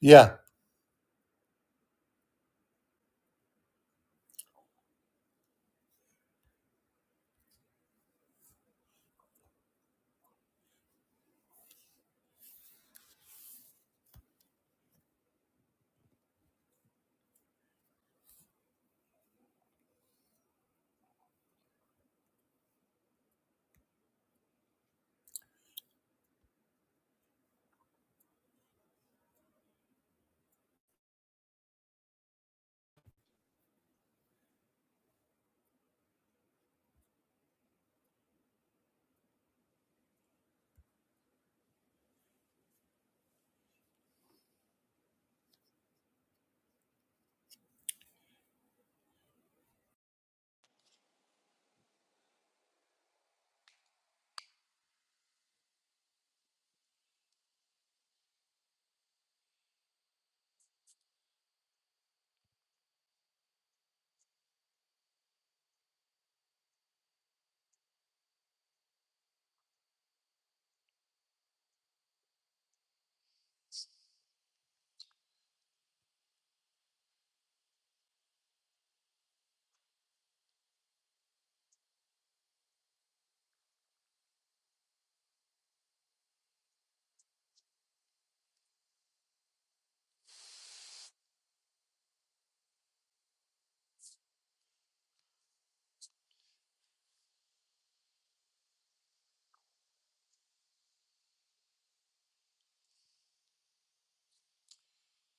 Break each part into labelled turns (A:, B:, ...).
A: Yeah.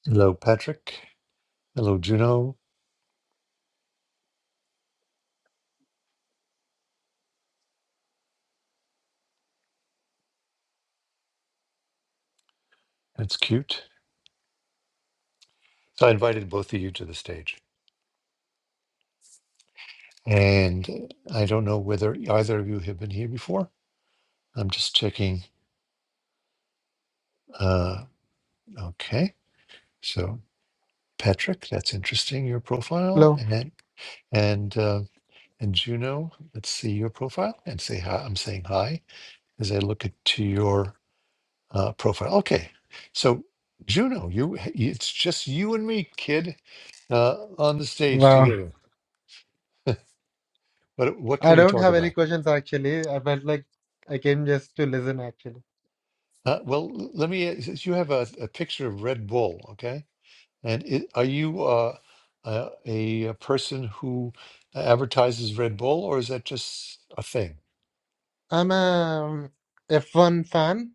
A: Hello, Patrick. Hello, Juno. That's cute. So I invited both of you to the stage. And I don't know whether either of you have been here before. I'm just checking. Uh, okay. So, Patrick, that's interesting, your profile.
B: Hello.
A: And and uh, and Juno, let's see your profile and say hi. I'm saying hi as I look at to your uh, profile. Okay. So, Juno, you it's just you and me, kid, uh, on the stage
B: Wow.
A: together. But what
B: I
A: can we
B: don't
A: talk
B: have any
A: about?
B: questions actually. I felt like I came just to listen actually.
A: Uh, well, l- let me. uh, Since you have a, a picture of Red Bull, okay, and i are you uh, uh, a, a person who advertises Red Bull, or is that just a thing?
B: I'm a F1 fan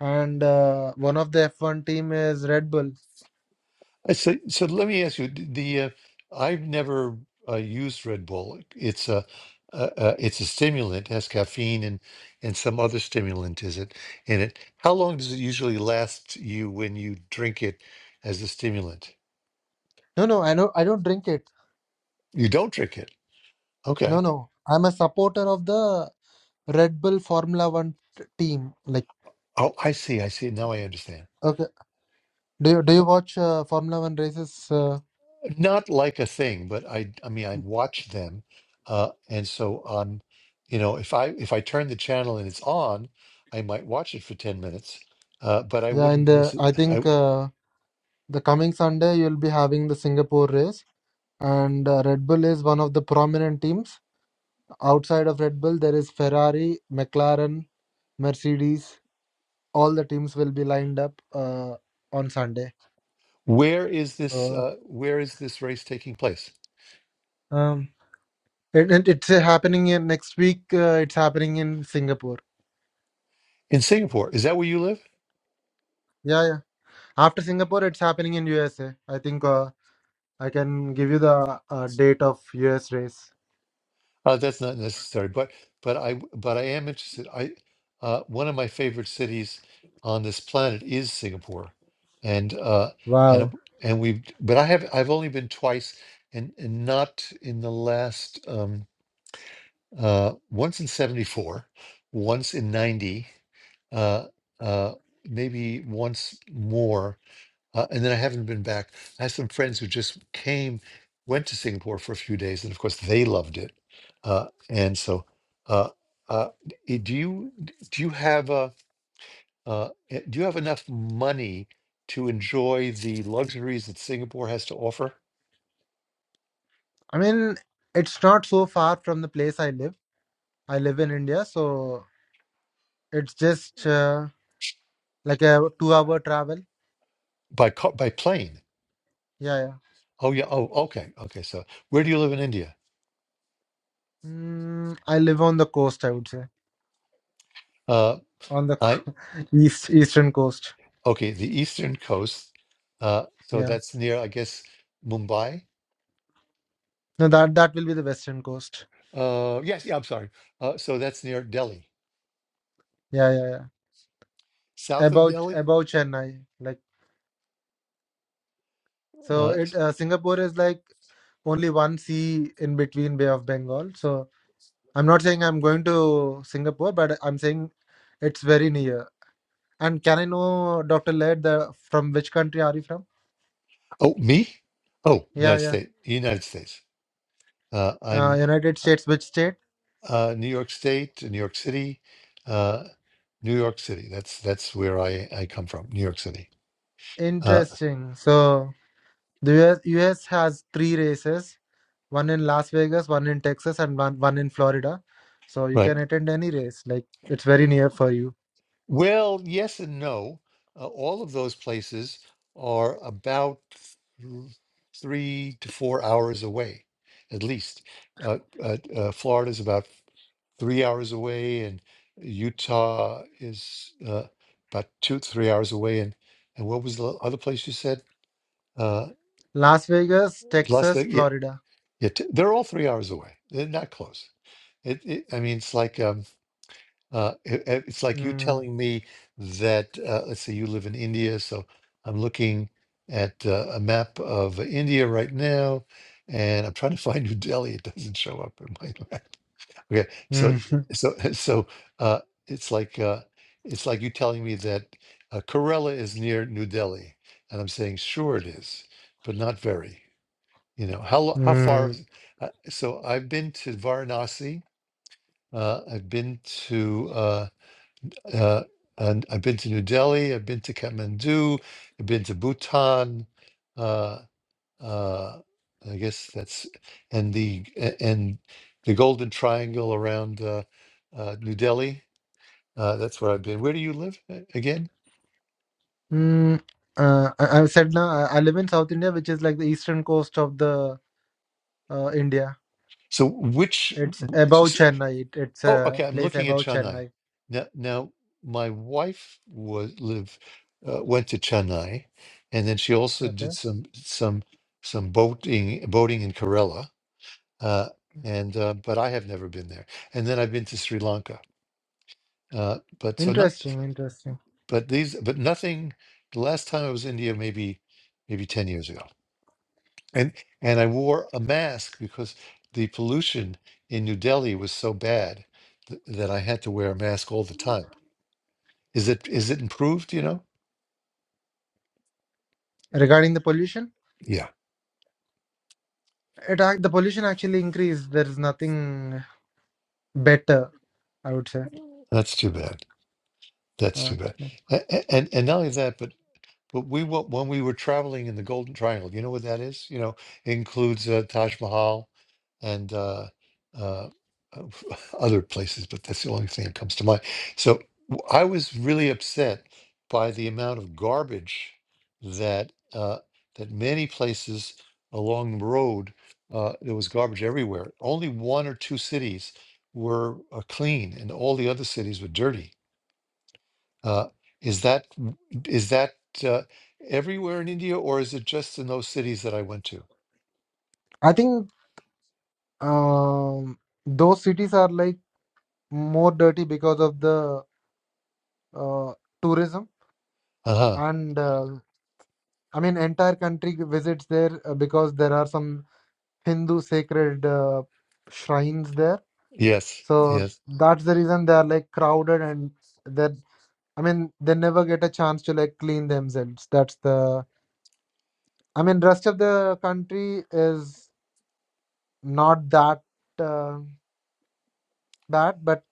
B: and uh, one of the F1 team is Red Bull.
A: I So, so let me ask you. d- The uh, I've never uh, used Red Bull. It's a uh, uh, it's a stimulant. It has caffeine and and some other stimulant is it in it. How long does it usually last you when you drink it as a stimulant?
B: No, no, I know I don't drink it.
A: You don't drink it. Okay.
B: No, no. I'm a supporter of the Red Bull Formula 1 t- team. Like
A: Oh, I see. I see. Now I understand.
B: okay. Do you do you watch uh, Formula 1 races? Uh,
A: Not like a thing, but I, I mean, I'd watch them, uh, and so on. You know, if I if I turn the channel and it's on, I might watch it for ten minutes, uh, but I
B: yeah, in
A: wouldn't
B: the I think
A: necessarily.
B: uh, the coming Sunday you'll be having the Singapore race and uh, Red Bull is one of the prominent teams Outside of Red Bull, there is Ferrari, McLaren, Mercedes. All the teams will be lined up uh, on Sunday.
A: Where is this?
B: So
A: Uh, where is this race taking place?
B: um, it, it, it's uh, happening in next week. Uh, it's happening in Singapore.
A: In Singapore? Is that where you live?
B: Yeah, yeah. After Singapore, it's happening in USA. I think uh, I can give you the uh, date of US race.
A: Uh, that's not necessary, but but I w- but I am interested. I uh, one of my favorite cities on this planet is Singapore, and uh, and
B: Wow.
A: it- and we've but I have I've only been twice, and and not in the last um, uh, once in seventy four, once in ninety, uh, uh, maybe once more uh, and then I haven't been back. I have some friends who just came, went to Singapore for a few days, and of course they loved it. Uh, and so, uh, uh, d- do you d- do you have a uh, eh, do you have enough money to enjoy the luxuries that Singapore has to offer
B: I mean, it's not so far from the place I live. I live in India, so it's just uh, like a two-hour travel.
A: by car, by plane?
B: Yeah, yeah.
A: Oh yeah. Oh okay. Okay. So where do you live in India?
B: Mm, I live on the coast, I would say,
A: Uh,
B: on the
A: I
B: co- east eastern coast.
A: okay the eastern coast. Uh, so
B: Yeah.
A: that's near I guess Mumbai.
B: No, that that will be the western coast.
A: Uh, yes, yeah, I'm sorry. Uh, so that's near Delhi,
B: Yeah, yeah, yeah.
A: south of
B: About
A: Delhi.
B: about Chennai, like so.
A: Uh, s-
B: It uh, Singapore is like only one sea in between Bay of Bengal. So I'm not saying I'm going to Singapore, but I'm saying it's very near. And can I know, Doctor Laird, the from which country are you from?
A: oh, me? Oh,
B: Yeah,
A: United
B: yeah.
A: States, United States. Uh,
B: Uh,
A: I'm
B: United
A: uh,
B: States. Which state?
A: uh, New York State, New York City, uh, New York City. That's that's where I I come from, New York City. Uh,
B: Interesting. So the US, US has three races one in Las Vegas, one in Texas, and one, one in Florida. So you can
A: right.
B: attend any race. Like it's very near for you.
A: Well, yes and no. Uh, all of those places are about th- three to four hours away, at least. Uh, uh, uh, Florida is about three hours away, and Utah is uh, about two, three hours away. And and what was the other place you said? Uh,
B: Las Vegas,
A: Las
B: Texas,
A: Vegas. Yeah,
B: Florida.
A: yeah, t- they're all three hours away. They're not close. It, it, I mean, it's like um, Uh, it, it- it's like you
B: Mm,
A: telling me that, uh, let's say you live in India, so I'm looking at uh, a map of India right now, and I'm trying to find New Delhi. It doesn't show up in my map. Okay, so
B: mm,
A: so so uh, it's like uh, it's like you telling me that uh, Kerala is near New Delhi, and I'm saying sure it is, but not very. You know how lo- how far?
B: mm,
A: Is, uh, so I've been to Varanasi. Uh, I've been to. uh, uh, and I've been to New Delhi, I've been to Kathmandu, I've been to Bhutan. Uh, uh, I guess that's and the a- and the Golden Triangle around uh, uh, New Delhi. Uh, that's where I've been. Where do you live a- again?
B: mm. Uh, I, I said now I I live in South India, which is like the eastern coast of the uh, India.
A: So which?
B: It's
A: w-
B: above
A: s- s-
B: Chennai. It, it's
A: Oh,
B: a
A: okay. I'm
B: place
A: looking at
B: above
A: Chennai
B: Chennai.
A: now. Now my wife was live uh, went to Chennai, and then she also
B: Okay.
A: did some some some boating boating in Kerala uh, and uh, but I have never been there. And then I've been to Sri Lanka, uh, but so not,
B: Interesting. Interesting.
A: but these, but nothing. The last time I was in India, maybe maybe ten years ago, and and I wore a mask because the pollution in New Delhi was so bad th- that I had to wear a mask all the time. Is it is it improved? You know?
B: Regarding the pollution,
A: Yeah,
B: it ac- the pollution actually increased. There is nothing better, I would say.
A: that's too bad. That's
B: Uh,
A: too bad. A- a- And and not only that, but But we wa- when we were traveling in the Golden Triangle, you know what that is? You know, includes uh, Taj Mahal and uh, uh, uh, other places, but that's the only thing that comes to mind. So w- I was really upset by the amount of garbage that uh, that many places along the road uh, there was garbage everywhere. Only one or two cities were uh, clean, and all the other cities were dirty uh, is that is that uh, everywhere in India, or is it just in those cities that I went to?
B: I think. um, those cities are like more dirty because of the uh, tourism
A: Uh huh.
B: and uh, i mean entire country visits there uh, because there are some hindu sacred uh, shrines there
A: Yes.
B: so
A: Yes.
B: that's the reason they are like crowded and that i mean they never get a chance to like clean themselves that's the i mean rest of the country is not that uh, bad but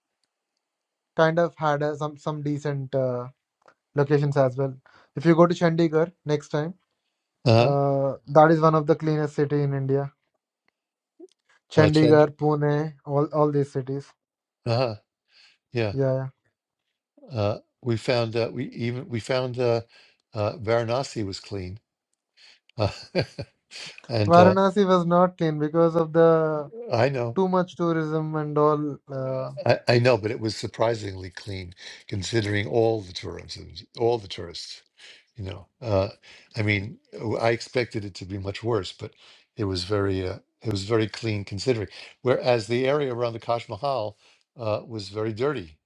B: kind of had a, some some decent uh, locations as well. If you go to Chandigarh next time,
A: Uh
B: uh, that is one of the cleanest city in India.
A: huh. Uh, Chandra.
B: Chandigarh, Pune, all all these cities.
A: Uh huh. Yeah.
B: Yeah, yeah.
A: Uh, we found uh, we even we found uh, uh, Varanasi was clean, uh, and uh,
B: Varanasi was not clean because of the
A: I know.
B: too much tourism and all. Uh,
A: I, I know, but it was surprisingly clean considering all the tourism, all the tourists. You know, uh, I mean, w- I expected it to be much worse, but it was very, uh, it was very clean considering. Whereas the area around the Taj Mahal uh, was very dirty.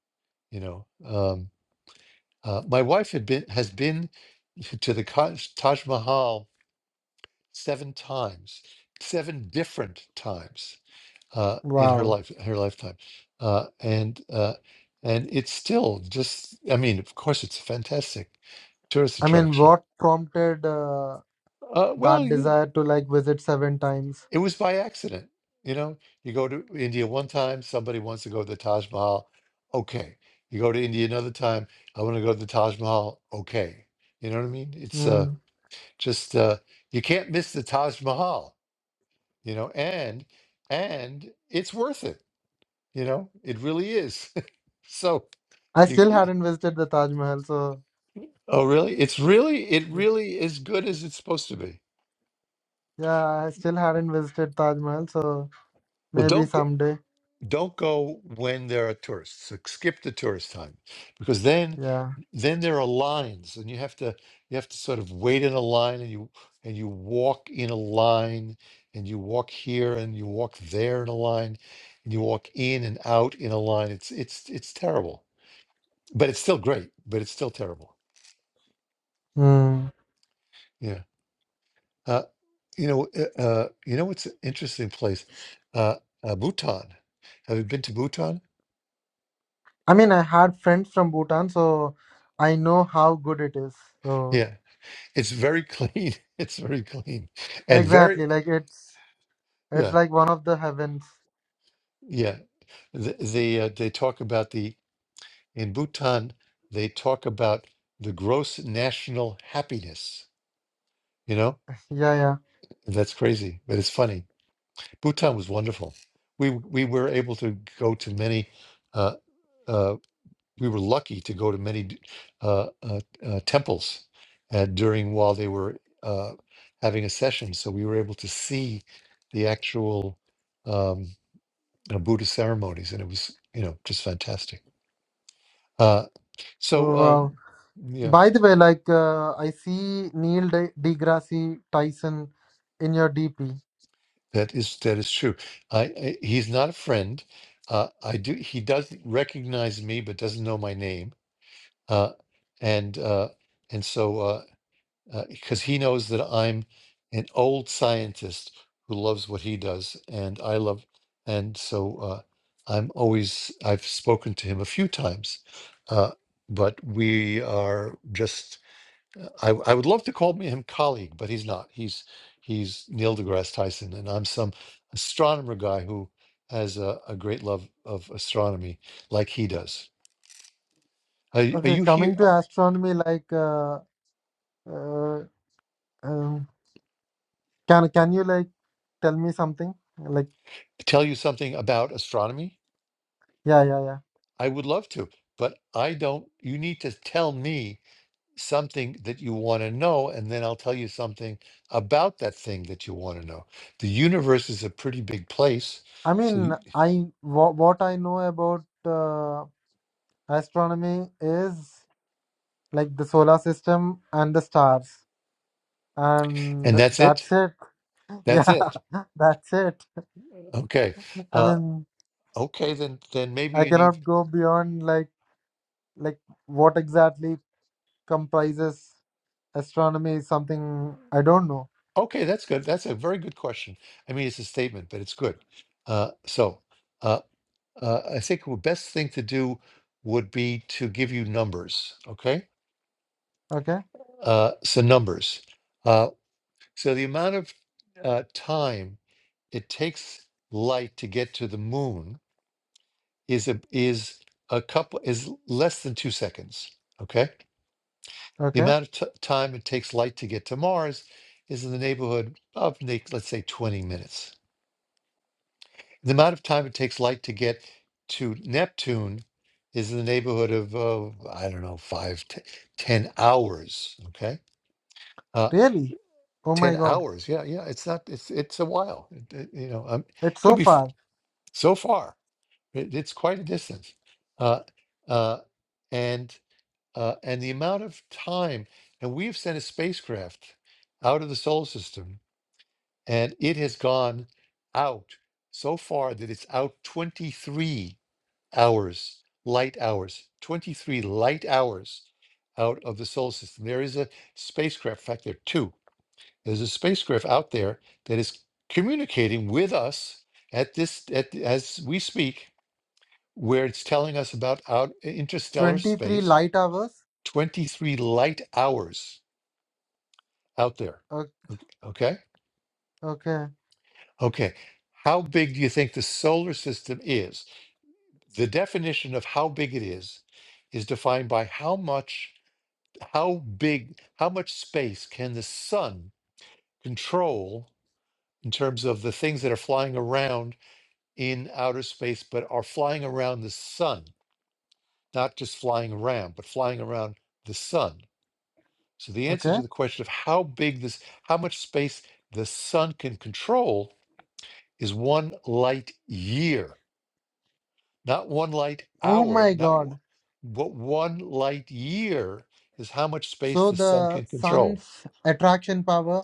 A: You know, um, uh, my wife had been has been to the Kaj- Taj Mahal seven times, seven different times uh, in her
B: wow.
A: life her lifetime uh, and uh, and it's still just I mean of course it's a fantastic tourist
B: I mean,
A: attraction
B: what prompted uh,
A: uh, well
B: that
A: you,
B: desire to like visit seven times?
A: it was by accident you know you go to India one time somebody wants to go to the Taj Mahal okay you go to India another time I want to go to the Taj Mahal okay you know what I mean it's uh,
B: Mm.
A: just uh, you can't miss the Taj Mahal you know and and it's worth it You know, it really is. So
B: I still
A: you,
B: hadn't visited the Taj Mahal, so
A: oh really? It's really, it really is good as it's supposed to be.
B: yeah, I still hadn't visited Taj Mahal, so
A: Well,
B: maybe
A: don't go,
B: someday.
A: don't go when there are tourists. Like, Skip the tourist time because then
B: Yeah.
A: then there are lines and you have to you have to sort of wait in a line and you and you walk in a line and you walk here and you walk there in a line and you walk in and out in a line. It's it's it's terrible, but it's still great, but it's still terrible.
B: Hmm.
A: Yeah. Uh, you know, uh, uh, you know what's an interesting place? Uh, uh, Bhutan. Have you been to Bhutan?
B: I mean, I had friends from Bhutan, so I know how good it is. So
A: Yeah, it's very clean. It's very clean and very
B: exactly, like it's it's
A: yeah
B: like one of the heavens.
A: yeah. The, the uh, they talk about the in Bhutan they talk about the gross national happiness. You know
B: Yeah, yeah.
A: that's crazy, but it's funny. Bhutan was wonderful. We we were able to go to many. Uh, uh, we were lucky to go to many uh, uh, uh, temples uh, during while they were uh, having a session, so we were able to see the actual um, uh, Buddhist ceremonies, and it was you know just fantastic. Uh, so
B: Oh, wow.
A: um, yeah,
B: By the way, like uh, I see Neil de- deGrasse Tyson in your DP.
A: that is that is true. I, I he's not a friend. Uh, I do he does recognize me, but doesn't know my name. Uh, and uh, and so uh, because uh, he knows that I'm an old scientist who loves what he does, and I love, and so uh, I'm always. I've spoken to him a few times, uh, but we are just. uh, I, I would love to call him colleague, but he's not. He's he's Neil deGrasse Tyson, and I'm some astronomer guy who has a, a great love of astronomy, like he does. Are, are
B: Okay,
A: you here?
B: coming to
A: uh,
B: astronomy, like uh, uh, um, can can you like tell me something? Like
A: Tell you something about astronomy?
B: yeah, yeah, yeah.
A: I would love to, but I don't. You need to tell me something that you want to know, and then I'll tell you something about that thing that you want to know. The universe is a pretty big place,
B: I
A: so
B: mean,
A: you,
B: I wha- what I know about uh, astronomy is. like the solar system and the stars and
A: and that's it.
B: that's it
A: That's
B: yeah
A: it.
B: that's it
A: Okay.
B: i
A: Uh,
B: mean
A: okay, then then maybe
B: i
A: you need.
B: cannot go beyond like like what exactly comprises astronomy is something i don't know
A: Okay, that's good. That's a very good question. I mean, it's a statement, but it's good. Uh, so uh, uh, I think the best thing to do would be to give you numbers. Okay.
B: okay
A: Uh, so numbers. Uh, So the amount of uh, time it takes light to get to the moon is a, is a couple is less than two seconds. Okay, the
B: okay
A: amount of t- time it takes light to get to Mars is in the neighborhood of na- let's say twenty minutes. The amount of time it takes light to get to Neptune is in the neighborhood of uh, I don't know five t- ten hours. Okay. Uh,
B: really oh my
A: 10
B: god
A: hours yeah yeah it's not it's it's a while It- it- you know um,
B: it's so
A: could be
B: far
A: so far it, it's quite a distance uh, uh, and uh, and the amount of time and we've sent a spacecraft out of the solar system and it has gone out so far that it's out 23 hours light hours 23 light hours out of the solar system there is a spacecraft in fact there are two there's a spacecraft out there that is communicating with us at this at, as we speak where it's telling us about out interstellar
B: 23
A: space,
B: light hours
A: 23 light hours out there.
B: O-
A: Okay?
B: okay
A: Okay. How big do you think the solar system is? The definition of how big it is is defined by how much how big how much space can the sun control in terms of the things that are flying around in outer space but are flying around the sun, not just flying around, but flying around the sun So the answer
B: okay
A: to the question of how big this, how much space the sun can control is one light year, not one light
B: oh
A: hour,
B: my
A: not
B: god
A: wo- but one light year is how much space
B: so
A: the sun
B: the
A: can control.
B: sun's attraction power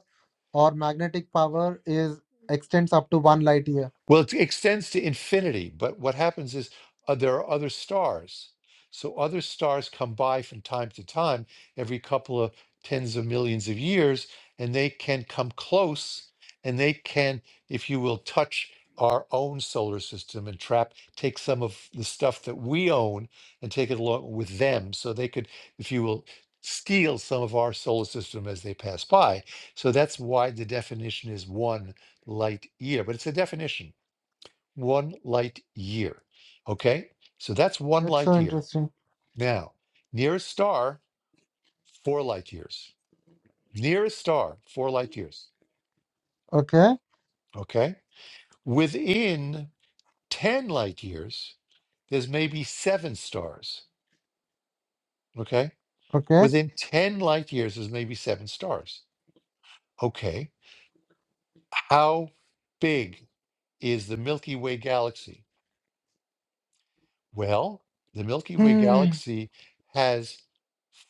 B: or magnetic power is extends up to 1 light year
A: Well, it extends to infinity, but what happens is uh, there are other stars. So other stars come by from time to time, every couple of tens of millions of years, and they can come close and they can, if you will, touch our own solar system and trap, take some of the stuff that we own and take it along with them. So they could, if you will, steal some of our solar system as they pass by. So that's why the definition is one light year, but it's a definition one light year. Okay, so that's one
B: It's so
A: light year.
B: interesting.
A: Now, nearest star, four light years. Nearest star, four light years.
B: Okay,
A: Okay, within 10 light years, there's maybe seven stars. Okay,
B: okay.
A: within 10 light years, there's maybe seven stars. Okay, how big is the Milky Way galaxy? Well, the Milky Way
B: Hmm.
A: galaxy has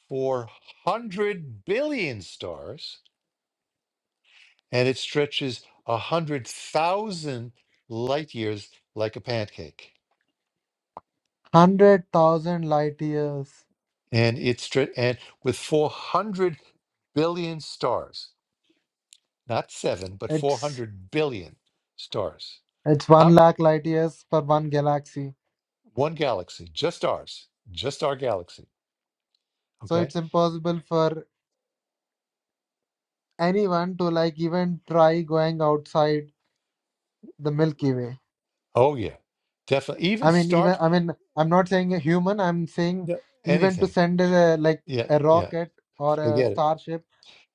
A: 400 billion stars and it stretches 100,000 light years like a pancake.
B: Hundred thousand light years.
A: And it's stre- and with 400 billion stars, not 7, but
B: It's
A: 400 billion stars.
B: it's one
A: How
B: lakh light years for one galaxy.
A: one galaxy, just ours, just our galaxy,
B: So it's
A: okay?
B: impossible for anyone to like even try going outside the Milky Way.
A: Oh yeah. Definitely even
B: I mean, even
A: start
B: I mean, I'm not saying a human. I'm saying
A: no,
B: even to
A: anything.
B: send a like
A: Yeah,
B: a
A: yeah.
B: rocket or a
A: Forget it.
B: starship.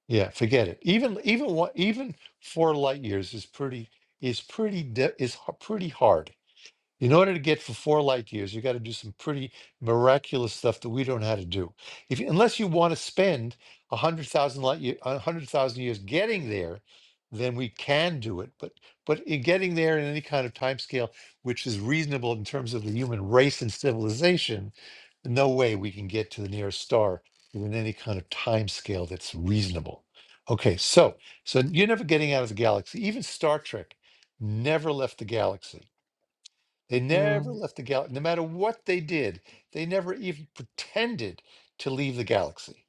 A: Yeah, forget it. Even even what even four light years is pretty is pretty de- is h- pretty hard. In order to get for four light years, you got to do some pretty miraculous stuff that we don't know how to do. If unless you want to spend a hundred thousand light year, a hundred thousand years getting there, then we can do it. But but in getting there in any kind of time scale, which is reasonable in terms of the human race and civilization, no way we can get to the nearest star within any kind of time scale that's reasonable. Okay, so so you're never getting out of the galaxy. Even Star Trek never left the galaxy they
B: Hmm.
A: never left the galaxy. No matter what they did, they never even pretended to leave the galaxy.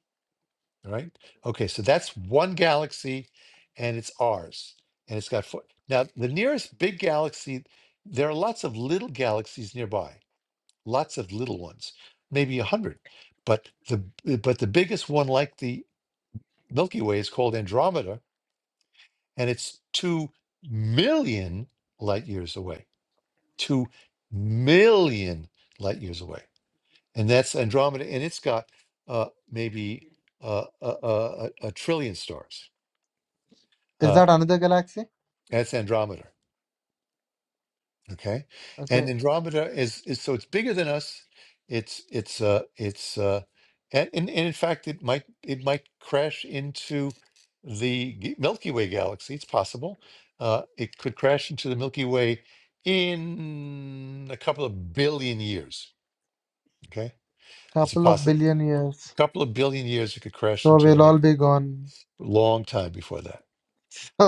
A: All right. Okay. So that's one galaxy and it's ours. And it's got four. Now, the nearest big galaxy, there are lots of little galaxies nearby, lots of little ones, maybe a hundred. But the but the biggest one, like the Milky Way, is called Andromeda, and it's two million light years away. Two million light years away. and that's Andromeda, and it's got uh, maybe uh, a, a, a a trillion stars.
B: Is
A: Uh,
B: that another galaxy?
A: that's Andromeda, okay?
B: Okay,
A: And Andromeda is, is so it's bigger than us. It's it's uh, it's uh, and, and and in fact, it might it might crash into the g- Milky Way galaxy. It's possible. Uh, it could crash into the Milky Way in a couple of billion years. Okay, it's a
B: couple of
A: possible.
B: billion years.
A: A couple of billion years, it could crash
B: So
A: into the
B: we'll all
A: Milky.
B: be gone.
A: long time before that.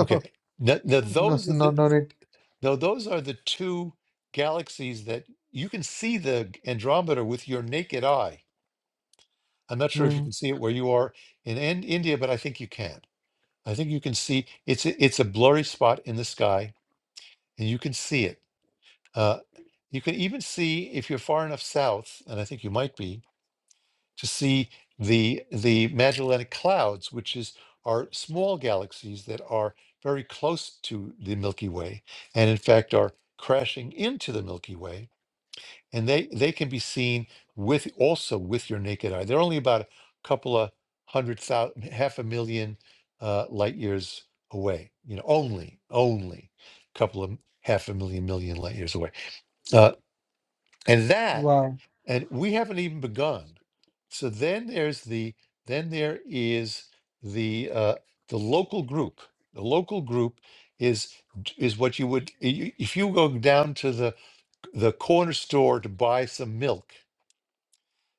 A: Okay. Now, now
B: no,
A: those are
B: no,
A: the
B: no need
A: now those are the two galaxies that you can see the Andromeda with your naked eye. I'm not sure if you
B: Hmm.
A: can see it where you are in, in India, but I think you can. I think you can see it's a, it's a blurry spot in the sky, and you can see it. Uh, you can even see if you're far enough south, and I think you might be to see the the Magellanic Clouds, which is are small galaxies that are very close to the Milky Way, and in fact are crashing into the Milky Way, and they they can be seen with also with your naked eye. They're only about a couple of hundred thousand, half a million uh, light years away. You know, only only a couple of half a million million light years away, uh, and that
B: Wow.
A: and we haven't even begun. So then there's the then there is the uh, the local group. The local group is is what you would i- if you go down to the the corner store to buy some milk.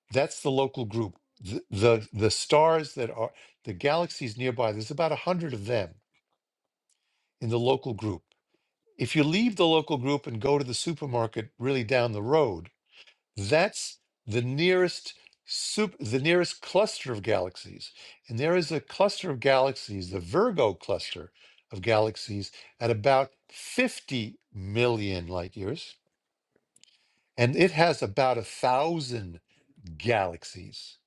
A: That's the local group. The the, the stars that are the galaxies nearby. There's about a hundred of them in the local group. If you leave the local group and go to the supermarket really down the road, That's the nearest sup- the nearest cluster of galaxies. And there is a cluster of galaxies, the Virgo cluster of galaxies, at about 50 million light years. And it has about a thousand galaxies.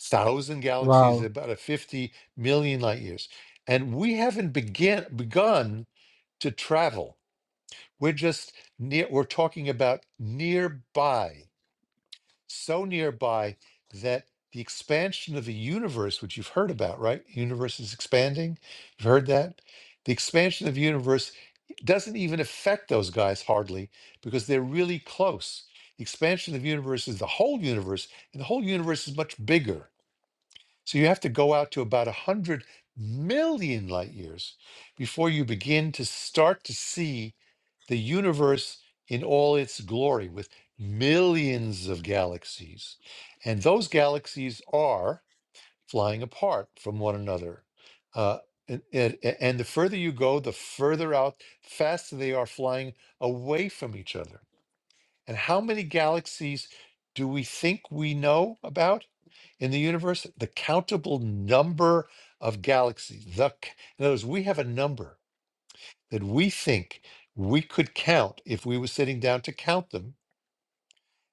A: Thousand galaxies,
B: Wow.
A: about a 50 million light years. And we haven't begin, begun to travel. We're just near, we're talking about nearby. so nearby that the expansion of the universe, which you've heard about, right? Universe is expanding. You've heard that? The expansion of the universe doesn't even affect those guys hardly because they're really close. The expansion of the universe is the whole universe, and the whole universe is much bigger. So you have to go out to about 100 million light years before you begin to start to see the universe in all its glory with millions of galaxies. And those galaxies are flying apart from one another. Uh, and, and and the further you go, the further out, faster they are flying away from each other. And how many galaxies do we think we know about in the universe? The countable number of galaxies. The, c- in other words, we have a number that we think we could count if we were sitting down to count them.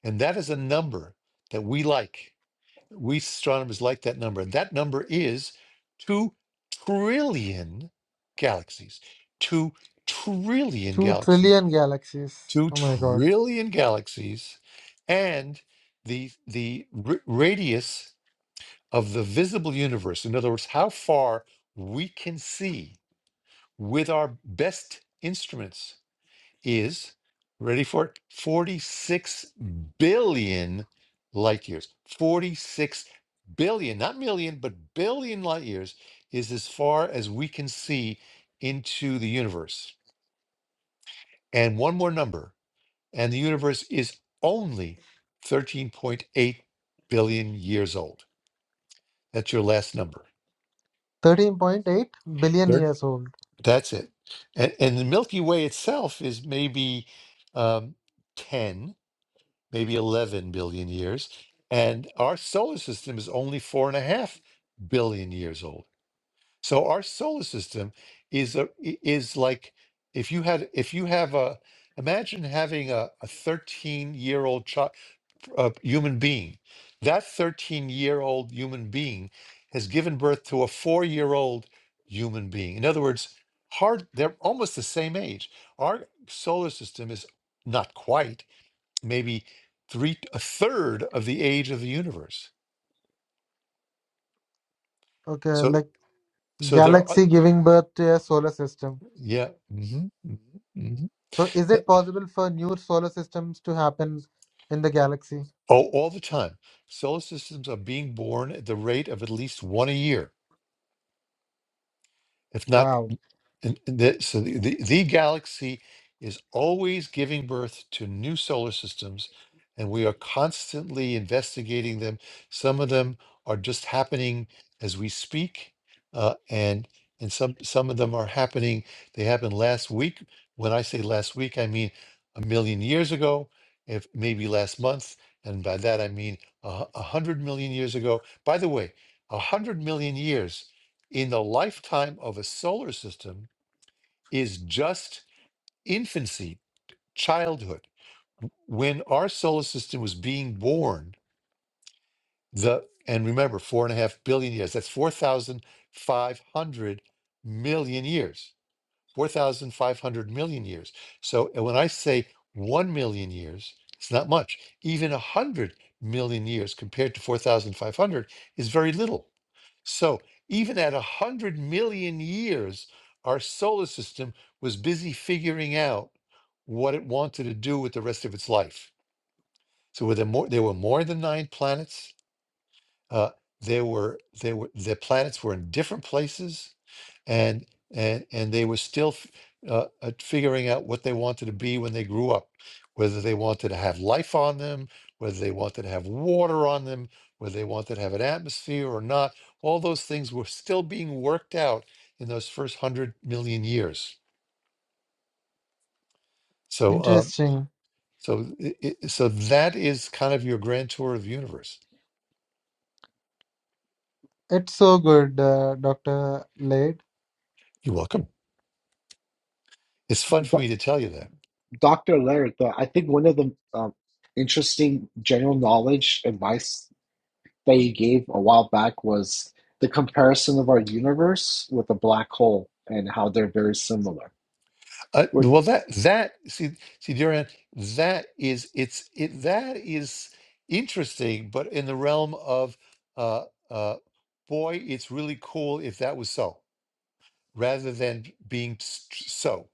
A: And that is a number that we like. We astronomers like that number. And that number is 2 trillion galaxies. 2 trillion
B: 2
A: galaxies.
B: trillion galaxies.
A: 2
B: Oh my God.
A: trillion galaxies and the the r- radius of the visible universe in other words how far we can see with our best instruments is ready for it 46 billion light years 46 billion not million but billion light years is as far as we can see into the universe and one more number and the universe is only 13.8 billion years old. That's your last number.
B: 13.8 billion
A: Third,
B: years old.
A: that's it. And, and the Milky Way itself is maybe um, 10, maybe 11 billion years. And our solar system is only four and a half billion years old. So our solar system is a, i- is like if you had if you have a imagine having a 13 year old child. a human being. That 13 year old human being has given birth to a four year old human being. In other words, hard, they're almost the same age. Our solar system is not quite, maybe three, a third of the age of the universe.
B: Okay,
A: So,
B: like
A: so there are,
B: galaxy giving birth to a solar system.
A: yeah, mhm, mhm, mhm.
B: So is
A: Eh,
B: it possible for new solar systems to happen in the galaxy?
A: Oh, all the time. Solar systems are being born at the rate of at least one a year. if not
B: Wow.
A: and and the, so the, the, the galaxy is always giving birth to new solar systems and we are constantly investigating them some of them are just happening as we speak uh, and and some some of them are happening they happened last week when i say last week i mean a million years ago if maybe last month and by that i mean a, hu- a hundred million years ago by the way a hundred million years in the lifetime of a solar system is just infancy, childhood. When our solar system was being born, the and remember, four and a half billion years, that's 4,500 million years 4,500 million years. So and when I say 1 million years, it's not much. Even 100 million years compared to 4,500 is very little. So even at 100 million years, our solar system was busy figuring out what it wanted to do with the rest of its life. So were there, more, there were more than nine planets uh, there were they were the planets were in different places, and and and they were still f- uh, uh, figuring out what they wanted to be when they grew up, whether they wanted to have life on them, whether they wanted to have water on them, whether they wanted to have an atmosphere or not. All those things were still being worked out in those first hundred million years. So. Uh,
B: Interesting.
A: so, i i- so that is kind of your grand tour of the universe.
B: It's so good, uh, Dr. Laird.
A: You're welcome. It's fun for
C: Do-
A: me to tell you that.
C: Dr. Laird, though, I think one of the um, interesting general knowledge advice that you gave a while back was the comparison of our universe with a black hole and how they're very similar.
A: Uh,
C: What,
A: well, that that see see Durian, that is it's it that is interesting, but in the realm of uh uh boy, it's really cool if that was so, rather than being s- s- so.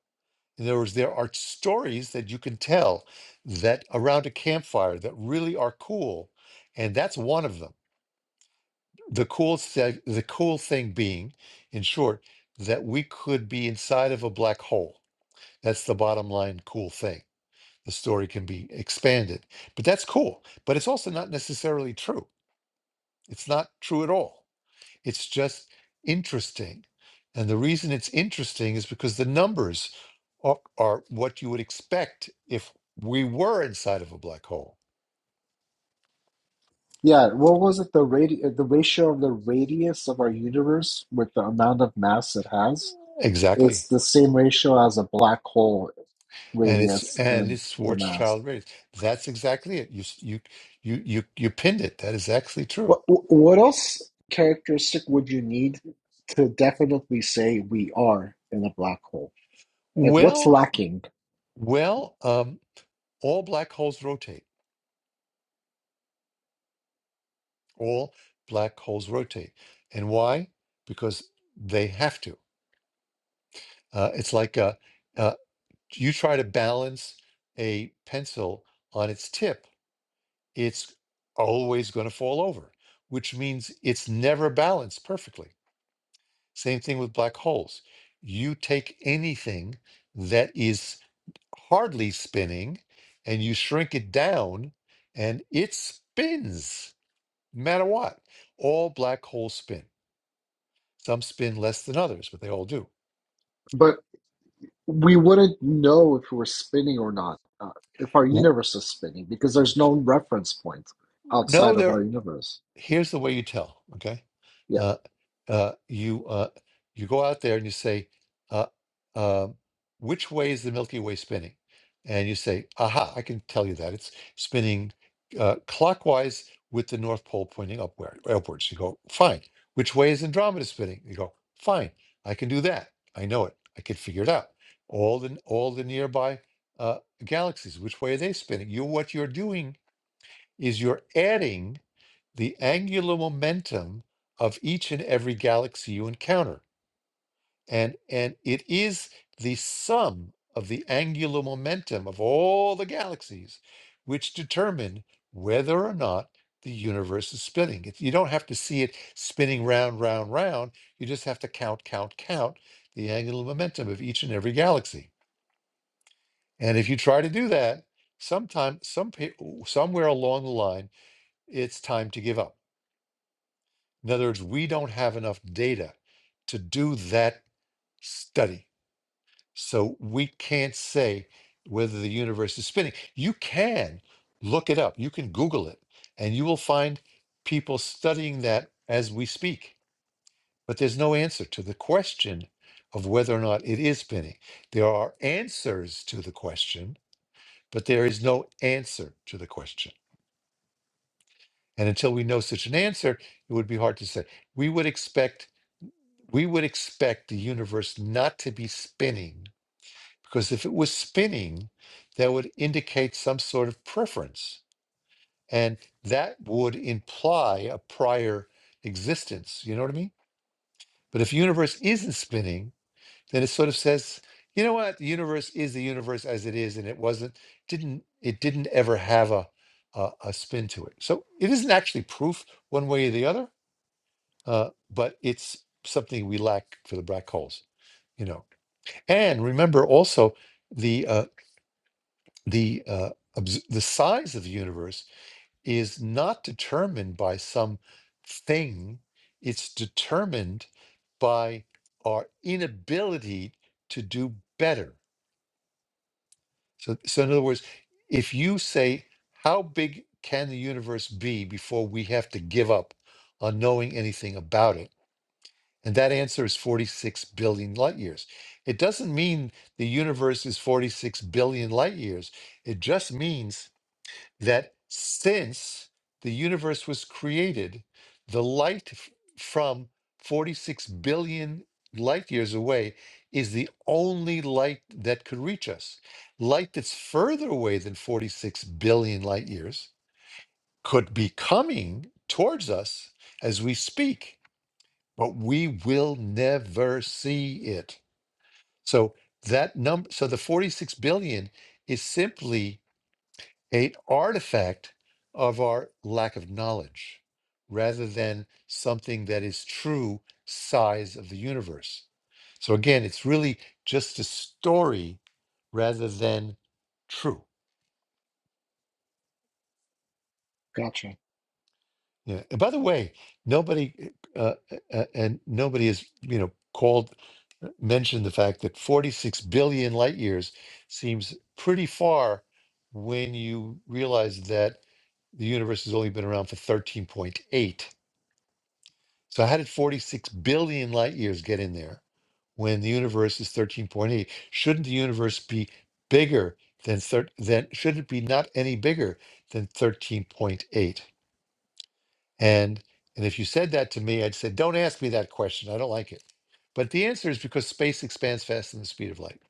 A: In other words, there are stories that you can tell that around a campfire that really are cool, and that's one of them. The cool th- the cool thing being, in short, that we could be inside of a black hole. That's the bottom line cool thing the story can be expanded. But that's cool. But it's also not necessarily true. It's not true at all. It's just interesting. And the reason it's interesting is because the numbers are, are what you would expect if we were inside of a black hole.
C: yeah, what was it? The radi the ratio of the radius of our universe with the amount of mass it has is
A: Exactly.
C: the same ratio as a black hole
A: And it's
C: radius
A: and
C: and
A: it's
C: the mass.
A: Schwarzschild radius. That's exactly it. You s- you you you you pinned it. That is actually true.
C: What what else characteristic would you need to definitely say we are in a black hole? Like what's
A: Well,
C: lacking?
A: well, um, all black holes rotate. all black holes rotate. And why? Because they have to. Uh, it's like uh uh, you try to balance a pencil on its tip, it's always going to fall over, which means it's never balanced perfectly. Same thing with black holes. You take anything that is hardly spinning and you shrink it down, and it spins no matter what. All black holes spin. Some spin less than others, but they all do.
C: But we wouldn't know if we were spinning or not, uh, if our
A: W-
C: universe is spinning, because there's no reference point
A: No,
C: outside of
A: there
C: our universe.
A: here's the way you tell okay
C: Yeah,
A: uh uh you uh you go out there and you say uh um which way is the milky way spinning and you say aha i can tell you that it's spinning uh clockwise with the north pole pointing upward upwards you go fine which way is andromeda spinning you go fine i can do that i know it i can figure it out all the all the nearby uh galaxies which way are they spinning you what you're doing is you're adding the angular momentum of each and every galaxy you encounter. And, and it is the sum of the angular momentum of all the galaxies which determine whether or not the universe is spinning. It- You don't have to see it spinning round, round, round. You just have to count, count, count the angular momentum of each and every galaxy. And if you try to do that, sometime, some, pe- somewhere along the line, it's time to give up In other words, we don't have enough data to do that study. So we can't say whether the universe is spinning. You can look it up, you can Google it, and you will find people studying that as we speak. But there's no answer to the question of whether or not it is spinning. There are answers to the question, but there is no answer to the question. And until we know such an answer, it would be hard to say. We would expect we would expect the universe not to be spinning because if it was spinning, that would indicate some sort of preference. And that would imply a prior existence. You know what I mean? But if the universe isn't spinning, then it sort of says, you know what? The universe is the universe as it is, and it wasn't, didn't, it didn't ever have a a, a spin to it. So it isn't actually proof one way or the other, uh, but it's something we lack for the black holes. You know, And remember also the uh, the uh, obs- the size of the universe is not determined by some thing. It's determined by our inability to do better. So, so in other words, if you say, "How big can the universe be before we have to give up on knowing anything about it?" And that answer is 46 billion light years. It doesn't mean the universe is 46 billion light years. It just means that since the universe was created, the light f- from 46 billion light years away is the only light that could reach us. Light that's further away than 46 billion light years could be coming towards us as we speak but we will never see it. So that number, so the 46 billion is simply an artifact of our lack of knowledge rather than something that is true size of the universe. So again, it's really just a story rather than true.
C: gotcha.
A: Yeah. And by the way, nobody uh, uh, uh, and nobody has you know called uh, mentioned the fact that 46 billion light years seems pretty far when you realize that the universe has only been around for 13.8. So how did 46 billion light years get in there when the universe is 13.8? Shouldn't the universe be bigger than thir- than should it be not any bigger than 13.8? And and if you said that to me, I'd say, "Don't ask me that question. I don't like it." But the answer is because space expands faster than the speed of light.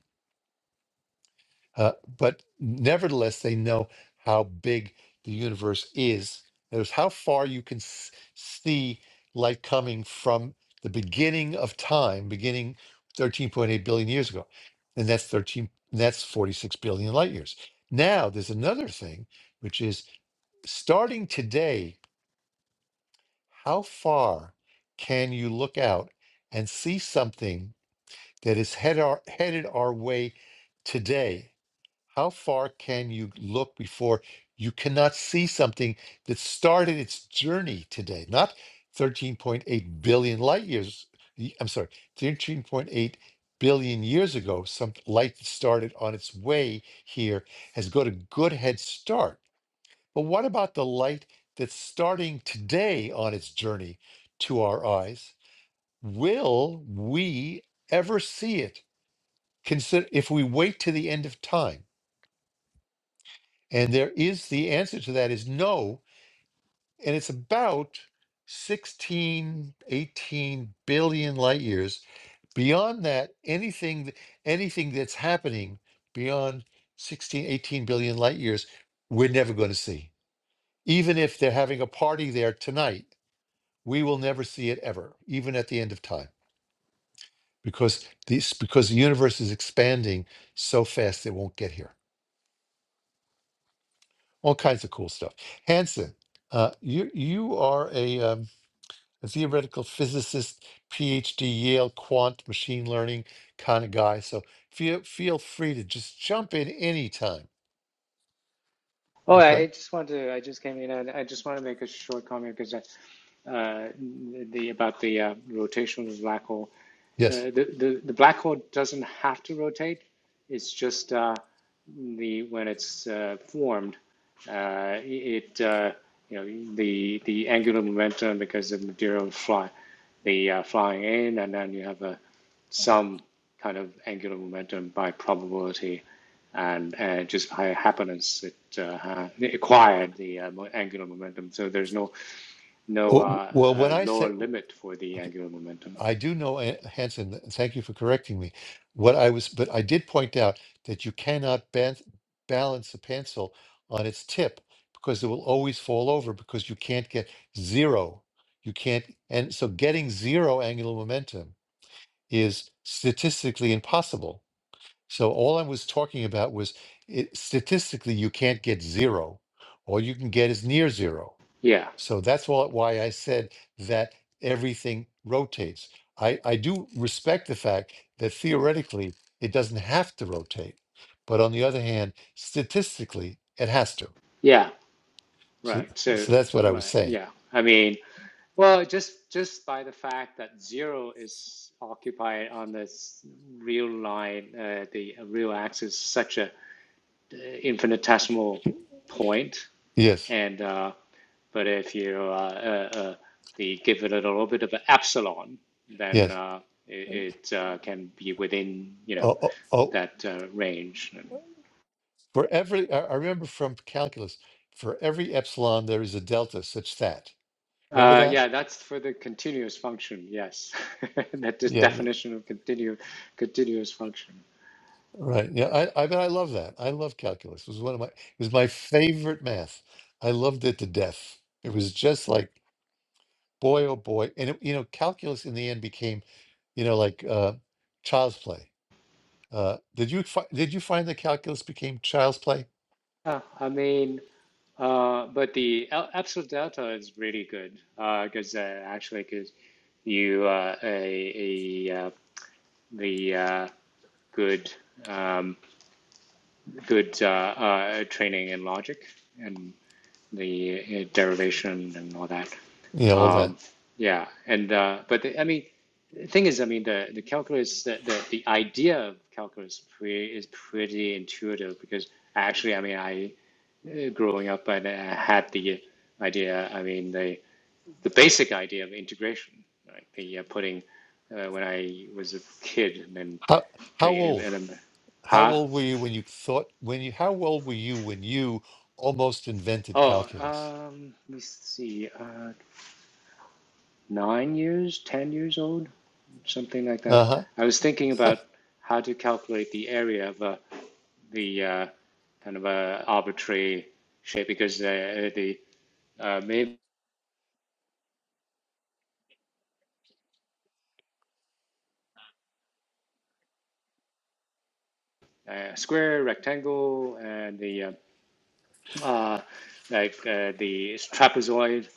A: Uh, but nevertheless, they know how big the universe is. There's how far you can s- see light coming from the beginning of time, beginning 13.8 billion years ago, and that's 13. and That's 46 billion light years. Now there's another thing, which is starting today. How far can you look out and see something that is head our, headed our way today? How far can you look before you cannot see something that started its journey today? Not 13.8 billion light years. y- I'm sorry, 13.8 billion years ago, some light that started on its way here has got a good head start but what about the light that's starting today on its journey to our eyes? Will we ever see it? Consider if we wait to the end of time. And there is the answer to that is no. And it's about sixteen, eighteen billion light years. Beyond that, anything anything that's happening beyond sixteen, eighteen billion light years, we're never going to see. Even if they're having a party there tonight we will never see it ever, even at the end of time, because these because the universe is expanding so fast it won't get here. All kinds of cool stuff. Hanson, uh, you you are a, um, a theoretical physicist, PhD, Yale quant machine learning kind of guy. So feel feel free to just jump in anytime.
D: Oh, I
A: Okay.
D: just want to. I just came in, and I just want to make a short comment because uh, the about the uh, rotation of the black hole.
A: Yes.
D: Uh, the, the the black hole doesn't have to rotate. It's just uh, the when it's uh, formed, uh, it uh, you know the the angular momentum because of material fly the uh, flying in, and then you have a some kind of angular momentum by probability and uh, just by happenance it, uh, it acquired the uh, angular momentum. So there's no no
A: W- w-
D: uh,
A: Well, when
D: uh,
A: I
D: lower
A: say
D: limit for the
A: okay.
D: angular momentum.
A: I do know, uh, Hanson, th- thank you for correcting me. What I was, but I did point out that you cannot ban- balance the pencil on its tip because it will always fall over because you can't get zero. You can't, and so getting zero angular momentum is statistically impossible. So all I was talking about was it, statistically, you can't get zero. All you can get is near zero.
D: Yeah,
A: So that's all, why I said that everything rotates. I, I do respect the fact that theoretically it doesn't have to rotate, but on the other hand, statistically it has to.
D: yeah,
A: So,
D: right. So
A: so that's what I was
D: right,
A: saying.
D: yeah. I mean, well, just just by the fact that zero is occupied on this real line, uh, the real axis, such a infinitesimal point,
A: Yes,
D: and uh, but if you uh, uh, uh, the give it a little bit of an epsilon, then
A: yes.
D: uh, it, it uh, can be within you know
A: Oh, oh, oh,
D: that uh, range.
A: for every, I I remember from calculus, for every epsilon, there is a delta such that. Remember
D: Uh,
A: that?
D: yeah, that's for the continuous function. Yes, that is
A: Yeah yeah.
D: definition of continu continuous function.
A: Right. Yeah, I, I bet I love that. I love calculus. It was one of my it was my favorite math. I loved it to death. It was just like boy oh boy. And it, you know, calculus in the end became, you know, like uh child's play. Uh did you fi- did you find that calculus became child's play?
D: Yeah, I mean, uh, but the el- absolute delta is really good because uh, 'cause, uh, actually, because you uh, a, a, uh the uh, good um, good uh, uh, training in logic and the uh, derivation and all that.
A: You know, all that.
D: Um, yeah, and uh, but the, I mean, the thing is, I mean, the the calculus, the the, the idea of calculus pre, is pretty intuitive because actually, I mean, I uh, growing up I had the idea. I mean, the the basic idea of integration, right? The uh, putting uh, when I was a kid, and
A: How how
D: like,
A: old? How
D: huh?
A: old were you when you thought when you how old were you when you almost invented
D: Oh,
A: calculus?
D: um, let me see. Uh, nine years, ten years old, something like that.
A: Uh-huh.
D: I was thinking about how to calculate the area of a, the uh, kind of a arbitrary shape because uh, the uh, maybe uh, square, rectangle, and the uh, uh, like uh, the trapezoid.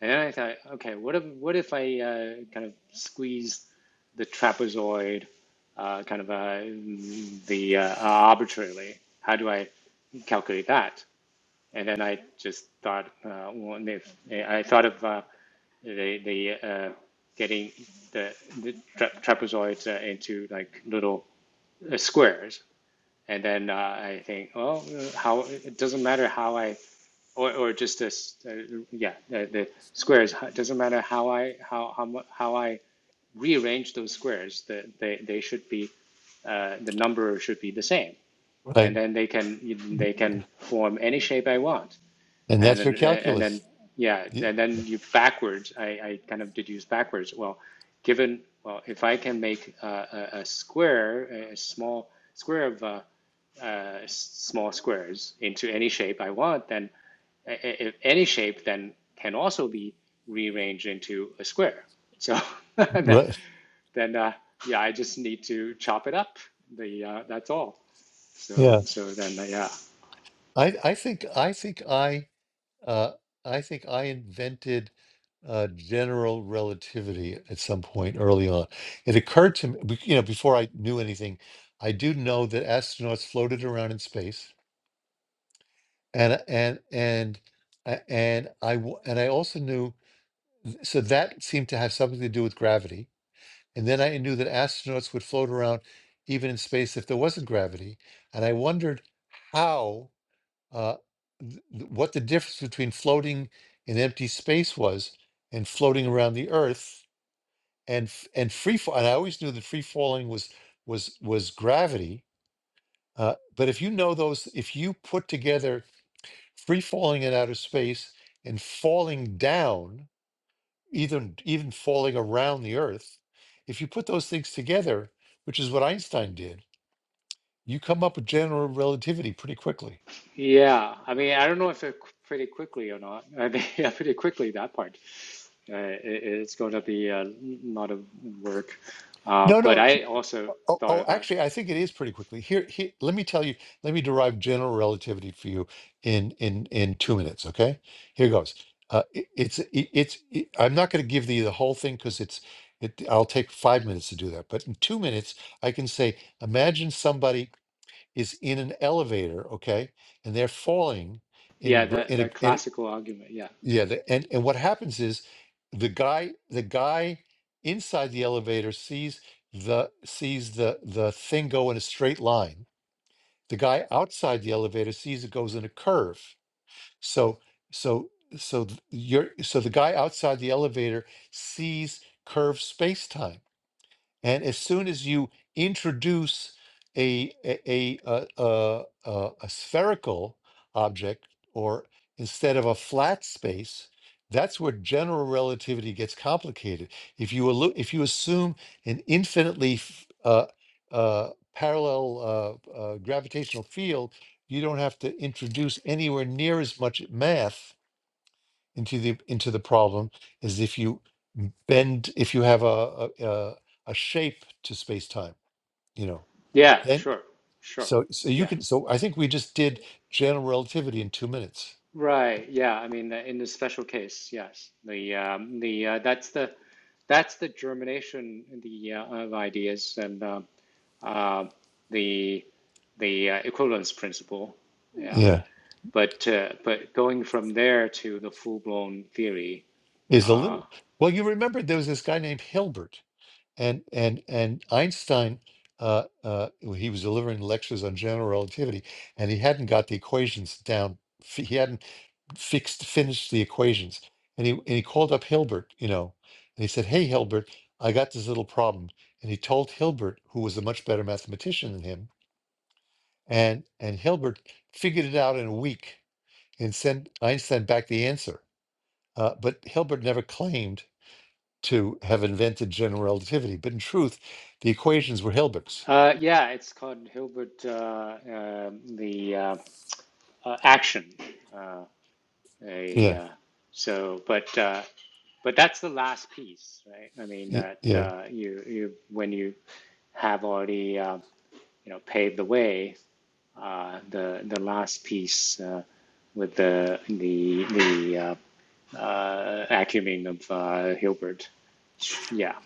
D: And then I thought, okay, what if what if I uh, kind of squeeze the trapezoid uh, kind of uh, the uh, arbitrarily? How do I calculate that? And then I just thought, uh, well, if I thought of uh, the the uh, getting the, the tra- trapezoids uh, into like little uh, squares, and then uh, I think, well, uh, how it doesn't matter how I or or just this uh, yeah the, the squares It doesn't matter how I how how how I rearrange those squares the, they they should be uh, the number should be the same and
A: Right.
D: then they can they can form any shape I want
A: And
D: and
A: that's your
D: and, and then
A: calculus.
D: yeah
A: Yeah.
D: and then you backwards I, I kind of deduce backwards well given well if I can make uh, a, a square a small square of uh, uh, small squares into any shape I want, then a- any shape then can also be rearranged into a square. So that,
A: Right.
D: then uh, yeah, I just need to chop it up. The uh, that's all. So
A: yeah.
D: so then uh, yeah
A: I I think I think I uh, I think I invented uh, general relativity at some point early on. It occurred to me, bec- you know, before I knew anything, I do know that astronauts floated around in space, and and and a- and I w- and I also knew so that seemed to have something to do with gravity. And then I knew that astronauts would float around even in space if there wasn't gravity, and I wondered how. uh, th- th- what the difference between floating in empty space was and floating around the earth and f- and free fall and i always knew that free falling was was was gravity uh, but if you know those if you put together free falling in outer space and falling down even even falling around the earth if you put those things together which is what einstein did you come up with general relativity pretty quickly
D: yeah. I mean I don't know if it pretty quickly or not. I mean, yeah, pretty quickly that part. Uh, it, it's going to be a lot of work. Uh,
A: no
D: but
A: no
D: I also
A: Oh, oh,
D: thought
A: oh,
D: about
A: actually, I think it is pretty quickly. Here, here, let me tell you, let me derive general relativity for you in in in two minutes, okay? Here goes. Uh, it, it's it, it's it, I'm not going to give thee the whole thing because it's it. I'll take five minutes to do that, but in two minutes, I can say, imagine somebody is in an elevator, okay, and they're falling
D: yeah
A: in gr-
D: the
A: in
D: the
A: a, in a
D: classical argument yeah
A: yeah, the, and and what happens is the guy the guy inside the elevator sees the sees the the thing go in a straight line. The guy outside the elevator sees it goes in a curve. So so so th- you're so the guy outside the elevator sees curved space time and as soon as you introduce a a a, a, a, a, spherical object, or instead of a flat space, that's where general relativity gets complicated. If you allu- if you assume an infinitely f- uh, uh, parallel uh, uh, gravitational field, you don't have to introduce anywhere near as much math into the into the problem is if you bend if you have a a, a, a shape to space time you know
D: Yeah,
A: then
D: sure, sure.
A: so so you
D: Yeah,
A: can so i think we just did general relativity in two minutes
D: right. Yeah, I mean, uh, in the special case, yes, the um, the uh, that's the that's the germination the uh, of ideas and uh, uh, the the uh, equivalence principle. Yeah,
A: yeah
D: but uh, but going from there to the full blown theory.
A: is a
D: Uh,
A: little well you remember there was this guy named hilbert and and and einstein uh, uh, he was delivering lectures on general relativity and he hadn't got the equations down f- he hadn't fixed finished the equations and he and he called up Hilbert you know and he said hey Hilbert I got this little problem and he told Hilbert who was a much better mathematician than him and and Hilbert figured it out in a week and sent Einstein back the answer uh, but Hilbert never claimed to have invented general relativity but in truth the equations were Hilbert's
D: uh, yeah, it's called Hilbert uh, uh, the uh, uh, action. Uh, a
A: yeah
D: uh, so, but uh, But that's the last piece, right? I mean
A: y-
D: that
A: yeah
D: uh, you you when you have already uh, you know paved the way, uh, the the last piece uh, with the the the uh, uh, acumen of uh, Hilbert, yeah.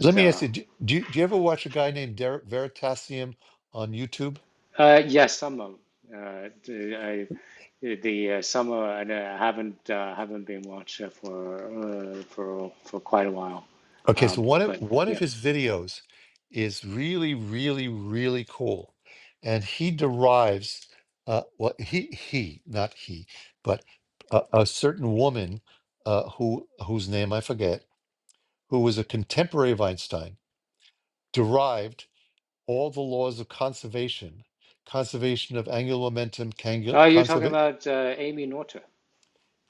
A: let me
D: uh,
A: ask you do, do, you, do you ever watch a guy named Derek Veritasium on YouTube
D: uh, yes, some of uh, the- I, the uh, summer I uh, haven't uh, haven't been watched uh, for uh, for for quite a while,
A: Okay,
D: um,
A: so one of
D: but
A: one of
D: yeah.
A: his videos is really, really, really cool, and he derives uh, what he he not he, but a, a certain woman uh, who whose name I forget, who was a contemporary of Einstein, derived all the laws of conservation, conservation of angular momentum,
D: Oh, you're talking
A: conservation,
D: about uh, Amy Noether.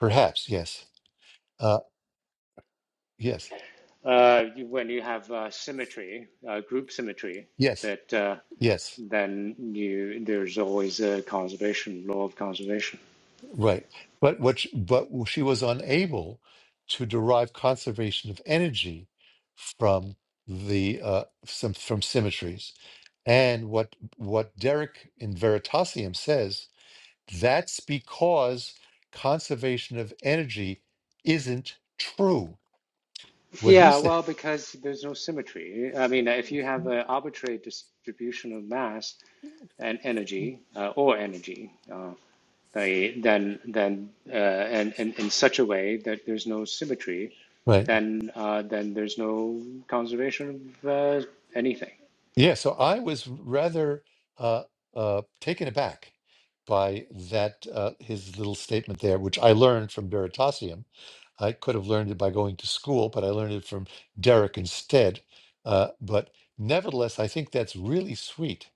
A: perhaps yes, uh, yes,
D: Uh, you, when you have uh, symmetry, uh, group symmetry,
A: yes,
D: that uh,
A: yes
D: then you there's always a conservation law of conservation.
A: Right. But what she, but she was unable to derive conservation of energy from the uh, some, from symmetries. And what what Derek in Veritasium says, that's because conservation of energy isn't true. What he
D: Yeah,
A: said,
D: well, because there's no symmetry. I mean, if you have an arbitrary distribution of mass and energy, uh, or energy, uh, they, then then uh, and, and in such a way that there's no symmetry,
A: right?
D: then uh, then there's no conservation of uh, anything.
A: Yeah, so I was rather uh, uh, taken aback by that uh, his little statement there, which I learned from Veritasium. I could have learned it by going to school, but I learned it from Derek instead. Uh, but nevertheless, I think that's really sweet.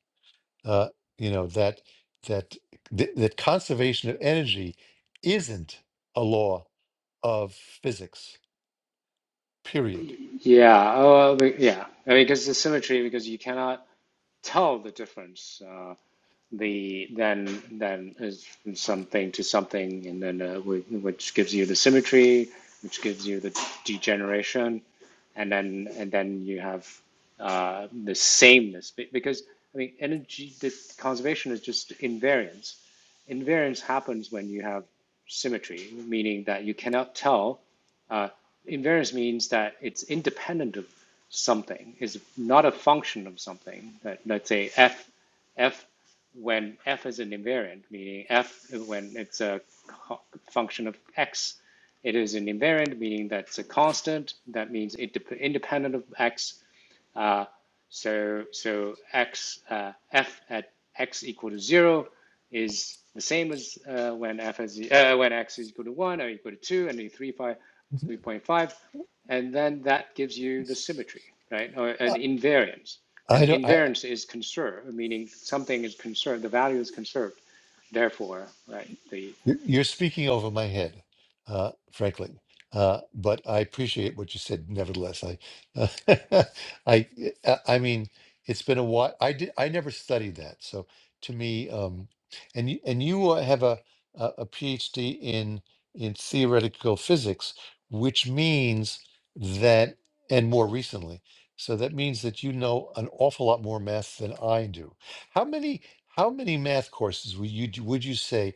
A: Uh, you know that that th- that conservation of energy isn't a law of physics. Period.
D: Yeah, oh, uh, but- yeah. I mean, because the symmetry, because you cannot tell the difference. Uh, the then then is from something to something, and then uh, whi- which gives you the symmetry, which gives you the degeneration, and then and then you have uh, the sameness. Be- Because I mean, energy the conservation is just invariance. Invariance happens when you have symmetry, meaning that you cannot tell. uh, invariance means that it's independent of something. It's not a function of something. Let- Let's say f f when f is an invariant, meaning f when it's a function of x, it is an invariant, meaning that it's a constant. That means it independent of x uh, so so x uh, f at x equal to zero is the same as uh, when f is uh, when x is equal to one or equal to two and three point five,
A: Mhm.
D: and then that gives you the symmetry, right? Or an
A: Uh,
D: invariance.
A: I
D: And
A: don't.
D: invariance is conserved, meaning something is conserved, the value is conserved. Therefore, right, the
A: You're you're speaking over my head, uh, frankly. Uh, but I appreciate what you said. Nevertheless, I, uh, I, uh, I mean, it's been a while. I did. I never studied that. So to me, um, and you, and you uh, have a a a PhD in in theoretical physics, which means that, and more recently, so that means that you know an awful lot more math than I do. How many? How many math courses would you would you say?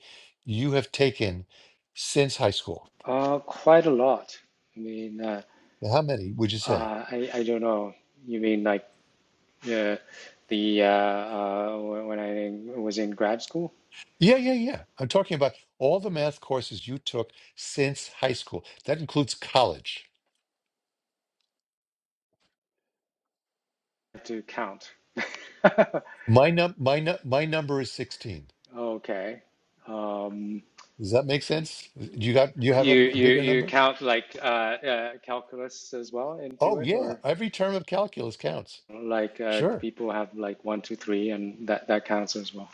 A: you have taken since high school?
D: uh, quite a lot. I mean, uh,
A: How many would you say?
D: uh, I I don't know. You mean like Yeah, the uh, uh, when I was in grad school,
A: Yeah, yeah, yeah. I'm talking about all the math courses you took since high school. That includes college.
D: I had to count.
A: My num my nu- my number is 16.
D: Okay. Um,
A: Does that make sense? Do you got do you have
D: you
A: a, a
D: you
A: bigger
D: you
A: number?
D: count like uh, uh, calculus as well into
A: Oh
D: it,
A: yeah,
D: or
A: every term of calculus counts.
D: like uh,
A: Sure.
D: people have like one, two, three, and that that counts as well.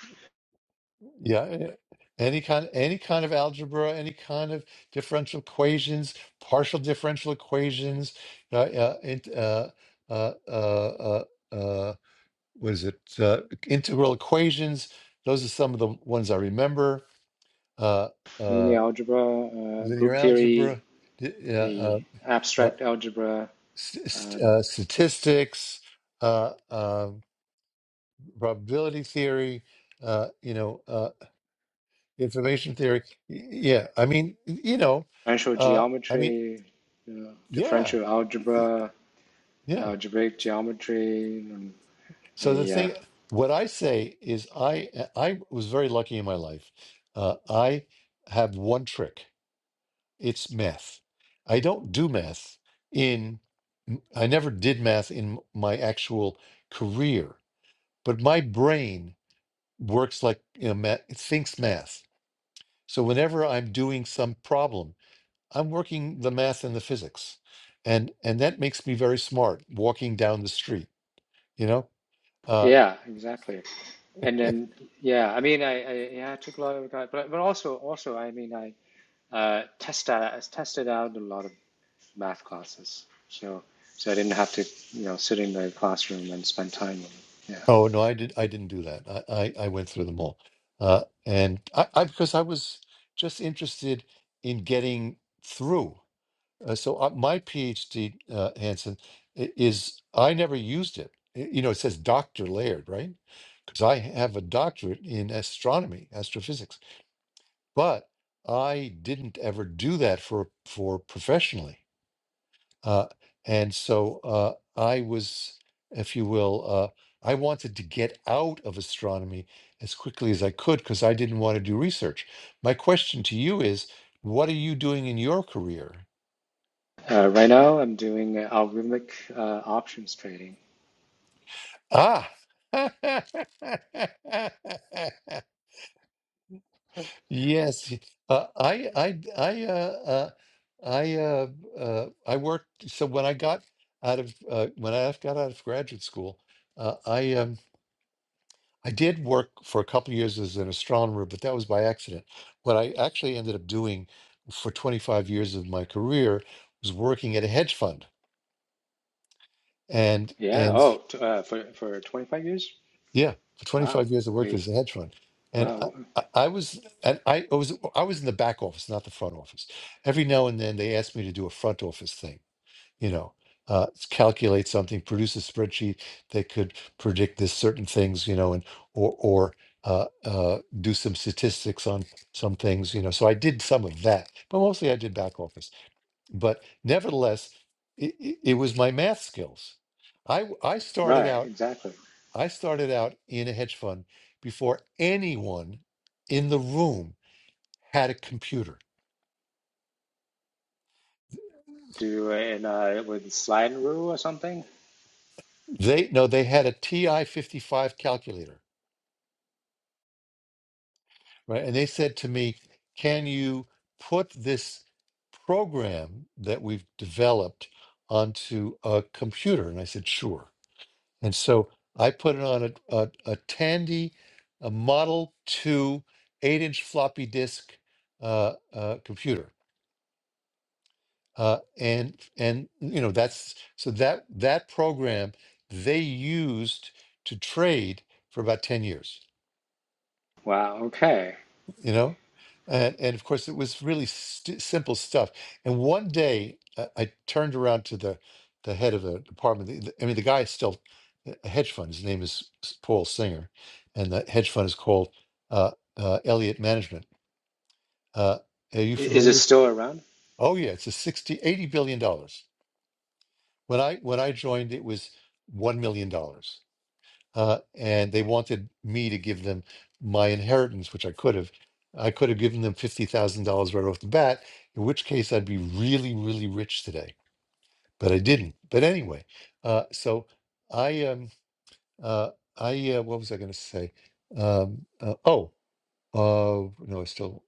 A: Yeah, yeah. yeah. any kind any kind of algebra, any kind of differential equations, partial differential equations, uh, uh, int- uh, uh, uh, uh, uh, what is it? Uh, integral equations. Those are some of the ones I remember. Uh, uh,
D: Linear algebra, uh,
A: linear
D: group theory,
A: algebra, d- uh, uh,
D: the
A: uh,
D: abstract algebra,
A: st- st-
D: um,
A: uh, statistics, uh, um probability theory. Uh, you know, uh, information theory. Y- Yeah, I mean, y- you know,
D: differential
A: uh, I mean,
D: geometry, you know,
A: yeah,
D: differential
A: y-
D: algebra,
A: yeah.
D: algebraic geometry, and
A: So the
D: the uh,
A: thing, what I say is, I I was very lucky in my life. Uh, I have one trick It's math. I don't do math in, I never did math in my actual career, but my brain works like, you know, math, it thinks math. So whenever I'm doing some problem, I'm working the math and the physics. And and that makes me very smart walking down the street, you know? Uh,
D: Yeah, exactly. And then, yeah, I mean, I, I yeah, I took a lot of time, but but also also I mean, I uh, tested I tested out a lot of math classes, so so I didn't have to you know sit in the classroom and spend time on it. Yeah.
A: oh no, I did I didn't do that. I I, I went through them all. Uh, and I, I because I was just interested in getting through. Uh, so uh, my PhD, uh, Hanson, i- is I never used it. I- You know, it says Doctor Laird, right? Because I have a doctorate in astronomy, astrophysics, but I didn't ever do that for for professionally. Uh, and so uh, I was, if you will, uh, I wanted to get out of astronomy as quickly as I could because I didn't want to do research. My question to you is, what are you doing in your career?
D: Uh, right now, I'm doing uh, algorithmic uh, options trading.
A: Ah. Yes. Uh, I I I uh, uh I uh, uh I worked so when I got out of uh, when I got out of graduate school, uh, I um I did work for a couple of years as an astronomer, but that was by accident. What I actually ended up doing for 25 years of my career was working at a hedge fund. And
D: Yeah.
A: and
D: Oh, t uh, for for 25 years.
A: Yeah, for
D: Wow.
A: 25 years I worked
D: The
A: as a hedge fund, and I,
D: wow.
A: I, I was and I, I was I was in the back office, not the front office. Every now and then they asked me to do a front office thing, you know, uh, s- calculate something, produce a spreadsheet that could predict this certain things, you know, and or or uh, uh, do some statistics on some things, you know. So I did some of that, but mostly I did back office. But nevertheless, it, it, it was my math skills. I w- I started
D: Right.
A: out.
D: Exactly.
A: I started out in a hedge fund before anyone in the room had a computer.
D: Do uh, in uh, with slide rule or something.
A: They no, they had a TI 55 calculator, right? And they said to me, "Can you put this program that we've developed onto a computer?" And I said, "Sure." And so I put it on a a, a Tandy, a Model 2 eight-inch floppy disk uh, uh, computer uh, and and you know that's so that that program they used to trade for about 10 years
D: Wow. Okay.
A: you know and, and of course it was really st- simple stuff and one day uh, i turned around to the the head of the department the, the- i mean the guy is still a hedge fund his name is S- paul singer and the hedge fund is called uh, uh, elliott management uh, are you
D: I- Is
A: familiar
D: it
A: with
D: still around?
A: oh yeah it's a sixty eighty billion dollars When I when I joined, it was one million dollars, uh, and they wanted me to give them my inheritance, which I could have. I could have given them fifty thousand dollars right off the bat, in which case I'd be really, really rich today. But I didn't. But anyway, uh, so I um uh, I uh, what was I going to say? Um, uh, oh uh, no, I still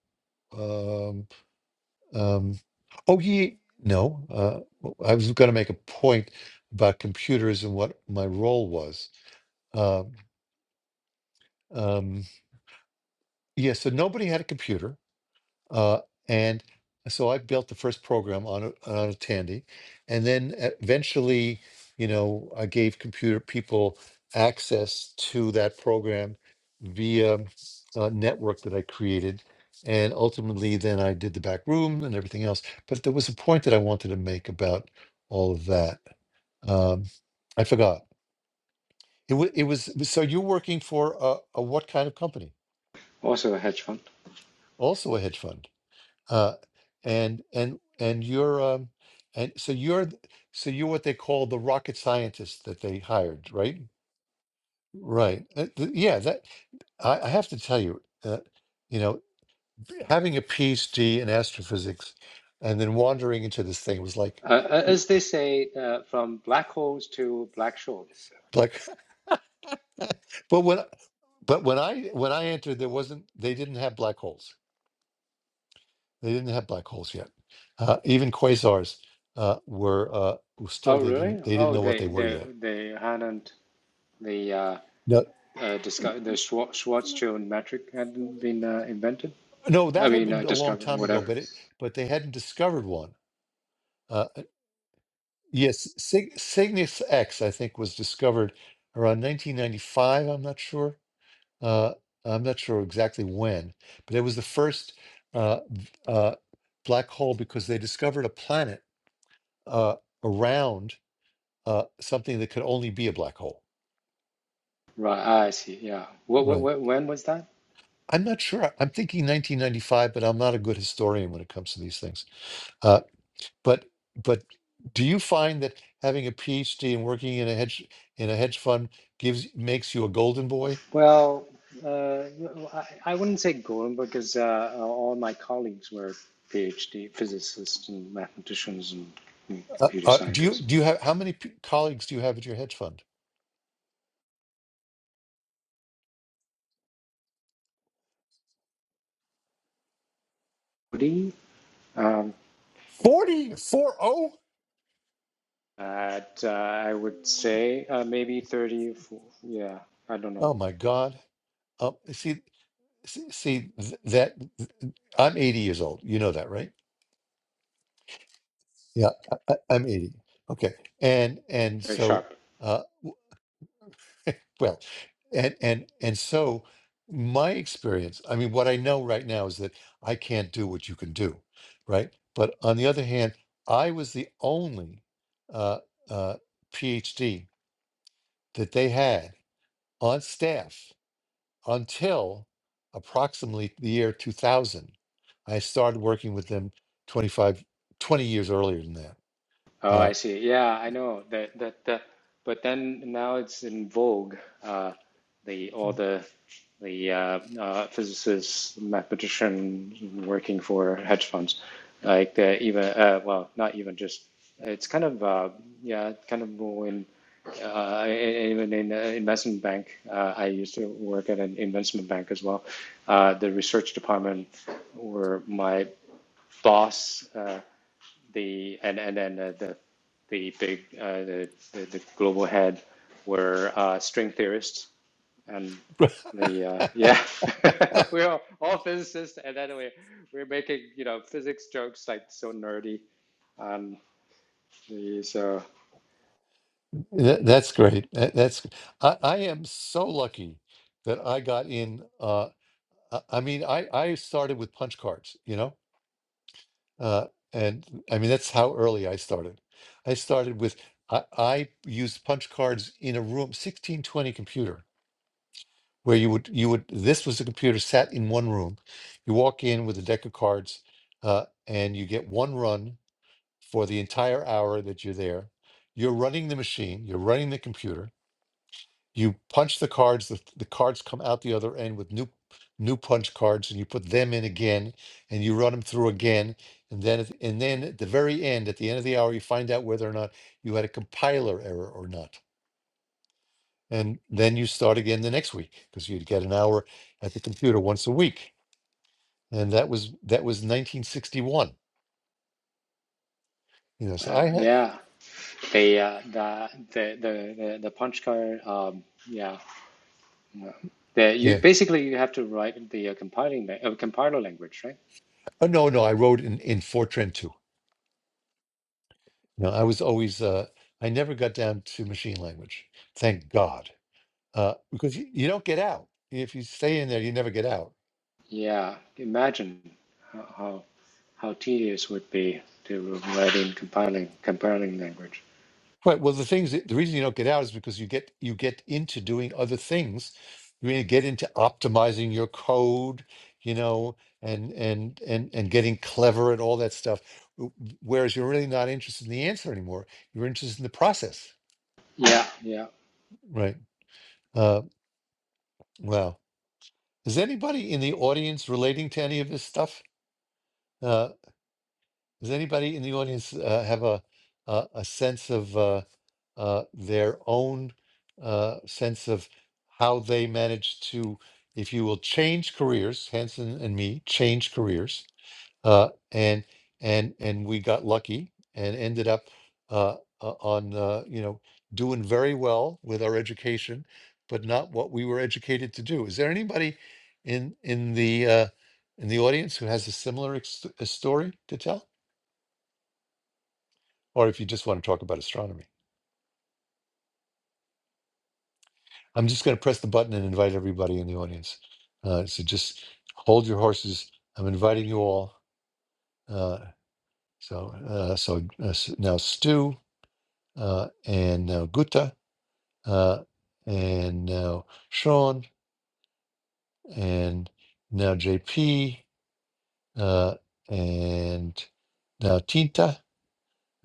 A: um, um, oh, ye no. Uh, w- I was going to make a point about computers and what my role was. Um, um, yeah, so nobody had a computer. Uh, and so I built the first program on a, on a Tandy, and then e, eventually, you know, I gave computer people access to that program via a network that I created, and ultimately, then I did the back room and everything else. But there was a point that I wanted to make about all of that. Um, I forgot. It, was. it was so you're working for a, a what kind of company?
D: Also a hedge fund.
A: Also a hedge fund. Uh, and and and you're um, and so you're th- so you're what they call the rocket scientist that they hired, right? Right. Uh, th- yeah. That I, I have to tell you, uh, you know, having a PhD in astrophysics and then wandering into this thing was like,
D: Uh,
A: uh,
D: as they say, uh, from black holes to black shorts.
A: like, but when but when I when I entered, there wasn't they didn't have black holes. They didn't have black holes yet. Uh, even quasars uh, were uh, still
D: Oh,
A: they
D: really?
A: didn't they didn't
D: Oh,
A: know what
D: they
A: they were
D: they
A: yet.
D: they hadn't the uh,
A: No.
D: uh, disco- the Schwar- Schwarzschild metric hadn't been uh, invented.
A: No,
D: I
A: that had
D: mean, uh,
A: been a long
D: discovered,
A: time ago,
D: whatever.
A: but it but they hadn't discovered one. Uh, uh, yes, Sig, Cygnus X, I think, was discovered around 1995. I'm not sure. Uh, I'm not sure exactly when, but it was the first uh, v- uh, black hole because they discovered a planet uh, around uh, something that could only be a black hole.
D: Right. Ah, I see. Yeah. What, what,
A: Right.
D: what when was that?
A: I'm not sure. I'm thinking 1995, but I'm not a good historian when it comes to these things. Uh, But but do you find that having a PhD and working in a hedge in a hedge fund gives makes you a golden boy?
D: Well, uh, I, I wouldn't say Golden because uh, all my colleagues were PhD physicists and mathematicians and
A: Uh,
D: computer
A: uh, do you
D: scientists.
A: do you have how many p- colleagues do you have at your hedge fund?
D: Woody, um,
A: Forty four oh.
D: at uh, I would say uh, maybe 30, yeah, I don't know,
A: Oh my God! Um, see, see, see th- that th- I'm 80 years old. You know that, right? Yeah, I, I- I'm 80. Okay, and and
D: very
A: so.
D: sharp.
A: uh, Well, and and and so my experience, I mean, what I know right now is that I can't do what you can do, right? But on the other hand, I was the only uh, uh, PhD that they had on staff until approximately the year 2000. I started working with them 25 20 years earlier than that.
D: Oh,
A: Uh,
D: I see. Yeah, I know that that that. But then now it's in vogue. Uh, the all the the uh, uh, physicists, mathematicians working for hedge funds, like the even uh, well, not even just. It's kind of uh, yeah, kind of more in uh, e-, e-, even in an investment bank. Uh, I used to work at an investment bank as well. Uh, the research department, where my boss. Uh, the and and then uh, the the big uh, the, the the global head were uh, string theorists and the uh, yeah we're all, all physicists and then we we're making you know physics jokes like so nerdy um the, so
A: That, that's great. That, that's I, I am so lucky that I got in. Uh, I, I mean, I I started with punch cards, you know, uh, and I mean that's how early I started. I started with I, I used punch cards in a room, sixteen twenty computer, where you would you would this was a computer sat in one room. You walk in with a deck of cards, uh, and you get one run for the entire hour that you're there. You're running the machine. You're running the computer you punch the cards the, the cards come out the other end with new new punch cards and you put them in again and you run them through again and then at- and then at the very end at the end of the hour you find out whether or not you had a compiler error or not and then you start again the next week because you'd get an hour at the computer once a week and that was that was 1961 you know so
D: uh,
A: i had
D: yeah the, uh, the the the the punch card um yeah yeah. the, you
A: yeah
D: basically you have to write the uh, compiling la- uh, compiler language right
A: oh no no i wrote in in fortran too no i was always uh i never got down to machine language thank god uh, because you, you don't get out. If you stay in there, you never get out.
D: yeah imagine how how how tedious would be to write in compiling compiling language.
A: Right. Well, the things that, the reason you don't get out is because you get you get into doing other things. You mean get into optimizing your code, you know, and and and and getting clever and all that stuff. w- Whereas you're really not interested in the answer anymore. You're interested in the process.
D: Yeah, yeah.
A: Right. Uh, wow. Is anybody in the audience relating to any of this stuff? Uh, Does anybody in the audience uh, have a a, a sense of uh, uh, their own uh, sense of how they manage to, if you will, change careers? Hanson and me change careers, uh, and and and we got lucky and ended up uh, uh, on uh, you know doing very well with our education, but not what we were educated to do. Is there anybody in in the uh, in the audience who has a similar ex- a story to tell? or if you just want to talk about astronomy. I'm just going to press the button and invite everybody in the audience. Uh, so just hold your horses. I'm inviting you all. Uh, so uh, so uh, s- now Stu uh, and now Guta uh, and now Sean and now JP uh, and now Tinta.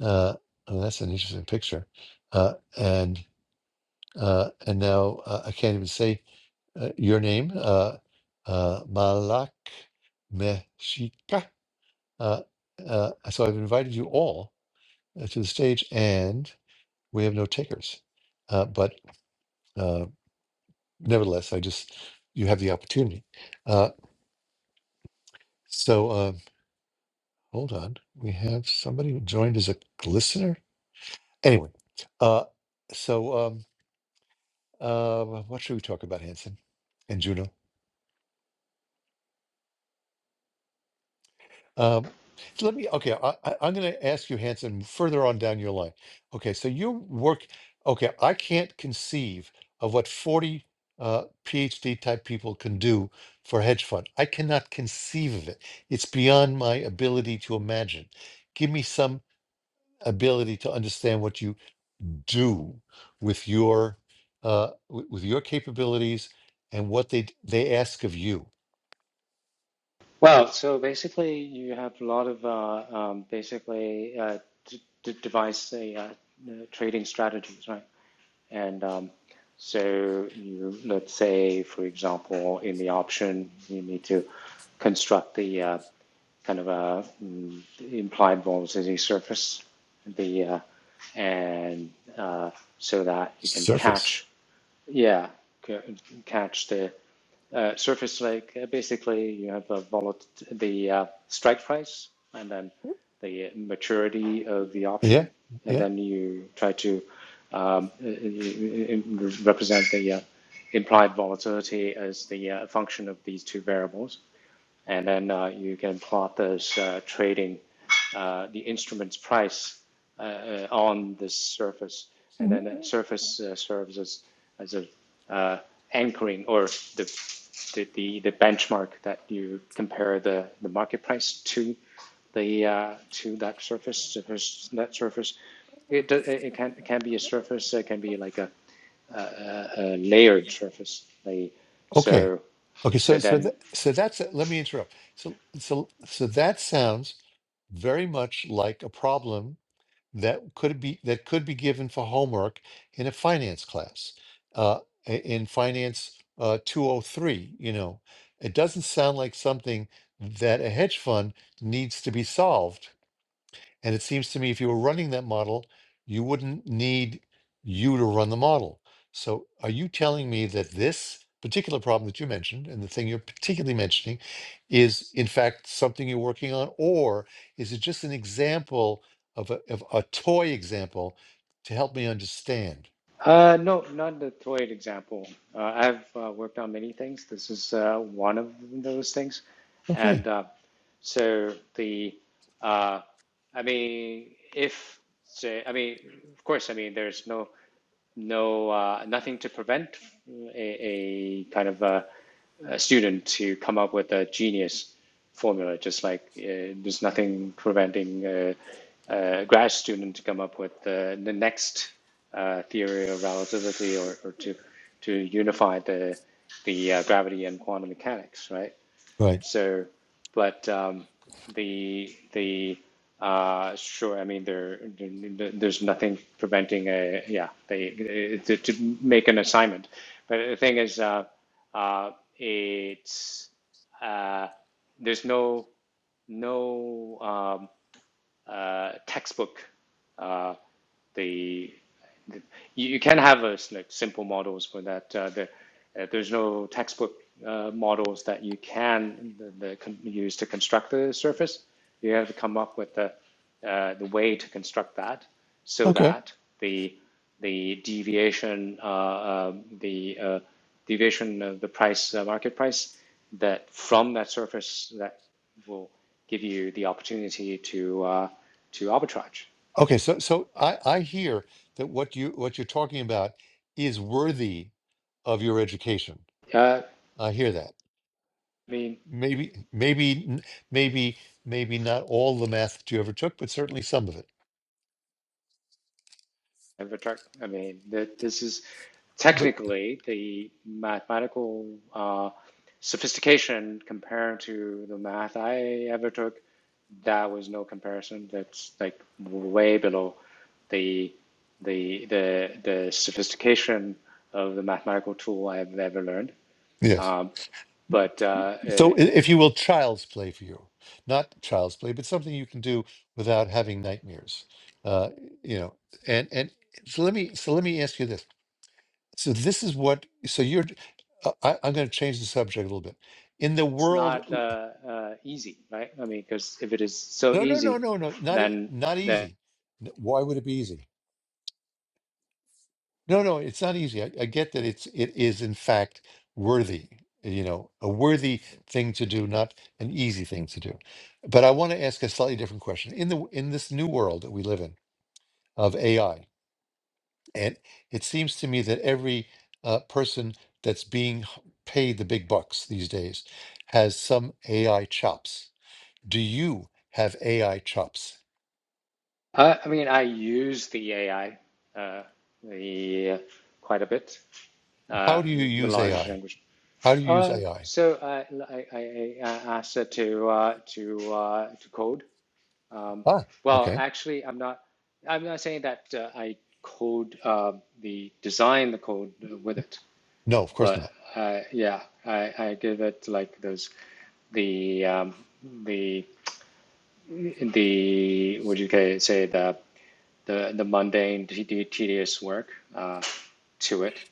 A: Uh, oh, that's an interesting picture. Uh, and uh, and now uh, I can't even say uh, your name, uh, uh, Malak Meshika. Uh, uh, so I've invited you all uh, to the stage, and we have no takers. Uh, but uh, nevertheless, I just you have the opportunity. Uh, so uh, hold on, we have somebody who joined as a listener. Anyway, uh, so um, uh, what should we talk about, Hanson and Juno? Um, so let me, okay, I, I, I'm going to ask you, Hanson, further on down your line. Okay, so you work, okay, I can't conceive of what 40 uh, PhD type people can do for a hedge fund. I cannot conceive of it. It's beyond my ability to imagine. Give me some ability to understand what you do with your uh, w- with your capabilities and what they they ask of you.
D: Well, so basically, you have a lot of uh, um, basically uh, d- d- device uh, uh, trading strategies, right? And um, so you let's say, for example, in the option, you need to construct the uh, kind of a mm, implied velocity surface, the uh, and uh, so that you can
A: Surface.
D: catch Yeah, ca- catch the uh, surface like uh, basically you have the volat the uh, strike price and then the maturity of the
A: Yeah,
D: option, and
A: yeah.
D: then you try to um, uh, uh, uh, represent the uh, implied volatility as the uh, function of these two variables and then uh, you can plot this uh, trading, uh, the instrument's price uh, uh, on this surface, and then the surface uh, serves as, as a uh, anchoring or the, the the the benchmark that you compare the the market price to the uh, to that surface that surface. It, it it can it can be a surface. It can be like a, a, a layered surface. Like,
A: Okay.
D: so
A: Okay.
D: so
A: So so that,
D: then
A: so that's let me interrupt. So so so that sounds very much like a problem that could be that could be given for homework in a finance class, uh, i- in finance uh, 203. You know, it doesn't sound like something that a hedge fund needs to be solved. And it seems to me if you were running that model, you wouldn't need you to run the model. So are you telling me that this particular problem that you mentioned and the thing you're particularly mentioning is in fact something you're working on, or is it just an example of a, of a toy example to help me understand?
D: Uh, no, not the Throid example. Uh, I've uh, worked on many things. This is uh, one of those things. And
A: Okay,
D: uh, so the, uh, I mean, if, say, I mean, of course, I mean, there's no, no, uh, nothing to prevent a, a kind of a, a student to come up with a genius formula, just like uh, there's nothing preventing uh, a grad student to come up with uh, the next uh, theory of relativity or, or to to unify the the uh, gravity and quantum mechanics, right?
A: right.
D: So, but um, the the uh, sure, I mean there, there there's nothing preventing a yeah they to, to make an assignment, but the thing is uh, uh, it's uh, there's no no um, uh, textbook uh, the you, you can have a like simple models for that. Uh, the, uh, there's no textbook uh, models that you can the, the con- use to construct the surface. You have to come up with the uh, the way to construct that so
A: Okay.
D: that the the deviation uh, uh, the uh, deviation of the price uh, market price that from that surface that will give you the opportunity to uh, to arbitrage.
A: Okay, so so I, I hear that what you what you're talking about is worthy of your education.
D: Uh,
A: I hear that.
D: I mean,
A: Maybe, maybe, n- maybe, maybe not all the math that you ever took, but certainly some of it.
D: Avatar, I mean, th this is
A: But
D: technically the mathematical uh, sophistication compared to the math I ever took. That was no comparison. That's like way below the the the the sophistication of the mathematical tool I've ever learned.
A: yes.
D: Um, but uh, eh,
A: So, i- if you will, child's play for you, not child's play, but something you can do without having nightmares. Uh, you know, and and so let me so let me ask you this. So this is what. So you're. uh, I, I'm going to change the subject a little bit. In the
D: it's
A: world,
D: not uh, uh, easy, right? I mean, because if it is so
A: no, no, no,
D: easy,
A: no, no, not e-
D: then
A: not
D: then
A: easy. N- Why would it be easy? No, no, it's not easy. I, I get that it's it is in fact worthy, you know, a worthy thing to do, not an easy thing to do. But I want to ask a slightly different question. In the in this new world that we live in of AI, and it seems to me that every uh, person that's being h- paid the big bucks these days has some AI chops. Do you have AI chops?
D: Uh, I mean, I use the AI uh, the, uh, quite a bit,
A: How
D: uh,
A: do you
D: the
A: use
D: large
A: AI?
D: language.
A: How do you use
D: Uh,
A: AI?
D: so uh, I, I, I asked it to uh, to uh, to code. Um,
A: Ah,
D: well,
A: okay.
D: actually, I'm not. I'm not saying that uh, I code uh, the design the code uh, with it,
A: No, of course
D: but
A: not.
D: uh, yeah, I, I give it like those the um, the the what do you say the the the mundane, tedious work uh, to it,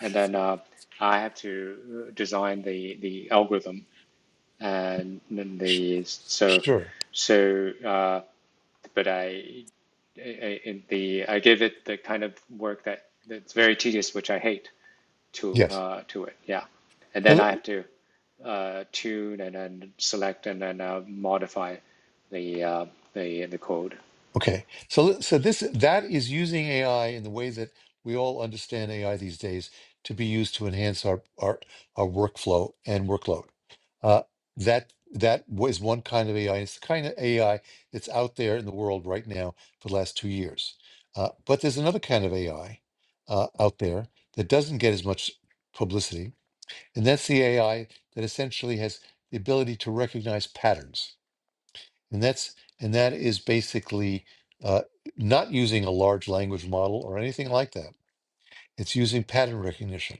D: and then uh, I have to design the the algorithm and then
A: Sh-
D: the so
A: sure.
D: so. Uh, but I, I in the I give it the kind of work that that's very tedious, which I hate to
A: Yes.
D: uh, to it. Yeah, and
A: Now,
D: then
A: let-
D: I have to uh, tune and then select and then uh, modify the uh, the the code
A: okay. So let- so this that is using AI in the way that we all understand AI these days to be used to enhance our our, our workflow and workload. Uh, that that was one kind of AI. It's the kind of AI that's out there in the world right now for the last two years. Uh, but there's another kind of AI uh, out there that doesn't get as much publicity, and that's the AI that essentially has the ability to recognize patterns And that's and that is basically uh, not using a large language model or anything like that. It's using pattern recognition,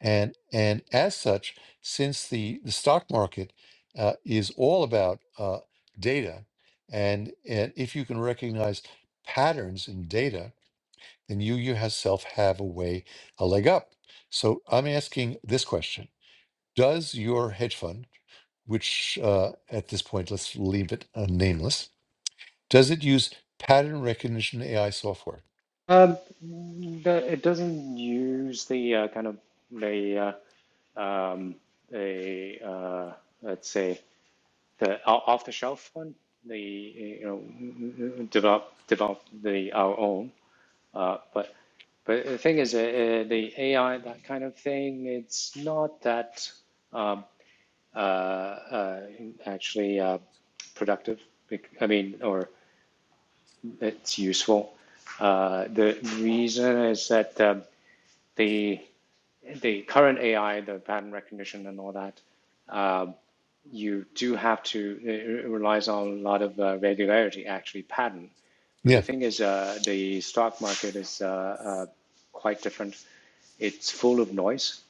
A: and and as such, since the the stock market uh, is all about uh, data, and and if you can recognize patterns in data, then you yourself have a way a leg up. So I'm asking this question: Does your hedge fund, which uh, at this point let's leave it uh, nameless, does it use pattern recognition AI software?
D: Um, the, it doesn't use the uh, kind of the uh, um, the uh, let's say the o- off-the-shelf one. The you know develop develop the our own. Uh, but but the thing is, uh, uh, the AI that kind of thing. It's not that um, uh, uh, actually uh, productive. bec- I mean, or it's useful. Uh, the reason is that. Um, the the current AI, the pattern recognition and all that, uh, you do have to it relies on a lot of uh, regularity, actually pattern. But
A: Yeah.
D: the thing is, uh, the stock market is uh, uh, quite different. It's full of noise,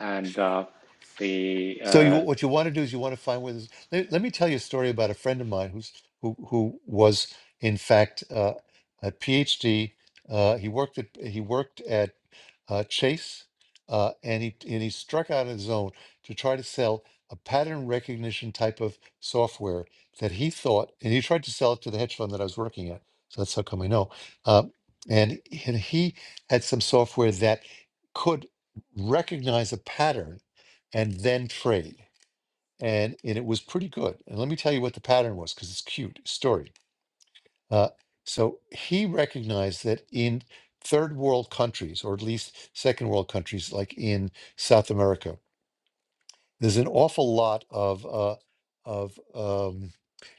D: and uh, the
A: So you
D: uh,
A: what you want to do is you want to find where this. Let, let me tell you a story about a friend of mine who's who who was in fact uh, a PhD. Uh, he worked at he worked at uh, Chase, uh, and he and he struck out on his own to try to sell a pattern recognition type of software that he thought, and he tried to sell it to the hedge fund that I was working at. So that's how come I know. Uh, and and he had some software that could recognize a pattern and then trade. And, and it was pretty good. And let me tell you what the pattern was because it's cute story. Uh, so he recognized that in third world countries, or at least second world countries like in South America, there's an awful lot of uh, of um,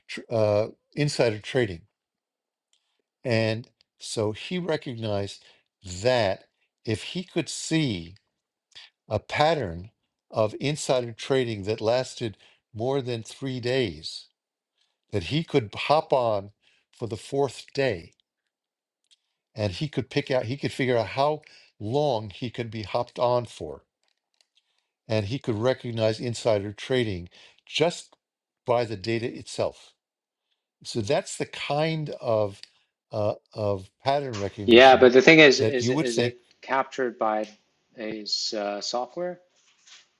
A: tr- uh, insider trading. And so he recognized that if he could see a pattern of insider trading that lasted more than three days, that he could hop on for the fourth day and he could pick out, he could figure out how long he could be hopped on for. And he could recognize insider trading just by the data itself. So that's the kind of uh, of pattern
D: yeah.
A: recognition
D: But the thing is,
A: that
D: is
A: you would
D: is
A: think.
D: it captured by his uh, software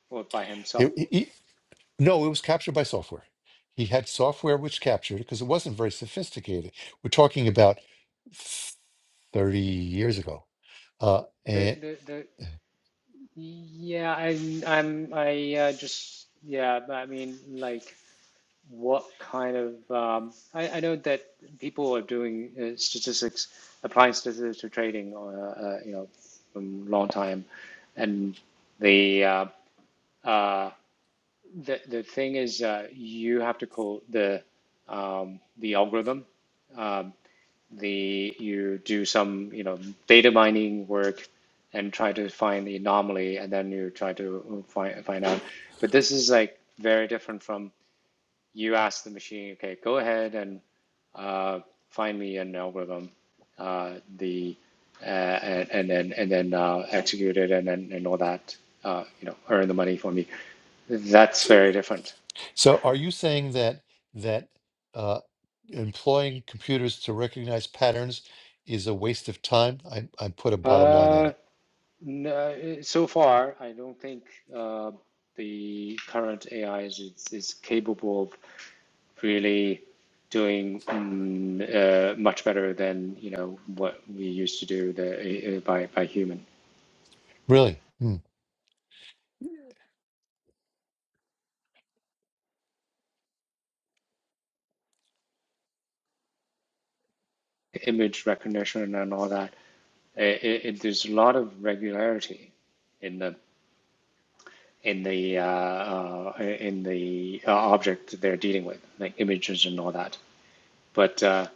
D: or by
A: It,
D: himself?
A: it- it- no, it was captured by software. He had software which captured it because it wasn't very sophisticated. We're talking about 30 years ago uh,
D: The,
A: and.
D: the, the, Yeah, I'm, I'm, I uh, just, yeah, but I mean, like, what kind of, um, I, I know that people are doing uh, statistics, applying statistics to trading, uh, uh, you know, from long time, and the, uh, uh, the, the thing is, uh, you have to call the, um, the algorithm. um, the you do some you know data mining work and try to find the anomaly and then you try to find find out but this is like very different from you ask the machine okay go ahead and uh, find me an algorithm uh, the uh, and, and then and then uh, execute it and then and all that uh, you know earn the money for me that's very different
A: So are you saying that that uh, employing computers to recognize patterns is a waste of time? I, I put a bottom line on
D: Uh,
A: it.
D: No, uh, eh, so far, I don't think uh, the current AI is, is, capable of really doing um, uh, much better than you know what we used to do the, uh, by by human
A: Really? Hmm.
D: image recognition and all that. it, it- there's a lot of regularity in the in the uh, uh, in the uh, object they're dealing with, like images and all that. But uh,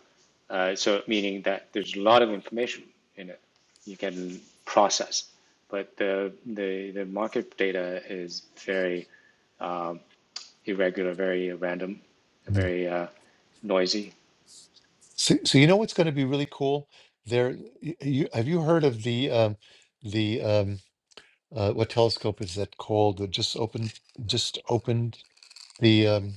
D: uh, so meaning that there's a lot of information in it you can process, but the the, the market data is very um, irregular, very random,
A: Hmm.
D: very uh, noisy.
A: So, so you know what's going to be really cool? There, y- you, have you heard of the um, the um, uh, what telescope is that called? that just opened, just opened the um,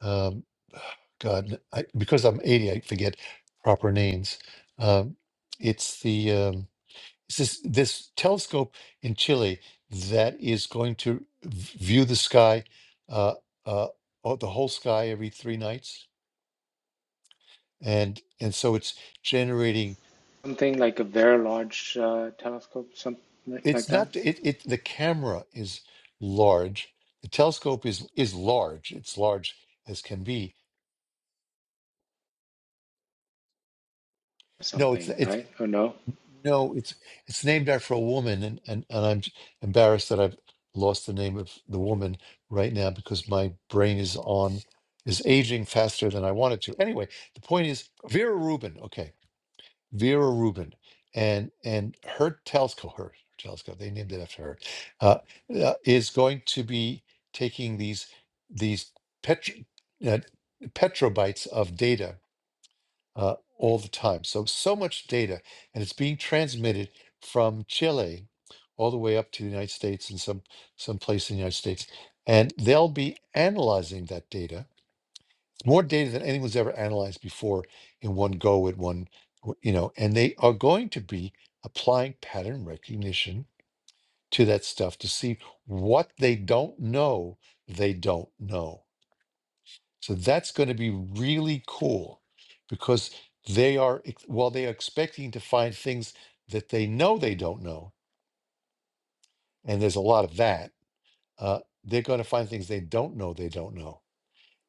A: um, God, I, because I'm 80, I forget proper names. Um, it's the um, It's this this telescope in Chile that is going to v- view the sky, uh, uh, oh, the whole sky every three nights, and and so it's generating.
D: Something like a very large uh, telescope, something like
A: It's
D: like that.
A: not the- it. It the camera is large. The telescope is is large. It's large as can be. No, it's
D: Something,
A: it's
D: right? Or no?
A: No, it's it's named after a woman, and, and, and I'm j- embarrassed that I've lost the name of the woman right now because my brain is on is aging faster than I want it to. Anyway, the point is Vera Rubin. Okay, Vera Rubin, and and her telescope, her telescope, they named it after her, uh, uh, is going to be taking these these petro, uh, petrobytes of data uh, all the time. So, so much data, and it's being transmitted from Chile all the way up to the United States and some, some place in the United States. And they'll be analyzing that data, more data than anyone's ever analyzed before in one go at one, you know, and they are going to be applying pattern recognition to that stuff to see what they don't know they don't know so that's going to be really cool because they are, ex- while they are expecting to find things that they know they don't know, and there's a lot of that, uh, they're going to find things they don't know they don't know.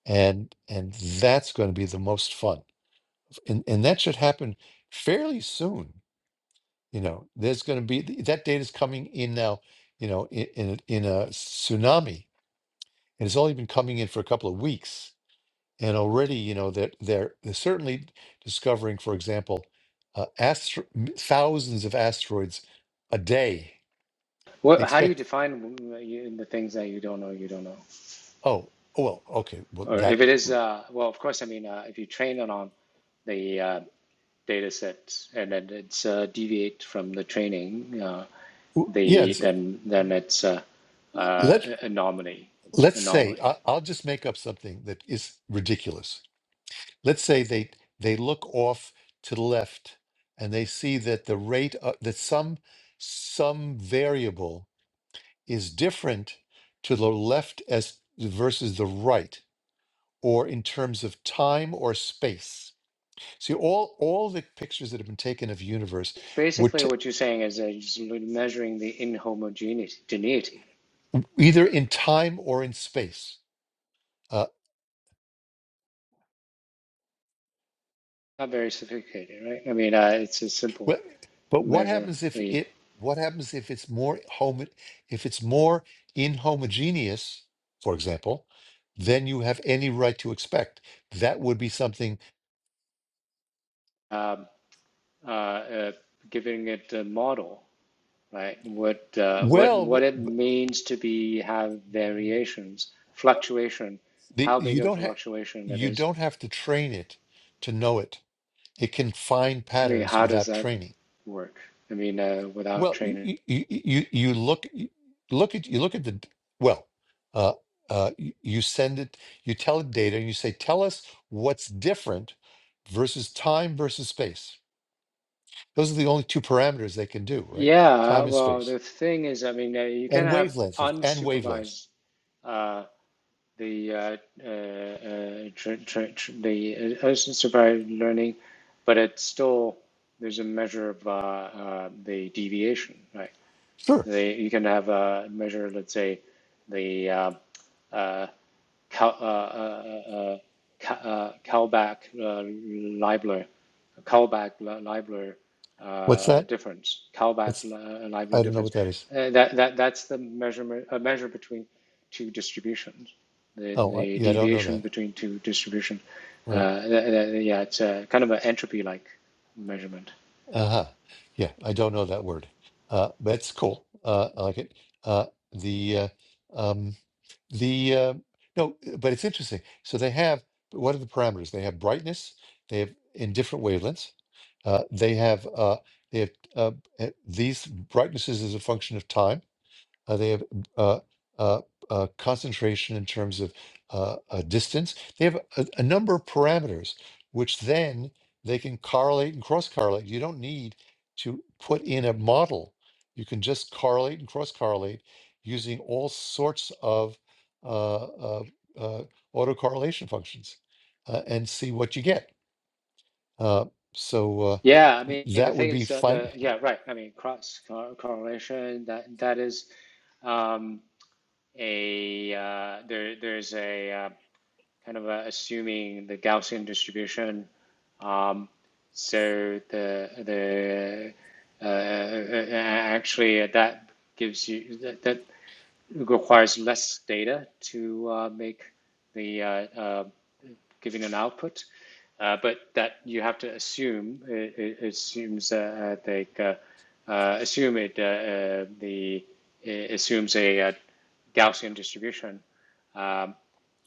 A: And and that's going to be the most fun. And and that should happen fairly soon. You know, there's going to be th- that data is coming in now, you know, in in a, in a tsunami. And it's only been coming in for a couple of weeks And already, you know, they're, they're, they're certainly discovering, for example, uh, astro- m- thousands of asteroids a day. They
D: What? How do you
A: expect,
D: define uh, the things that you don't know? You don't know,
A: oh, oh, well, okay, well,
D: or if
A: that,
D: it is, uh, well, of course. I mean, uh, if you train it on the uh, data sets and then it's uh, deviate from the training, uh,
A: w- yeah,
D: the
A: it's,
D: then then it's uh, uh,
A: let,
D: anomaly.
A: let's say,
D: Anomaly.
A: I, I'll just make up something that is ridiculous. Let's say they, they look off to the left and they see that the rate, uh, that some, some variable is different to the left as versus the right or in terms of time or space. See, all all the pictures that have been taken of universe were
D: Basically,
A: t-
D: what you're saying is uh, just measuring the inhomogeneity.
A: either in time or in space. Uh,
D: Not very sophisticated, right? I mean, uh, it's a simple
A: well, but what
D: measure.
A: happens if
D: The
A: it? What happens if it's more homo- if it's more inhomogeneous, for example, than you have any right to expect? That would be something.
D: um, uh, uh, giving it a model, right? What uh, what
A: Well, b-
D: what it
A: b-
D: means to be have variations, fluctuation,
A: the,
D: how big
A: you
D: of a
A: don't have
D: fluctuation it
A: you
D: is
A: don't have to train it to know it. It can find
D: I mean,
A: patterns
D: how does
A: without
D: that
A: training.
D: work? I mean, uh, without
A: Well,
D: training.
A: you you you, you look you look at you look at the well, uh, uh, you, you send it, you tell it data, and you say, tell us what's different versus time versus space. Those are the only two parameters they can do, right?
D: Yeah,
A: Time and
D: well,
A: space,
D: the thing is, I mean, uh, you can
A: and
D: have
A: wavelength of and wavelength.
D: unsupervised uh, the uh, uh, uh, tra tra tr the uh, unsupervised learning, but it's still there's a measure of uh, uh, the deviation, right?
A: Sure.
D: They, you can have a measure, let's say, the uh, uh, Cal, uh, uh, uh, uh, Calback uh, Leibler, Calback Leibler
A: What's
D: uh,
A: that?
D: difference, Calback
A: What's
D: Le- uh, Leibler
A: I don't know
D: difference.
A: what that is.
D: Uh, that, that, that's the measurement, a measure between two distributions, the,
A: Oh, I,
D: the
A: yeah, I don't know
D: deviation
A: that.
D: between two distributions.
A: Right.
D: Uh, th- th- yeah, it's a, kind of an entropy like measurement.
A: Uh-huh. Yeah, I don't know that word. Uh, but it's cool. Uh, I like it. Uh, the uh, um, the uh, no, but it's interesting. So they have what are the parameters? They have brightness. They have in different wavelengths. Uh, they have uh, they have uh, uh, these brightnesses as a function of time uh, they have uh, uh, uh, concentration in terms of uh, uh, distance. They have a, a number of parameters, which then they can correlate and cross correlate. You don't need to put in a model. You can just correlate and cross correlate using all sorts of uh, uh, uh, autocorrelation functions uh, and see what you get. Uh, so uh,
D: Yeah, I mean the
A: that would
D: thing
A: be
D: is uh,
A: fine.
D: the yeah right. I mean cross cor- correlation that that is. Um, a uh, there there's a uh, kind of a, assuming the Gaussian distribution. Um, so the the uh, uh, actually uh, that gives you that, that requires less data to uh, make the uh, uh, giving an output, uh, but that you have to assume it, it assumes uh, uh, like uh, uh, assume it uh, uh, the it assumes a, uh Gaussian distribution um,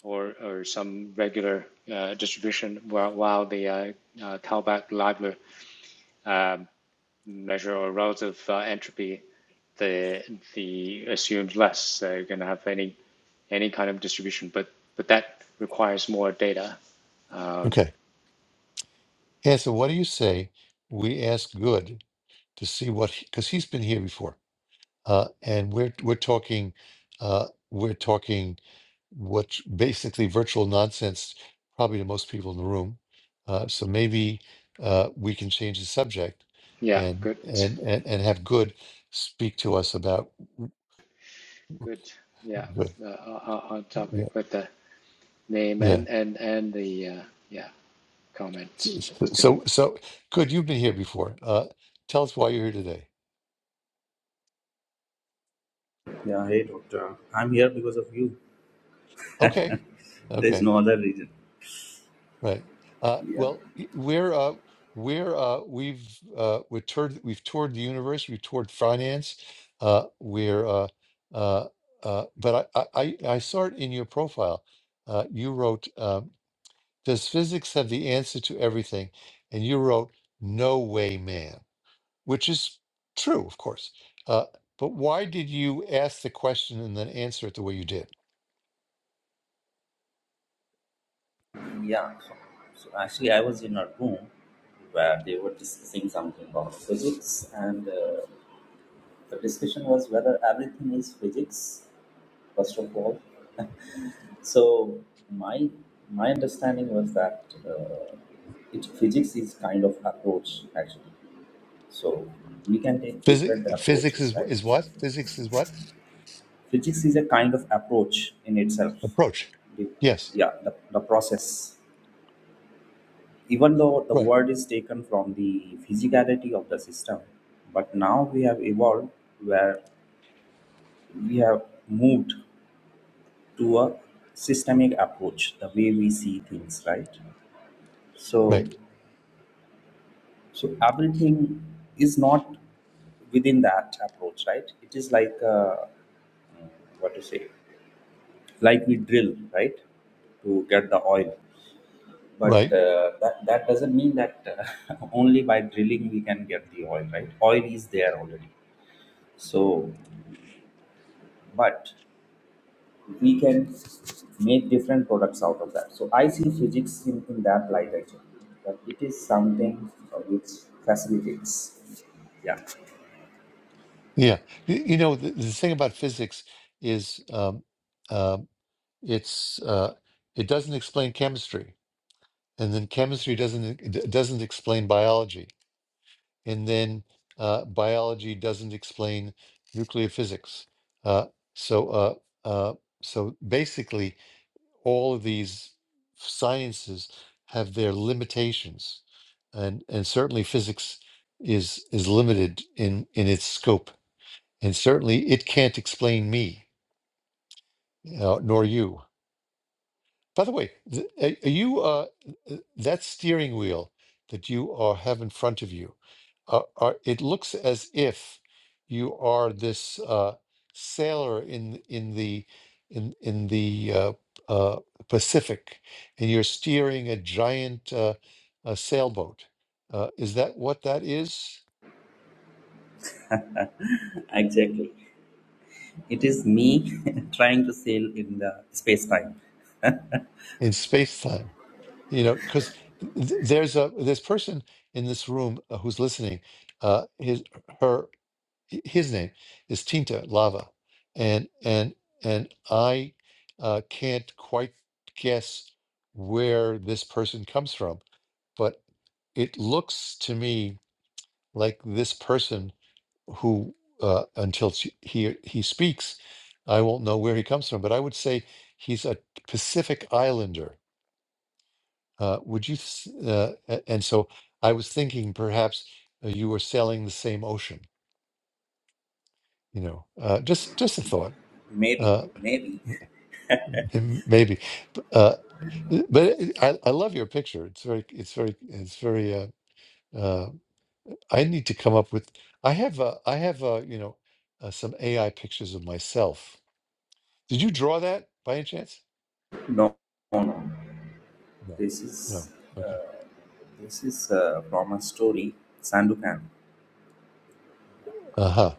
D: or, or some regular uh, distribution, while, while the uh, uh, Kalbach-Leibler um, measure or relative uh, entropy, the the assumes less. So you're going to have any any kind of distribution, but but that requires more data. Um,
A: Okay. Yeah, so what do you say we ask good? to see what because he's been here before, uh, and we're we're talking uh, we're talking what basically virtual nonsense probably to most people in the room. Uh, so maybe uh, we can change the subject
D: yeah,
A: and
D: good,
A: and and, and have good speak to us about
D: good. Yeah,
A: good
D: uh, on on topic
A: yeah
D: with the name
A: yeah.
D: and and and the uh, yeah comments.
A: S-
D: That's
A: s-
D: good.
A: So so good. You've been here before. Uh, tell us why you're here today.
E: Yeah, hey doctor. I'm here because of you.
A: Okay. okay.
E: There's no other reason.
A: Right. Uh,
E: Yeah.
A: well, y- we're uh, we're uh, we've uh, we're toured we've toured the universe. We've toured finance. Uh, we're uh, uh, uh, but I, I I I saw it in your profile. Uh, you wrote, um, "Does physics have the answer to everything?" And you wrote, "No way, man," which is true, of course. Uh, but why did you ask the question and then answer it the way you did?
E: Yeah. So, so actually, I was in a room where they were discussing something about physics, and uh, the discussion was whether everything is physics. First of all, so my my understanding was that uh, it physics is kind of approach actually. So we can take
A: Physics
E: different
A: physics
E: approaches,
A: is is what?
E: right?
A: Physics is what?
E: physics is a kind of approach in itself
A: Approach.
E: the,
A: Yes.
E: yeah the, the process even though the
A: Right,
E: word is taken from the physicality of the system but now we have evolved where we have moved to a systemic approach the way we see things right so
A: right,
E: so everything is not within that approach right it is like uh, what to say like we drill right to get the oil but
A: right.
E: uh, that that doesn't mean that uh, only by drilling we can get the oil right oil is there already so but we can make different products out of that so i see physics in, in that light actually But it is something uh, which facilitates yeah
A: Yeah. Y- You know, the, the thing about physics is um, um, it's uh, it doesn't explain chemistry, and then chemistry doesn't e- d- doesn't explain biology, and then uh, biology doesn't explain nuclear physics. Uh, so uh, uh, so basically, all of these sciences have their limitations, and and certainly physics is is limited in in its scope And certainly it can't explain me, uh, nor you. By the way, th- are are you uh, uh, that steering wheel that you are, have in front of you? Uh, are, it looks as if you are this uh, sailor in in the in in the uh, uh, Pacific, and you're steering a giant uh, uh sailboat. Uh, is that what that is
E: exactly it is me trying to sail in the space time
A: in space time? you know because there's a this person in this room uh, who's listening uh his her his name is tinta lava and and and i uh can't quite guess where this person comes from but it looks to me like this person who uh until she, he he speaks i won't know where he comes from but i would say he's a pacific islander uh, would you? s- Uh, a- and so I was thinking perhaps uh, you were sailing the same ocean. You know, uh, just just a thought.
E: maybe
A: Uh,
E: maybe
A: m- maybe, B- uh, but it- I, I love your picture. It's very it's very it's very. Uh, uh, I need to come up with. I have uh, I have uh, you know uh, some AI pictures of myself. Did you draw that by any chance?
E: No, no no
A: No,
E: This is
A: no.
E: uh,
A: Okay.
E: this is uh, from a story, Sandukan.
A: Uh huh.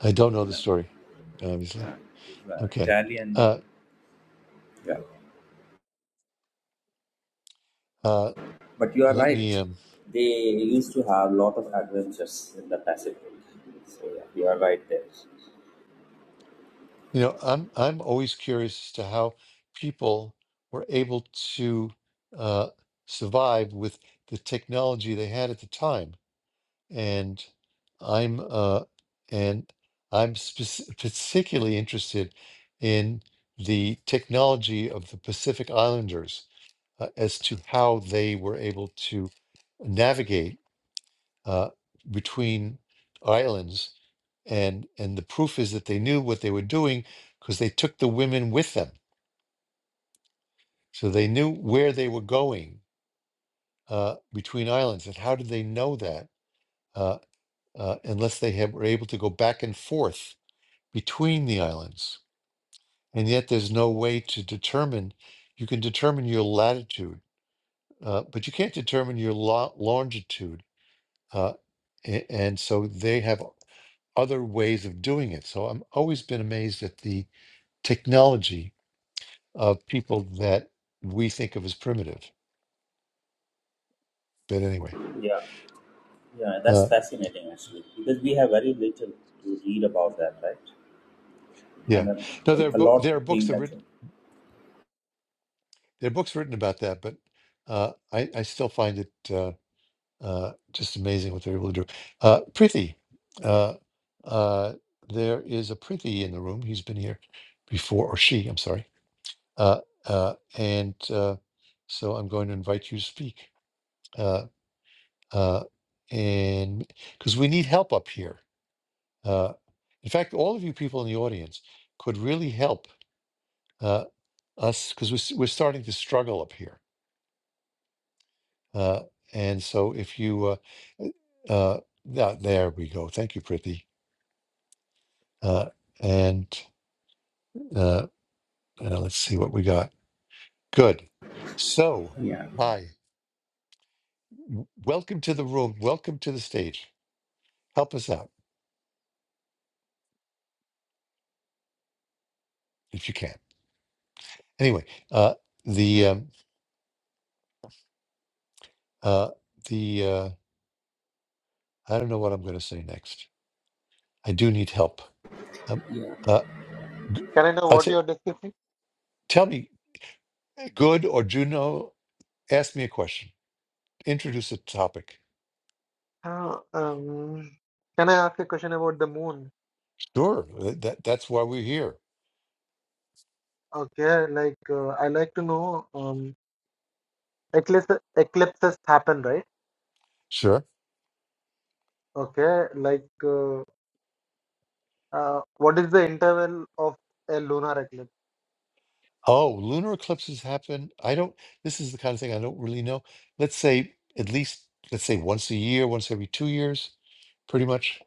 A: I don't know the
E: Yeah,
A: story, obviously.
E: it's, uh,
A: Okay.
E: Italian.
A: Uh,
E: Yeah,
A: uh,
E: but you are
A: let me.
E: right.
A: Um,
E: They used to have lot of adventures in the Pacific. So yeah, you are right there.
A: You know, I'm I'm always curious as to how people were able to uh, survive with the technology they had at the time, and I'm uh, and I'm spec- particularly interested in the technology of the Pacific Islanders uh, as to how they were able to navigate uh, between islands, and and the proof is that they knew what they were doing because they took the women with them, so they knew where they were going uh, between islands. And how did they know that uh, uh, unless they had, were able to go back and forth between the islands? And yet, there's no way to determine. You can determine your latitude, uh, but you can't determine your lo- longitude. Uh, a- and so they have. other ways of doing it. So I'm always been amazed at the technology of people that we think of as primitive. But anyway,
E: Yeah, yeah, that's
A: uh,
E: fascinating actually because we have very little to read about that, right? And
A: yeah,
E: a,
A: no, there are
E: a
A: bo-
E: lot
A: there
E: to
A: are books
E: think
A: that written
E: actually.
A: there are books written about that, but uh, I I still find it uh, uh, just amazing what they're able to do. Uh, Prithi, uh, uh, there is a Prithi in the room. He's been here before, or she, I'm sorry, uh, uh, and uh, so I'm going to invite you to speak. Uh, uh, and because we need help up here. Uh, in fact, all of you people in the audience could really help uh, us because we're, s- we're starting to struggle up here. Uh, and so, if you, uh, uh, uh, th- there we go. Thank you, Priti. Uh, and uh, uh, let's see what we got. Good. So,
E: Yeah,
A: hi, W- welcome to the room. Welcome to the stage. Help us out if you can. Anyway, uh, the um, uh, the uh, I don't know what I'm going to say next. I do need help. Um,
E: yeah.
A: uh, g-
B: Can I know
A: I'll
B: what
A: t-
B: you're discussing?
A: tell me, good or Juno, ask me a question. Introduce a topic.
B: Uh, um, can I ask a question about the moon?
A: Sure, th- that that's why we're here.
B: Okay, like uh, I like to know um, eclipse, eclipses happen, right?
A: Sure.
B: Okay, like uh, uh, what is the interval of a lunar eclipse?
A: Oh, lunar eclipses happen. I don't. This is the kind of thing I don't really know. Let's say at least let's say once a year, once every two years, pretty much.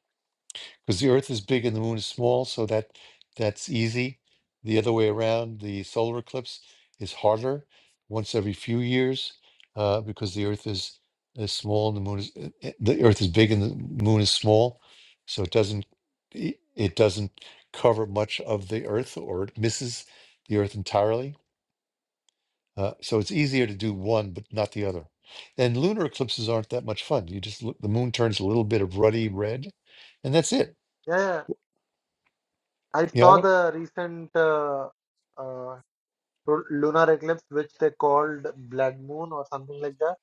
A: because the Earth is big and the Moon is small, so that that's easy. The other way around, the solar eclipse is harder, once every few years, uh, because the Earth is is small and the Moon is uh, uh, the Earth is big and the Moon is small, so it doesn't it, it doesn't cover much of the Earth or it misses the Earth entirely. Uh, so it's easier to do one but not the other. And lunar eclipses aren't that much fun. You just look, the moon turns a little bit of ruddy red, and that's it.
B: Yeah, yeah. I
A: Yeah, I
B: saw
A: don't.
B: the recent uh, uh, lu- lunar eclipse, which they called blood moon or something like that.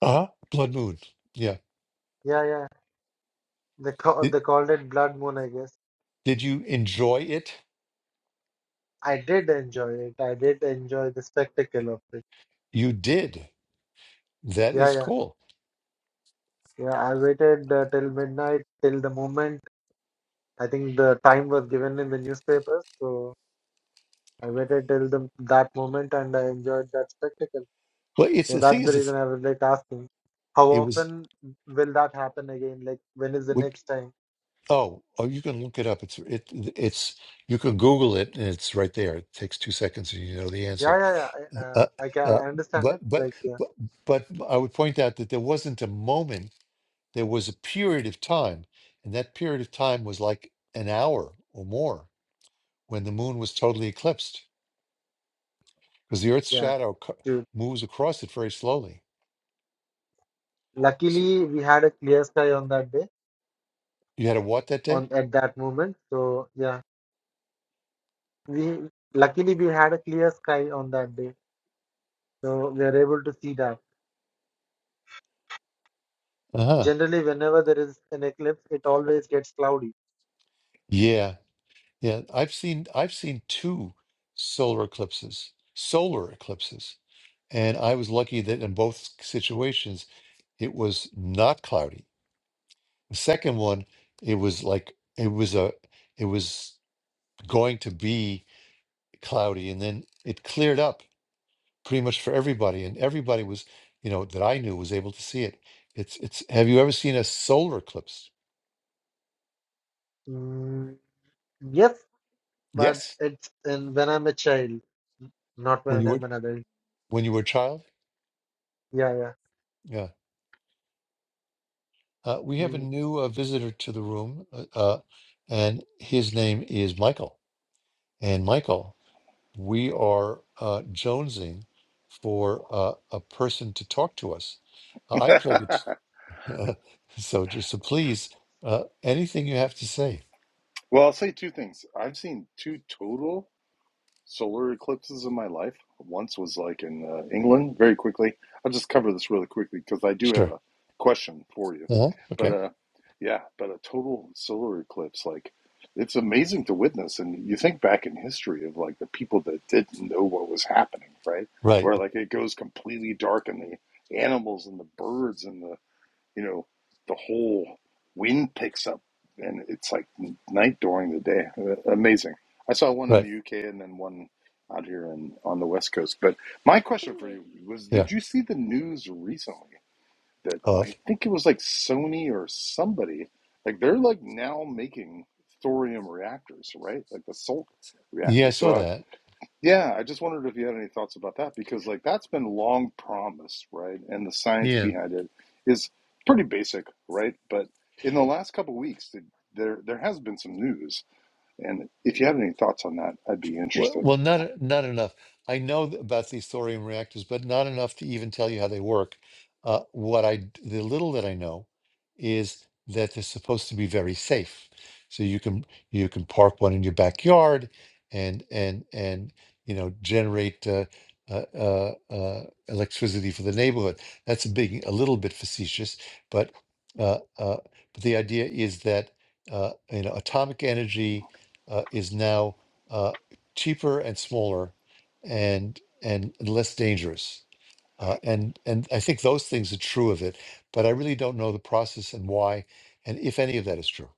A: Uh-huh. Blood Moon. Yeah.
B: Yeah, yeah. They call,
A: Did
B: they called it blood moon, I guess.
A: did you enjoy it?
B: I did enjoy it. I did enjoy the spectacle of it.
A: You did. That
B: Yeah,
A: is
B: yeah,
A: cool.
B: yeah. I waited uh, till midnight, till the moment. I think the time was given in the newspapers, so I waited till the, that moment, and I enjoyed that spectacle.
A: Well, it's
B: So
A: the thing
B: that's the
A: is it's
B: reason I was like asking, how
A: it was
B: often will that happen again? Like, when is the
A: would
B: next time?
A: oh, oh you can look it up. It's it it's you can Google it and it's right there. It takes two seconds and you know the answer.
B: Yeah, yeah, yeah. I, uh,
A: Uh,
B: I can I
A: uh,
B: understand
A: but
B: it.
A: but
B: Like, yeah,
A: but but I would point out that there wasn't a moment, there was a period of time, and that period of time was like an hour or more when the moon was totally eclipsed. because the Earth's
B: yeah,
A: shadow co-
B: dude.
A: moves across it very slowly. So
B: Luckily, we had a clear sky on that day,
A: you had a what that day?
B: on at that moment. So yeah, we luckily we had a clear sky on that day, so we are able to see that.
A: Uh huh.
B: Generally, whenever there is an eclipse, it always gets cloudy.
A: Yeah, yeah. I've seen I've seen two solar eclipses, solar eclipses, and I was lucky that in both situations it was not cloudy. The second one, it was like it was a it was going to be cloudy, and then it cleared up pretty much for everybody, and everybody was you know that I knew was able to see it. It's it's. Have you ever seen a solar eclipse?
B: Mm, yes, but
A: Yes,
B: it's in, when I'm a child, not
A: when
B: when
A: you were
B: I'm an adult.
A: when you were a child.
B: Yeah, yeah.
A: Yeah. Uh, we have a
B: Mm.
A: new uh, visitor to the room, uh, uh, and his name is Michael. And Michael, we are uh, jonesing for uh, a person to talk to us. Uh, I play guitar, so just so please, uh, anything you have to say.
F: Well, I'll say two things. I've seen two total solar eclipses in my life. Once was like in uh, England, very quickly. I'll just cover this really quickly because I do have
A: Sure.
F: a question for you.
A: Uh-huh.
F: But
A: Okay.
F: uh, yeah, but a total solar eclipse, like it's amazing to witness. And you think back in history of like the people that didn't know what was happening, right?
A: Right.
F: Where like it goes completely dark and the animals and the birds and the you know, the whole wind picks up and it's like night during the day. Uh, Amazing. I saw one in
A: Right.
F: the UK and then one out here in, on the West Coast. But my question for you was
A: Yeah.
F: Did you see the news recently that I
A: Of.
F: think it was like Sony or somebody, like they're like now making thorium reactors, right? Like the salt
A: Yeah, I
F: reactors. So
A: saw
F: I,
A: that.
F: yeah, I just wondered if you had any thoughts about that because like that's been long promised, right? And the science
A: Yeah.
F: behind it is pretty basic, right? But in the last couple of weeks, th- there there has been some news, and if you have any thoughts on that, I'd be
A: Well,
F: interested.
A: well, not e, not enough. I know th- about these thorium reactors, but not enough to even tell you how they work. Uh, what I d- the little that I know is that they're supposed to be very safe. So you can you can park one in your backyard, and and and you know generate uh, uh, uh, uh, electricity for the neighborhood. That's a big, a little bit facetious, but uh, uh, but the idea is that uh, you know atomic energy uh, is now. uh, cheaper and smaller and and less dangerous uh, and and i think those things are true of it but i really don't know the process and why and if any of that is true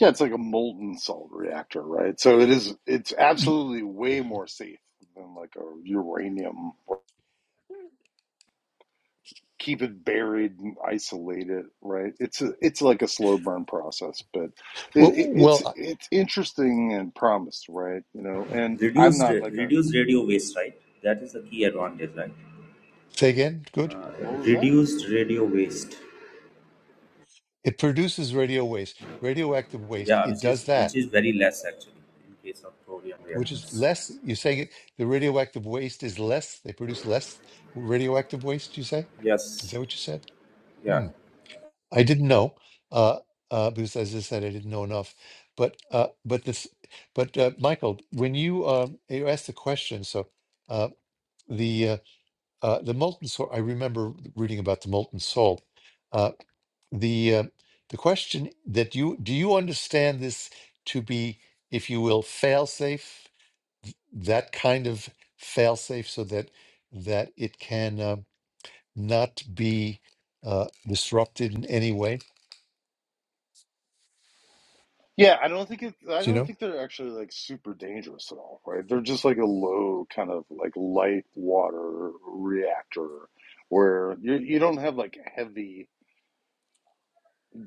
F: Yeah, it's like a molten salt reactor, right? So it is it's
A: Y-
F: absolutely way more safe than like a uranium keep it buried and isolate it right it's a, it's like a slow burn process but it,
A: well
F: it, it's
A: well uh,
F: it's interesting and promised right you know and i'm
E: Reduced
F: not like a
E: reduced radio waste, right? That is the key advantage, right?
A: say again good
E: Uh,
F: what was that
E: reduced radio waste.
A: it produces radio waste radioactive waste
E: yeah
A: it
E: which is
A: does
E: which
A: that
E: is very less actually in case of thorium
A: which is
E: reactors
A: less you're saying it, the radioactive waste is less they produce less radioactive waste you say is
E: yes
A: that what you said Hmm.
E: yeah
A: I didn't know uh, uh, because, as I said, I didn't know enough. But uh, but this but uh, Michael, when you um, you asked the question, so uh, the uh, uh, the molten salt. I remember reading about the molten salt. Uh, the uh, the question that you do you understand this to be, if you will, fail safe, that kind of fail safe, so that that it can uh, not be uh, disrupted in any way.
F: yeah i don't think it i
A: Do You
F: don't
A: know.
F: think they're actually like super dangerous at all right they're just like a low kind of like light water reactor where you, you don't have like heavy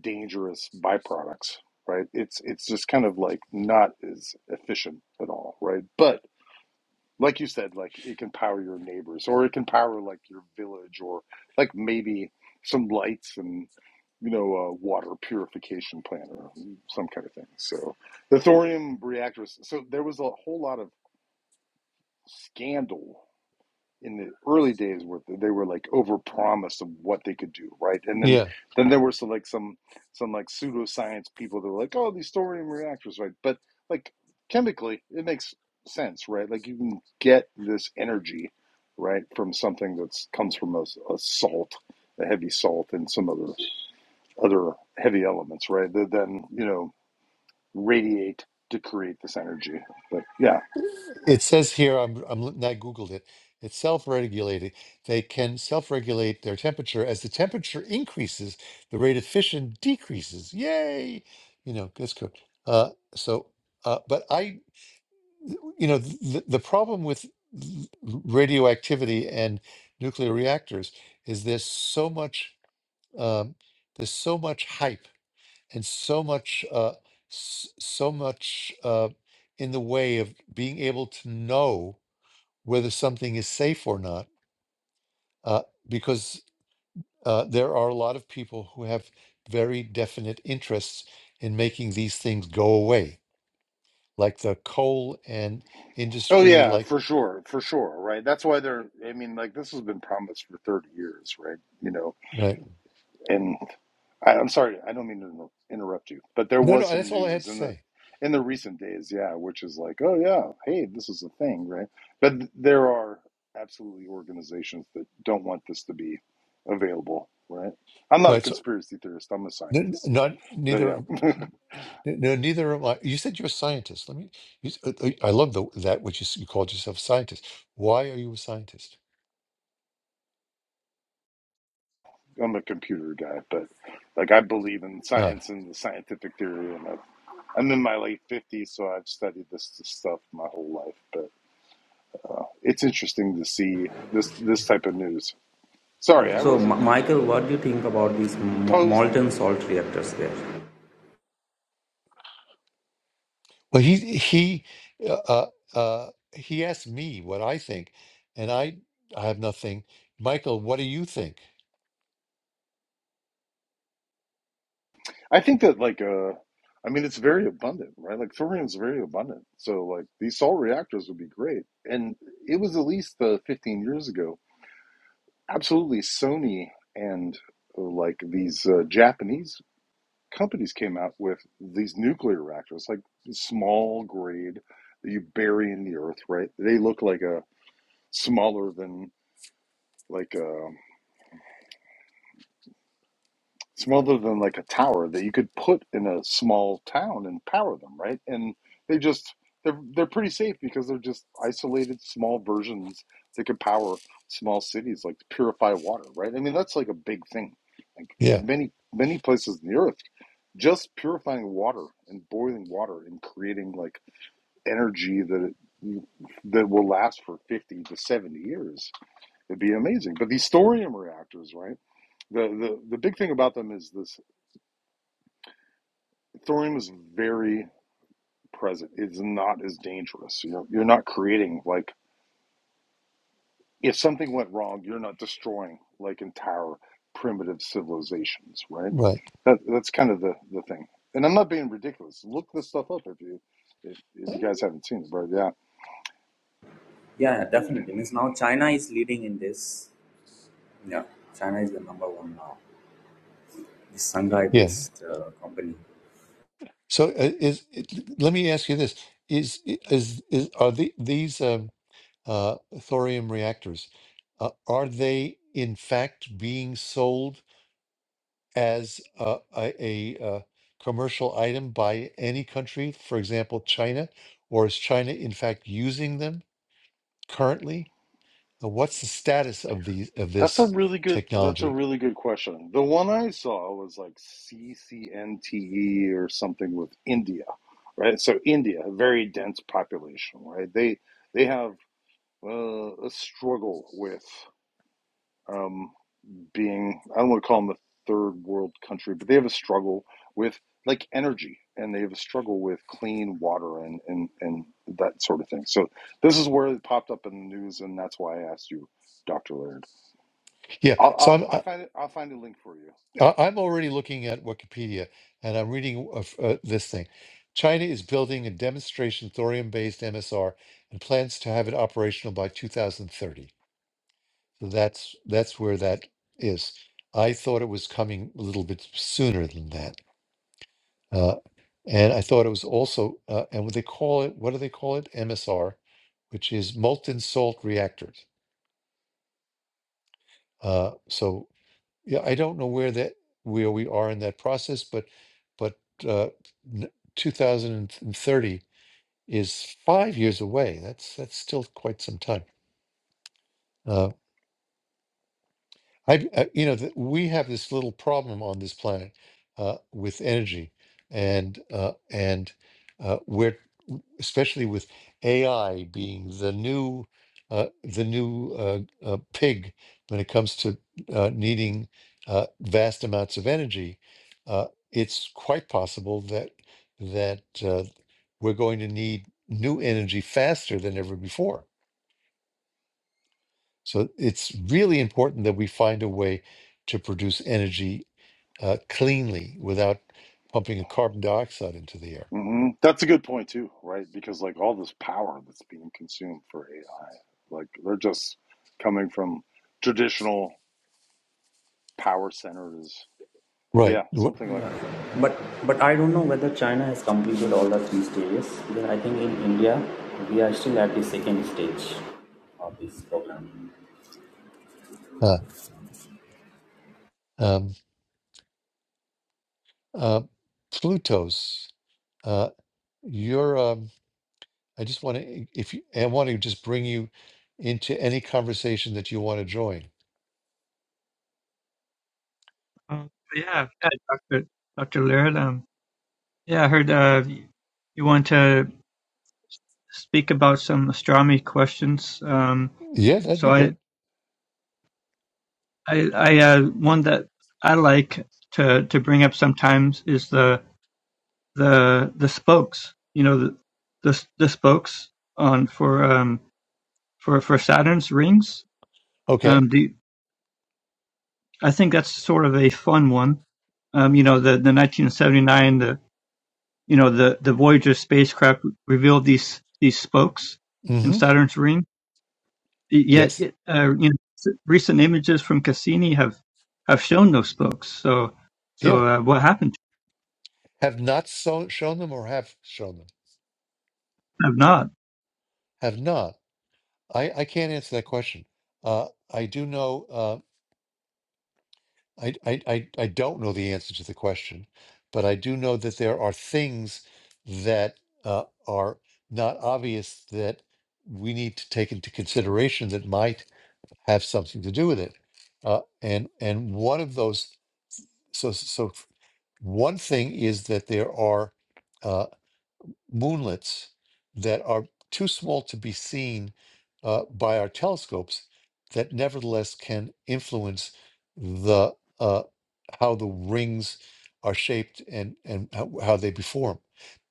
F: dangerous byproducts right it's it's just kind of like not as efficient at all right but like you said, like it can power your neighbors or it can power like your village or like maybe some lights and you know a water purification plant or some kind of thing. So the thorium reactors. So there was a whole lot of scandal in the early days where they were like overpromised of what they could do right and then
A: Yeah.
F: then there were some like some some like pseudoscience people that were like oh these thorium reactors right but like chemically it makes sense right like you can get this energy right from something that's comes from a, a salt a heavy salt and some other other heavy elements right that then you know radiate to create this energy but yeah
A: It says here, I'm, I'm looking- Googled it. It's self-regulating. They can self-regulate their temperature. As the temperature increases, the rate of fission decreases. Yay! You know, that's good. Uh, so, uh, but I, you know, the, the problem with l- radioactivity and nuclear reactors is there's so much, um, there's so much hype and so much uh s- so much uh in the way of being able to know whether something is safe or not uh because uh there are a lot of people who have very definite interests in making these things go away like the coal and
F: Oh
A: industry
F: yeah,
A: like
F: for sure, for sure, right? That's why they're. I mean, like this has been promised for thirty years, right? You know,
A: right
F: and I, I'm sorry, I don't mean to inter- interrupt you, but there
A: no
F: was
A: no
F: some
A: that's all i had
F: news
A: to
F: in the
A: say
F: in the recent days, yeah, which is like, oh yeah, hey, this is a thing, right? But th- there are absolutely organizations that don't want this to be available, right? I'm not a
A: right so
F: conspiracy theorist. I'm a
A: n- n-
F: scientist, so,
A: not
F: but
A: neither
F: yeah,
A: N- No, neither am I. You said you're a scientist. Let me. You, s- uh, uh, I love the, that which you, s- you called yourself a scientist. Why are you a scientist?
F: I'm a computer guy. But like, I believe in
A: Uh,
F: science and the scientific theory, and I'm in my late 50s, so I've studied this, this stuff my whole life, but uh, it's interesting to see this this type of news.
E: no.
F: Sorry, I
E: So,
F: wasn't
E: M-
F: like
E: Michael,
F: uh,
E: what do you think about these m-
F: posing.
E: molten salt reactors there?
A: well, he he uh, uh, uh, he asked me what I think, and I I have nothing. Michael, what do you think?
F: I think that like uh, I mean, it's very abundant, right? Like thorium's very abundant, so like these salt reactors would be great. And it was at least uh, 15 years ago. Absolutely, Sony and uh, like these uh, Japanese companies came out with these nuclear reactors, like small grade that you bury in the earth, right? They look like a smaller than like a smaller than like a tower that you could put in a small town and power them, right? And they just they're they're pretty safe because they're just isolated small versions that could power small cities like to purify water, right? I mean that's like a big thing. Like
A: Yeah,
F: many many places in the earth, just purifying water and boiling water and creating like energy that it, that will last for 50 to 70 years. It'd be amazing. But these thorium reactors, right? The the the big thing about them is this thorium is very present. It's not as dangerous. You're you're not creating like if something went wrong, you're not destroying like entire primitive civilizations, right?
A: right.
F: That that's kind of the the thing. And I'm not being ridiculous. Look this stuff up if you if
A: Uh,
F: you guys haven't seen it, but Yeah.
E: yeah definitely means now china is leading in this yeah china is the number one now this shanghai
A: Yeah.
E: based uh, company
A: So uh, is it- let me ask you this: Is i- is is are the, these um, uh, thorium reactors? Uh, are they in fact being sold? as a, a, a uh, commercial item by any country, for example, China? Or is China in fact using them currently? Uh, What's the status of these of
F: That's a
A: this
F: really good. That's a
A: technology?
F: really good question. The one I saw was like CCNTE or something with India, right? So India, a very dense population, right? They they have uh, a struggle with um, being. I don't want to call them a third world country, but they have a struggle with like energy, and they have a struggle with clean water and and and that sort of thing. So this is where it popped up in the news, and that's why I asked you, Doctor Laird.
A: Yeah, so
F: I'll,
A: I'm
F: I'll I
A: I,
F: find it. I'll find a link for you.
A: I- I'm already looking at Wikipedia and I'm reading of, uh, this thing. China is building a demonstration thorium-based MSR and plans to have it operational by 2030. So that's that's where that is. I thought it was coming a little bit sooner than that. Uh, and I thought it was also, uh, and what they call it, what do they call it? MSR, which is molten salt reactors. Uh, so yeah, I don't know where that where we are in that process, but but uh, n- 2030 is five years away. That's that's still quite some time. Uh, I, I you know th- we have this little problem on this planet uh, with energy, and uh, and uh, we're especially with AI being the new uh, the new uh, uh, pig when it comes to uh, needing uh, vast amounts of energy, uh, it's quite possible that that uh, we're going to need new energy faster than ever before. So it's really important that we find a way to produce energy uh, cleanly without pumping a carbon dioxide into the air.
F: hmm That's a good point too, right? Because like all this power that's being consumed for AI, like they're just coming from traditional power centers. But
A: Right.
F: Yeah,
A: Wh-
F: something like yeah.
E: But but I don't know whether China has completed all the three stages because I think in India we are still at the second stage. of this program
A: Uh, um, uh, Pluto's Uh, you're, um, I just want to, if you, I want to just bring you into any conversation that you want to join.
G: Um, yeah, yeah, Dr. Dr. Laird. Um, yeah, I heard uh, y- you want to speak about some astronomy questions. Um,
A: Yeah, that'd
G: so
A: be
G: I,
A: good.
G: I, I uh, one that I like to to bring up sometimes is the the the spokes. You know, the the, s- the spokes on for um for for Saturn's rings.
A: Okay.
G: Um, do you- I think that's sort of a fun one. Um, you know, the the 1979. you know, the, the Voyager spacecraft revealed these these spokes in
A: Mm-hmm.
G: Saturn's ring. Yet,
A: Yes.
G: uh, you know, recent images from Cassini have have shown those spokes. So,
A: Yeah.
G: so uh, what happened?
A: Have not so, shown them or have shown them?
G: Have not.
A: Have not. I, I can't answer that question. Uh, I do know, uh, I, I, I, I don't know the answer to the question, but I do know that there are things that uh, are not obvious that we need to take into consideration that might have something to do with it. Uh, and and one of those, so so one thing is that there are uh, moonlets that are too small to be seen uh, by our telescopes, that nevertheless can influence the uh, how the rings are shaped and and how, how they form.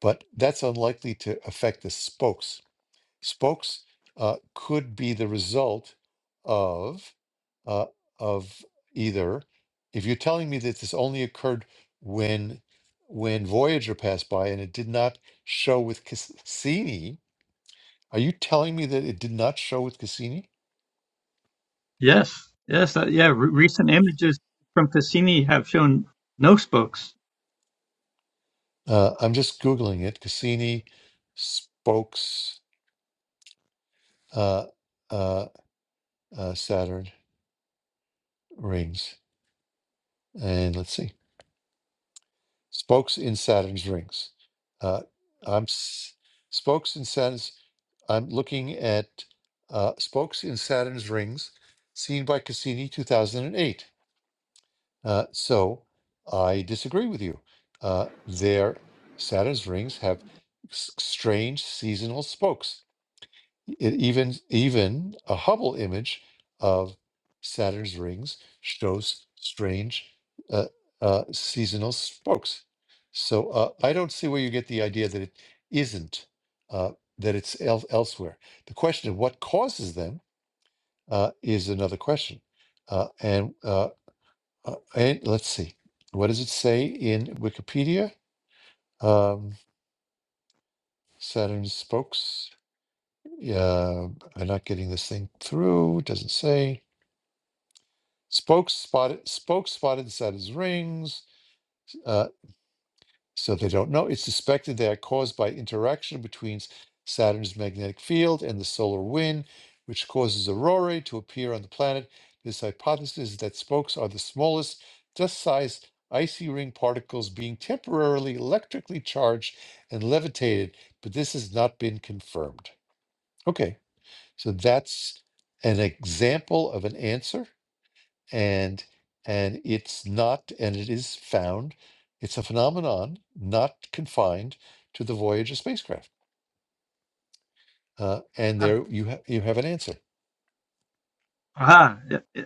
A: But that's unlikely to affect the spokes spokes uh, could be the result of uh, of either if you're telling me that this only occurred when when Voyager passed by and it did not show with Cas- Cassini, are you telling me that it did not show with Cassini?
G: Yes, yes, uh, yeah. Re- recent images from Cassini have shown no spokes.
A: Uh, I'm just googling it. Cassini spokes uh, uh, uh, Saturn rings, and let's see. spokes in Saturn's rings. Uh, I'm s- spokes in Saturn's. I'm looking at uh, spokes in Saturn's rings, seen by Cassini, 2008. Uh, so I disagree with you. Uh, their Saturn's rings have s- strange seasonal spokes. E- even even a Hubble image of Saturn's rings shows strange uh, uh, seasonal spokes. So uh, I don't see where you get the idea that it isn't uh, that it's el- elsewhere. The question of what causes them uh, is another question. Uh, and uh, uh, and let's see, what does it say in Wikipedia? Um, Saturn's spokes. Yeah, I'm not getting this thing through. It doesn't say. Spokes spotted, spokes spotted inside his rings, uh, so they don't know. It's suspected they are caused by interaction between Saturn's magnetic field and the solar wind, which causes aurorae to appear on the planet. This hypothesis is that spokes are the smallest, dust-sized icy ring particles being temporarily electrically charged and levitated, but this has not been confirmed. Okay, so that's an example of an answer and and it's not and it is found it's a phenomenon not confined to the voyager spacecraft uh, and there you have you have an answer
G: Ah,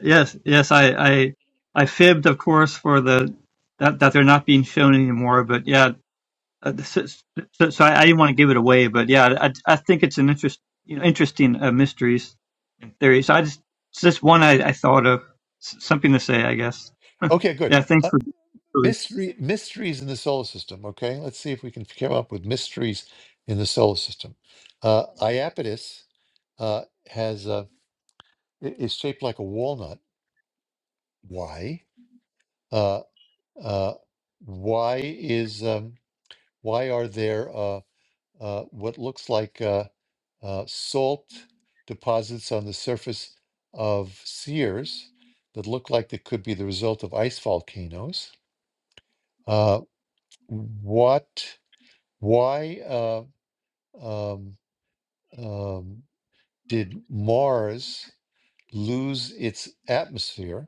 G: yes, yes. I, I, I fibbed, of course, for the that that they're not being shown anymore. But yeah, Uh, so, so, so I, I didn't want to give it away, but yeah, I, I think it's an interest, you know, interesting uh, mysteries theory. So I just, it's just one I, I thought of, S- something to say, I guess.
A: okay good
G: yeah, thanks
A: uh,
G: for.
A: mystery mysteries in the solar system okay let's see if we can come up with mysteries in the solar system uh, iapetus uh, has uh, i- is shaped like a walnut why uh, uh, why is um, why are there uh, uh, what looks like uh, uh, salt deposits on the surface of sears that look like they could be the result of ice volcanoes. Uh, what? Why uh, um, um, did Mars lose its atmosphere?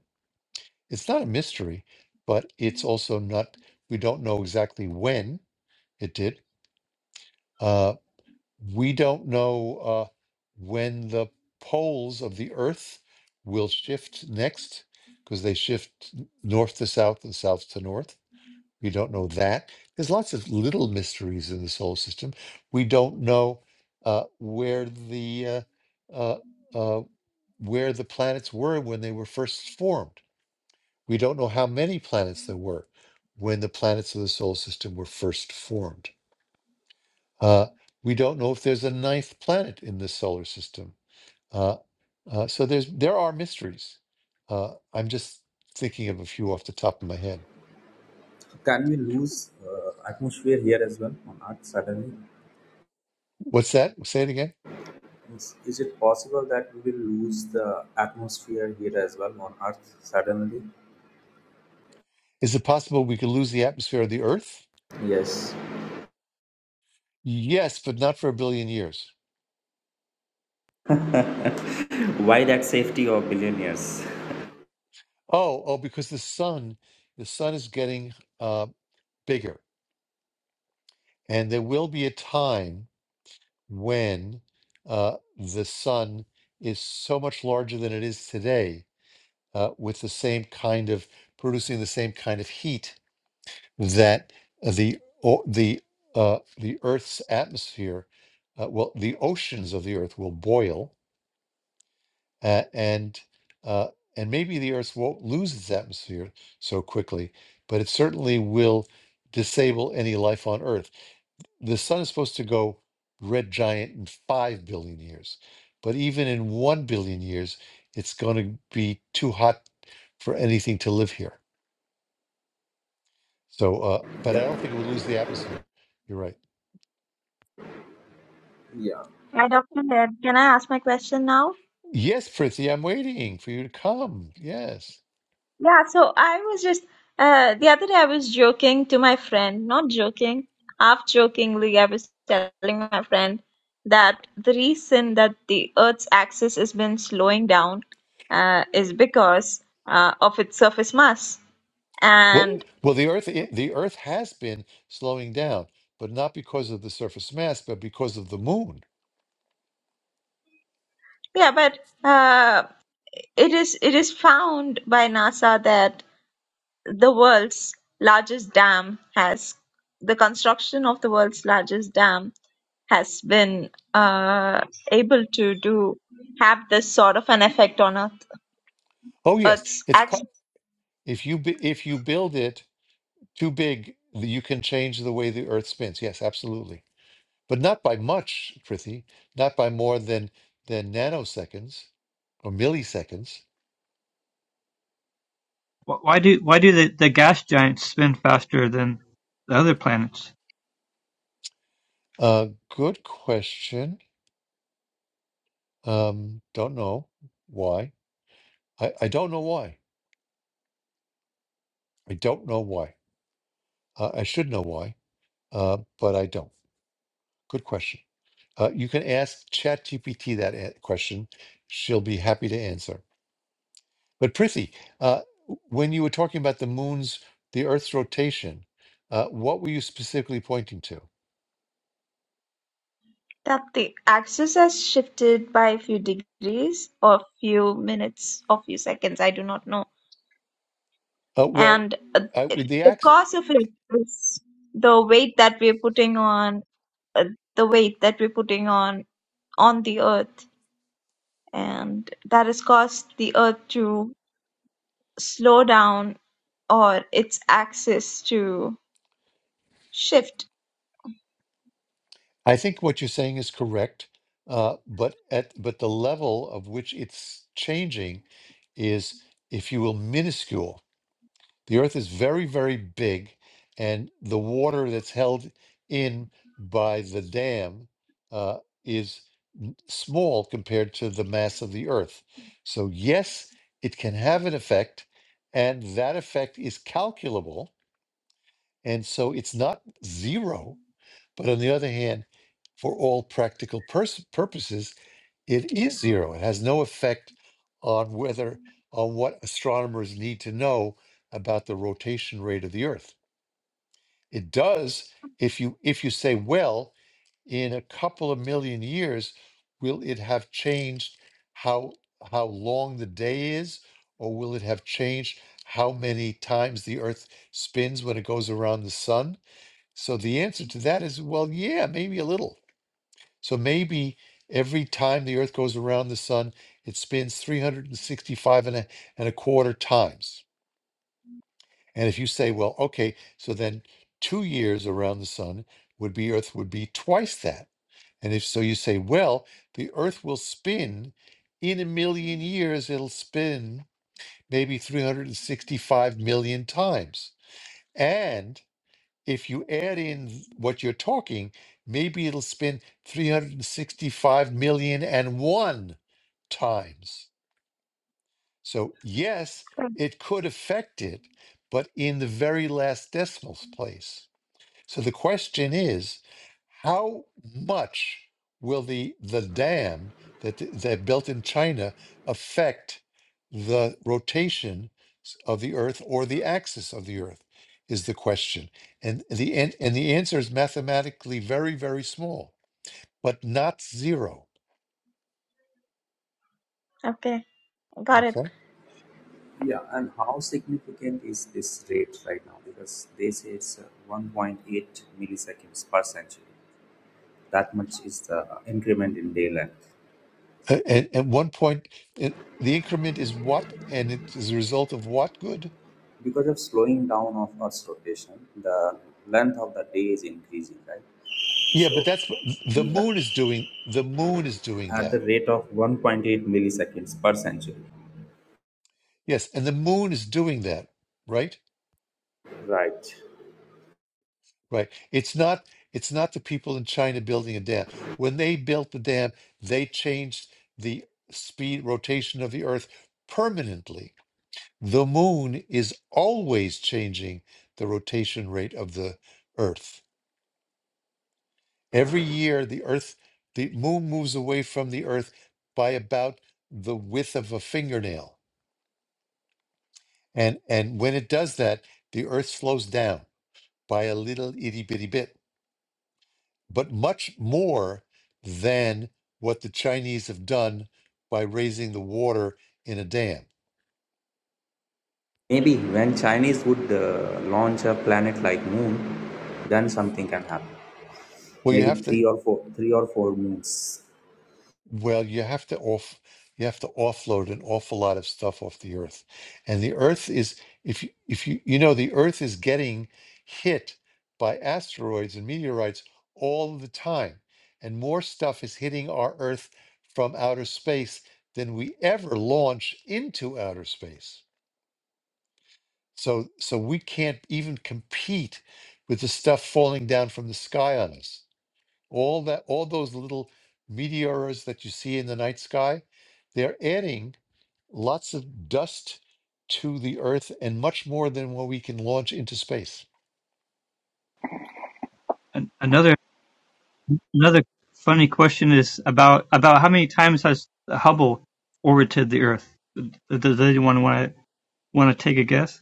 A: It's not a mystery, but it's also not. We don't know exactly when it did. Uh, we don't know uh, when the poles of the Earth will shift next, because they shift n- north to south and south to north. We don't know that. There's lots of little mysteries in the solar system. We don't know uh, where the uh, uh, uh, where the planets were when they were first formed. We don't know how many planets there were when the planets of the solar system were first formed. Uh, we don't know if there's a ninth planet in this solar system. Uh, uh, so there's there are mysteries. Uh, I'm just thinking of a few off the top of my head.
E: Can we lose uh, atmosphere here as well on Earth suddenly?
A: What's that? Say it again.
E: Is, is it possible that we will lose the atmosphere here as well on Earth suddenly?
A: Is it possible we could lose the atmosphere of the Earth?
E: Yes.
A: Yes, but not for a billion years.
E: Why that safety of billionaires?
A: Oh, oh, because the sun, the sun is getting uh, bigger, and there will be a time when uh, the sun is so much larger than it is today uh, with the same kind of producing the same kind of heat that uh, the o- the uh, the Earth's atmosphere, uh, well, the oceans of the Earth will boil, uh, and uh, and maybe the Earth won't lose its atmosphere so quickly, but it certainly will disable any life on Earth. The sun is supposed to go red giant in five billion years, but even in one billion years, it's going to be too hot for anything to live here. So, uh, but I
E: Yeah,
A: don't think it would lose the atmosphere. You're right.
E: yeah,
H: Yeah, Dr. Leb, can I ask my question now?
A: Yes, Prissy, I'm waiting for you to come. Yes.
H: Yeah, so I was just uh, the other day I was joking to my friend, not joking, half jokingly, I was telling my friend that the reason that the Earth's axis has been slowing down uh, is because uh, of its surface mass.
A: Well,
H: and
A: well, the Earth, i- the Earth has been slowing down, but not because of the surface mass, but because of the Moon.
H: yeah but uh, it is it is found by nasa that. The world's largest dam has the construction of the world's largest dam has been uh, able to do have this sort of an effect on Earth.
A: Oh, yes,
H: Earth's
A: it's po-
H: axis
A: if you bu- if you build it too big, th- you can change the way the Earth spins. Yes, absolutely, but not by much, Prithvi, not by more than than nanoseconds or milliseconds.
G: Wh- Why do why do the, the gas giants spin faster than the other planets?
A: Uh, good question. Um, don't know why. I, I don't know why. I don't know why. Uh, I should know why, uh, but I don't. Good question. Uh, you can ask ChatGPT that a- question. She'll be happy to answer. But Prithi, uh, when you were talking about the moon's, the Earth's rotation, uh, what were you specifically pointing to?
H: that the axis has shifted by a few degrees or a few minutes or few seconds. I do not know.
A: Uh, well,
H: And uh,
A: I,
H: it-
A: with
H: the
A: the
H: cause of it is the weight that we're putting on uh, the weight that we're putting on on the earth and that has caused the Earth to slow down or its axis to shift.
A: I think what you're saying is correct, uh, but at but the level of which it's changing is, if you will, minuscule. The Earth is very, very big, and the water that's held in by the dam uh, is n- small compared to the mass of the Earth. So yes, it can have an effect, and that effect is calculable, and so it's not zero but on the other hand, for all practical pers- purposes, it is zero. It has no effect on whether on what astronomers need to know about the rotation rate of the Earth. It does if you if you say, well, in a couple of million years, will it have changed how how long the day is, or will it have changed how many times the Earth spins when it goes around the sun? So the answer to that is well, yeah, maybe a little. So maybe every time the Earth goes around the sun, it spins 365 and a, and a quarter times. And if you say, well, okay, so then two years around the sun would be Earth would be twice that. And if so, you say, well, the Earth will spin in a million years, it'll spin maybe 365 million times. And if you add in what you're talking, maybe it'll spin 365 million and one times. So, yes,
H: Hmm,
A: it could affect it, but in the very last decimal place. So the question is, how much will the the dam that th- that built in China affect the rotation s- of the Earth or the axis of the Earth? Is the question, and the an- and the answer is mathematically very very small, but not zero.
H: Okay, got it.
A: Okay,
E: yeah. And how significant is this rate right now? Because they say it's uh, 1.8 milliseconds per century. That much is the increment in daylight.
A: A- and at one point, it, the increment is what, and it is a result of what good?
E: because of slowing down of Earth's rotation, the length of the day is increasing, right?
A: Yeah,
E: So
A: but that's what the
E: we have
A: moon is doing. The moon is doing
E: at the
A: that
E: rate of 1.8 milliseconds per century.
A: Yes, and the moon is doing that, right?
E: Right.
A: Right. It's not it's not the people in China building a dam. When they built the dam, they changed the speed rotation of the earth permanently. The moon is always changing the rotation rate of the earth. Every year the earth the moon moves away from the earth by about the width of a fingernail. And and when it does that, the earth slows down by a little itty bitty bit but much more than what the Chinese have done by raising the water in a dam.
E: Maybe when Chinese would uh, launch a planet like Moon, then something can happen.
A: Well, you
E: Maybe
A: have to.
E: three or four, three or four moons.
A: Well, you have to off. You have to offload an awful lot of stuff off the earth, and the earth is if you, if you you know the earth is getting hit by asteroids and meteorites all the time, and more stuff is hitting our earth from outer space than we ever launch into outer space. So so we can't even compete with the stuff falling down from the sky on us. All that all those little meteors that you see in the night sky, they're adding lots of dust to the earth and much more than what we can launch into space.
G: And another another funny question is about about how many times has Hubble orbited the Earth? Does anyone want to want to take a guess?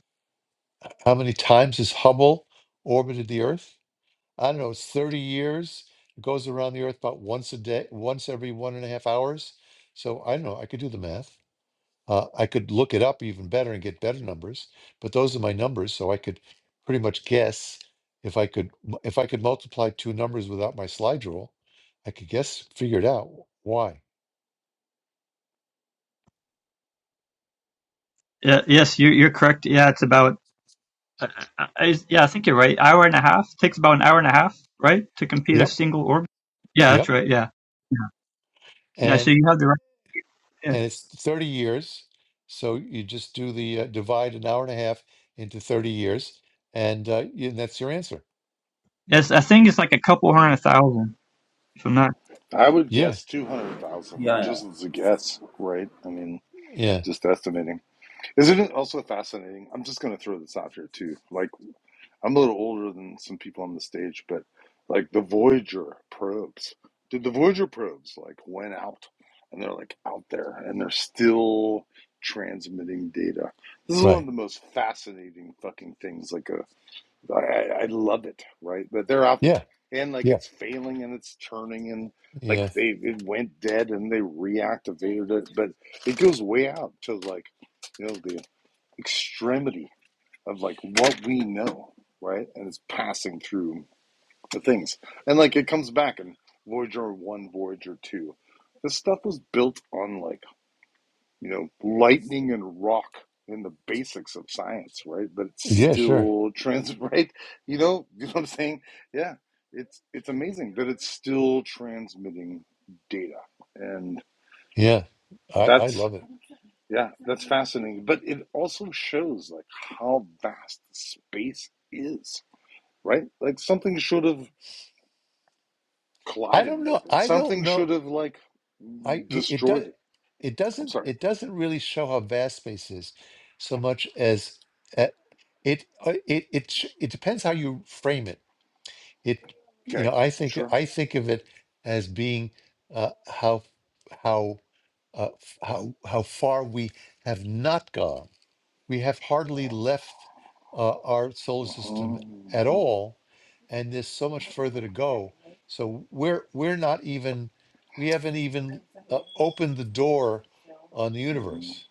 A: How many times has Hubble orbited the earth? I don't know, it's 30 years. It goes around the earth about once a day, once every one and a half hours. So I don't know, I could do the math. Uh, I could look it up even better and get better numbers, but those are my numbers, so I could pretty much guess if I could mu- if I could multiply two numbers without my slide rule, I could guess figure it out why.
G: Yeah, yes, you're you're correct. Yeah, it's about I, I, yeah, I think you're right. Hour and a half takes about an hour and a half, right, to complete a
A: Yep,
G: single orbit. Yeah, that's
A: yep.
G: right. Yeah, yeah. So
A: And
G: you have the right. Yeah,
A: and it's 30 years, so you just do the uh, divide an hour and a half into 30 years, and uh, y- and that's your answer.
G: yes. I think it's like a couple hundred thousand. If I'm not.
F: I would
A: Yeah,
F: guess two hundred thousand,
E: Yeah, yeah.
F: just as a guess, right? I mean,
A: yeah,
F: just estimating. Isn't it also fascinating? I'm just going to throw this out here too. Like I'm a little older than some people on the stage, but like the Voyager probes, did the Voyager probes like went out and they're like out there and they're still transmitting data. This is one of
A: right.
F: the most fascinating fucking things. Like, a, I, I I love it, right? But they're out there
A: Yeah,
F: and like
A: yeah,
F: it's failing and it's turning and
A: yeah,
F: like they it went dead and they reactivated it, but it goes way out to like you know the extremity of like what we know, right? And it's passing through the things. And like it comes back in Voyager 1, Voyager 2. This stuff was built on like, you know, lightning and rock in the basics of science, right? But it's
A: yeah. Sure.
F: still trans right? You know, you know what I'm saying? Yeah. It's it's amazing that it's still transmitting data. And
A: Yeah, I I
F: that's
A: love it.
F: yeah, that's fascinating. But it also shows like how vast space is right? Like something should have
A: I
F: collided
A: don't know.
F: with it.
A: I don't
F: Something
A: know.
F: should have like
A: I it does
F: destroyed it.
A: it
F: I'm
A: doesn't
F: sorry.
A: it doesn't really show how vast space is so much as uh, it uh, it it sh- it depends how you frame it. It you
F: Okay,
A: know I think
F: sure.
A: I think of it as being uh, how how uh, f- how how far we have not gone we have hardly left uh, our solar system
F: Uh-huh,
A: at
F: uh-huh,
A: all, and there's so much further to go. So we're we're not even we haven't even uh, opened the door on the
F: uh-huh.
A: universe.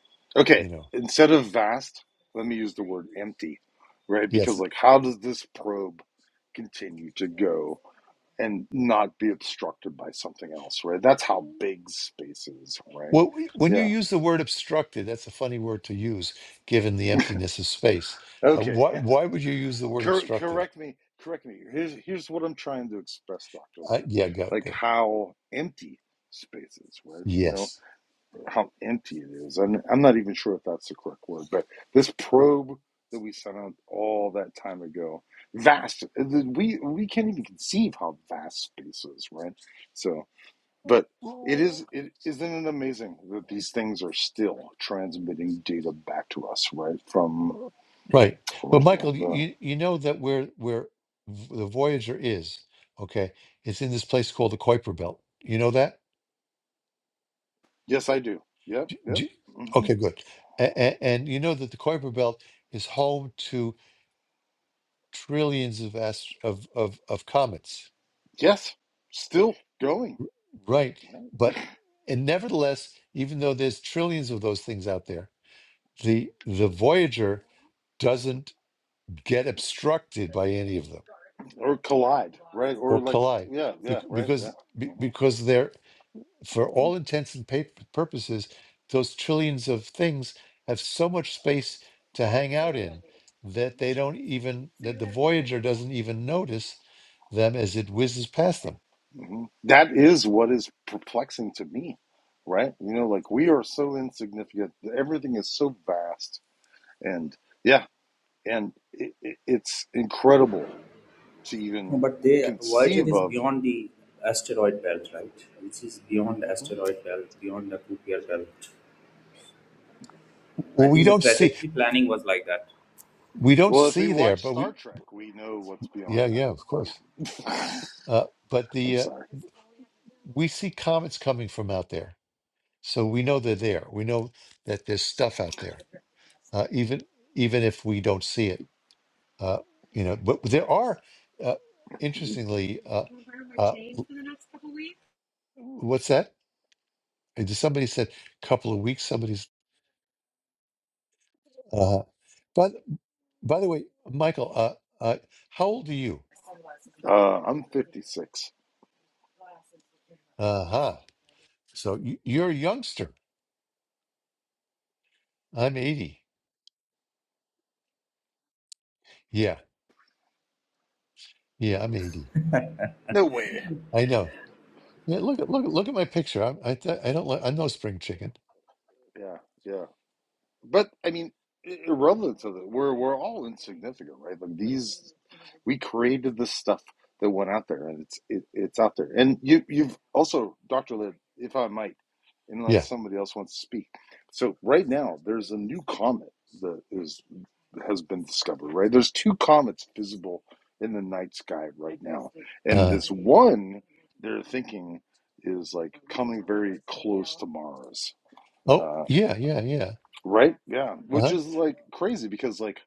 A: You
F: Okay,
A: know,
F: instead of vast, let me use the word empty, right? Because
A: yes.
F: like, how does this probe continue to go and not be obstructed by something else, right? That's how big space is, right?
A: Well, w- when you
F: Yeah.
A: use the word obstructed, that's a funny word to use, given the emptiness of space. Uh,
F: Okay.
A: why why would you use the word
F: Cor-
A: obstructed?
F: correct me, correct me. Here's here's what I'm trying to express, Doctor
A: Uh,
F: Laird,
A: yeah, go
F: like
A: good.
F: how empty space is, right? You know
A: Yes.
F: how empty it is. I'm I'm not even sure if that's the correct word, but this probe that we sent out all that time ago, vast. We we can't even conceive how vast space is, right? So, but. It is. It isn't it amazing that these things are still transmitting data back to us, right? From
A: Right.
F: from
A: But
F: out
A: Michael, you, you you know that where where v- the Voyager is, okay, it's in this place called the Kuiper Belt. You know that?
F: Yes, I do. Yep,
A: D-
F: yep.
A: d-
F: hmm
A: okay, good. And, and you know that the Kuiper Belt is home to trillions of ast- of, of of comets,
F: Yes, still going.
A: right?
F: Right.
A: But and nevertheless, even though there's trillions of those things out there, the the Voyager doesn't get obstructed by any of them
F: Or collide, right? Or
A: or
F: like,
A: collide
F: yeah, yeah,
A: bec-
F: right, yeah.
A: because be-
F: hmm
A: because they're for
F: hmm
A: all intents and pa- purposes, those trillions of things have so much space to hang out in that they don't even that the Voyager doesn't even notice them as it whizzes past them.
F: hmm That is what is perplexing to me, right? You know, like we are so insignificant. Everything is so vast, and yeah, and it, it, it's incredible to
E: No,
F: even
E: but they Voyager
F: conceive
E: is
F: of.
E: beyond the asteroid belt, right? Which is beyond the
F: Mhm.
E: asteroid belt, beyond the Kuiper belt. I
A: Well, we
E: think the
A: don't see
E: trajectory planning was like that.
A: we don't
F: Well, if we
A: see there,
F: watch
A: but
F: Star
A: we
F: Trek, we know what's
A: yeah
F: beyond
A: yeah
F: that.
A: of course.
F: But
A: Uh, but
F: I'm
A: the uh,
F: sorry.
A: we see comets coming from out there, so we know they're there. We know that there's stuff out there, uh, even even if we don't see it. Uh, you know, but there are, uh, interestingly, uh, uh, what's that? And just Somebody said a couple of weeks. Somebody's. Uh, but by the way, Michael, uh, uh, how old are you?
F: Uh, I'm 56.
A: Uh huh. So you, you're a youngster. I'm 80. Yeah, yeah, I'm 80.
F: No way.
A: I know. Yeah, look at look at look at my picture. I'm, I th- I don't like I'm no spring chicken.
F: Yeah, yeah. But I mean, irrelevant to that, we're we're all insignificant, right? Like these, we created this stuff that went out there, and it's it, it's out there. And you you've also, Doctor Liv, if I might, unless
A: Yeah.
F: somebody else wants to speak. So right now, there's a new comet that is has been discovered. Right, there's two comets visible in the night sky right now, and
A: Uh
F: this one they're thinking is like coming very close to Mars.
A: oh
F: Uh,
A: yeah yeah yeah.
F: Right? Yeah.
A: Uh
F: Which
A: huh.
F: is like crazy because like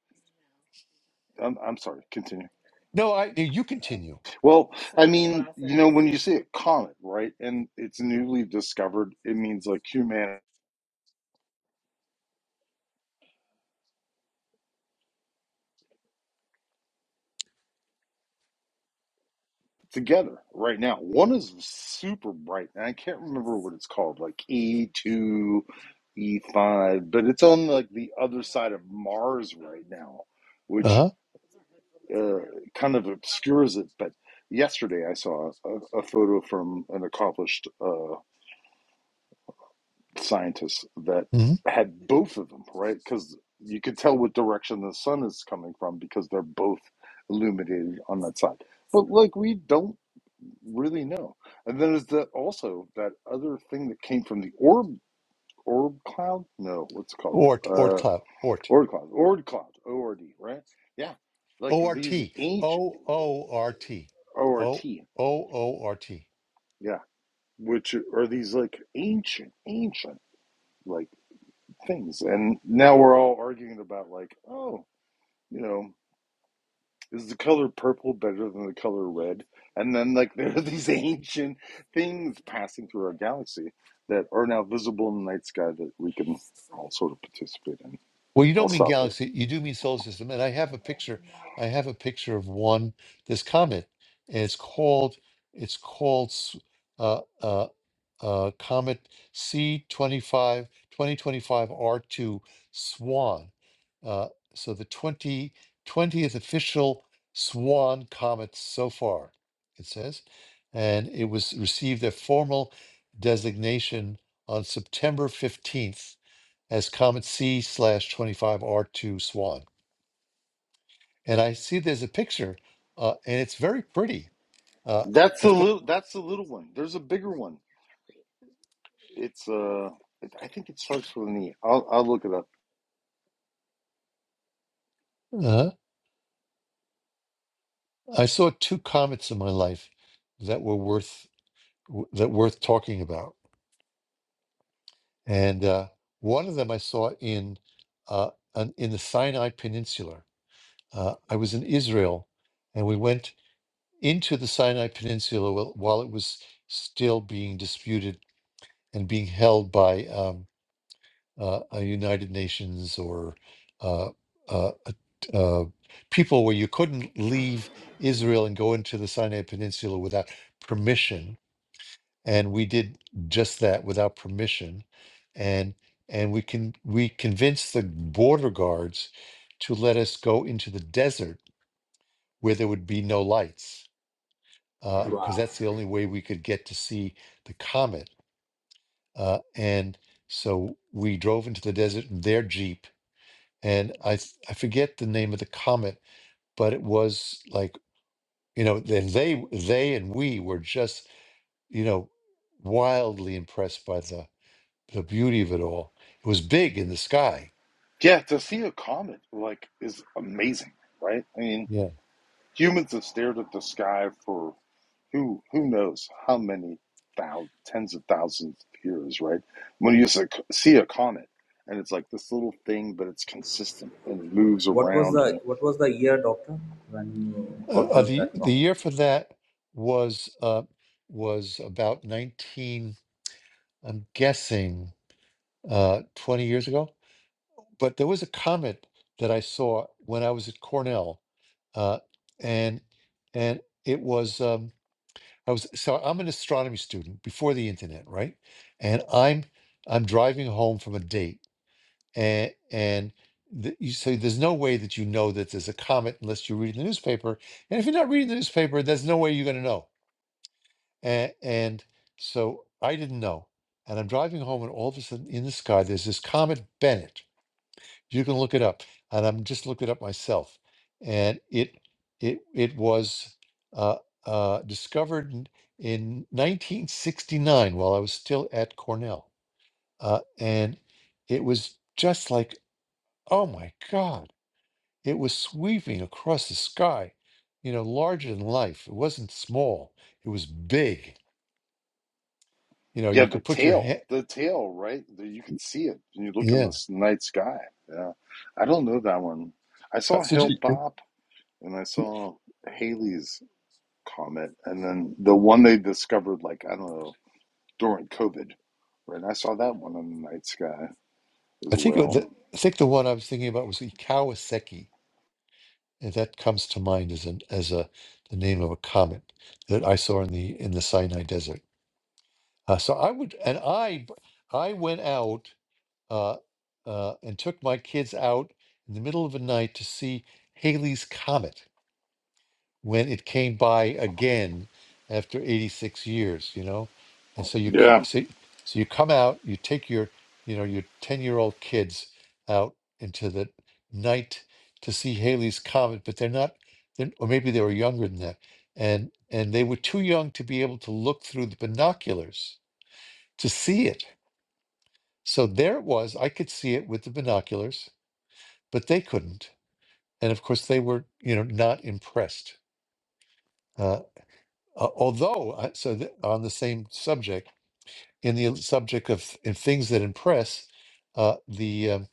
F: I'm I'm sorry, continue.
A: No, I you continue.
F: Well, I mean, you know, when you see a comet, right, and it's newly discovered, it means like humanity together right now. One is super bright, and I can't remember what it's called, like E2, E5, but it's on like the other side of Mars right now, which
A: Uh
F: uh, kind of obscures it. But yesterday I saw a, a photo from an accomplished uh, scientists that
A: huh.
F: had both of them, right? Because you could tell what direction the sun is coming from because they're both illuminated on that side. But like we don't really know. And then there's the also that other thing that came from the orb orb cloud? No, what's it called?
A: Or or
F: Uh
A: clout.
F: orb cloud. Orb cloud. O R D, right? Yeah. Like
A: O R
F: these
A: T.
F: ancient
A: O O R T.
F: O R
A: O
F: T.
A: O O R T.
F: Yeah. Which are these like ancient, ancient like things. And now we're all arguing about like, oh, you know, is the color purple better than the color red? And then, like, there are these ancient things passing through our galaxy that are now visible in the night sky that we can all sort of participate in.
A: Well, you
F: I'll
A: don't mean
F: stop there.
A: galaxy, you do mean solar system. And I have a picture. I have a picture of one, this comet, and it's called it's called s- uh, uh, uh, Comet c twenty five twenty twenty five R2 Swan. Uh, so the 20 twentieth official Swan comet so far, it says. And it was received a formal designation on September 15th as Comet C slash 25 R2 Swan. And I see there's a picture, uh, and it's very pretty. Uh,
F: That's the
A: of course,
F: little. That's the little one. There's a bigger one. It's uh, I think it starts with an E. I'll I'll look it up.
A: uh, I saw two comets in my life that were worth. w- that worth talking about. And uh, one of them I saw in uh, an, in the Sinai Peninsula. Uh, I was in Israel, and we went into the Sinai Peninsula while, while it was still being disputed and being held by um, uh, a United Nations or uh, uh, a- uh, people where you couldn't leave Israel and go into the Sinai Peninsula without permission and we did just that without permission and and we can we convinced the border guards to let us go into the desert where there would be no lights because
E: Wow.
A: that's the only way we could get to see the comet uh, and so we drove into the desert in their jeep and i f- i forget the name of the comet but it was like you know then they they and we were just you know wildly impressed by the the beauty of it all. It was big in the sky.
F: Yeah, to see a comet like is amazing, right? I mean,
A: Yeah.
F: humans have stared at the sky for who who knows how many thousands, tens of thousands of years, right? When you s- see a comet, and it's like this little thing, but it's consistent and it moves
E: What was
F: around, and
E: the what was the year, doctor, when you
A: Uh, uh,
E: observed
A: the
E: that
A: the
E: problem?
A: year for that was uh, was about nineteen. I'm guessing uh, twenty years ago. But there was a comet that I saw when I was at Cornell, uh, and and it was um, I was so I'm an astronomy student before the internet, right? And I'm I'm driving home from a date and and the, you, so there's no way that you know that there's a comet unless you read the newspaper. And if you're not reading the newspaper, there's no way you're going to know. And, and so I didn't know. And I'm driving home, and all of a sudden in the sky, there's this comet Bennett. You can look it up, and I'm just looking it up myself. And it it it was uh, uh, discovered in, in 1969 while I was still at Cornell, uh, and it was just like, oh my God it was sweeping across the sky, you know, larger than life. It wasn't small, it was big. You know,
F: yeah,
A: you
F: the
A: could put your
F: tail,
A: hand,
F: the tail, right? The- You could see it, and you look in the
A: yeah.
F: s- night sky. Yeah, I don't know that one. I
A: Uh,
F: saw
A: So
F: Hale
A: ju-
F: Bopp and I saw Haley's comet, and then the one they discovered, like I don't know, during COVID, right? I saw that one in the night sky as
A: I think it,
F: well.
A: the, I think the one I was thinking about was the Kawasaki, and that comes to mind as an as a the name of a comet that I saw in the in the Sinai Desert. Uh, so I would, and I b- I went out uh, uh, and took my kids out in the middle of the night to see Halley's Comet when it came by again after 86 years you know and so you co-
F: Yeah,
A: so, so you come out you take your you know your 10 year old kids out into the night to see Halley's comet but they're not they're, or maybe they were younger than that and and they were too young to be able to look through the binoculars to see it so there it was I could see it with the binoculars but they couldn't and of course they were you know not impressed Uh, Uh, although, uh, so th- on the same subject, in the subject of in things that impress, uh, the um,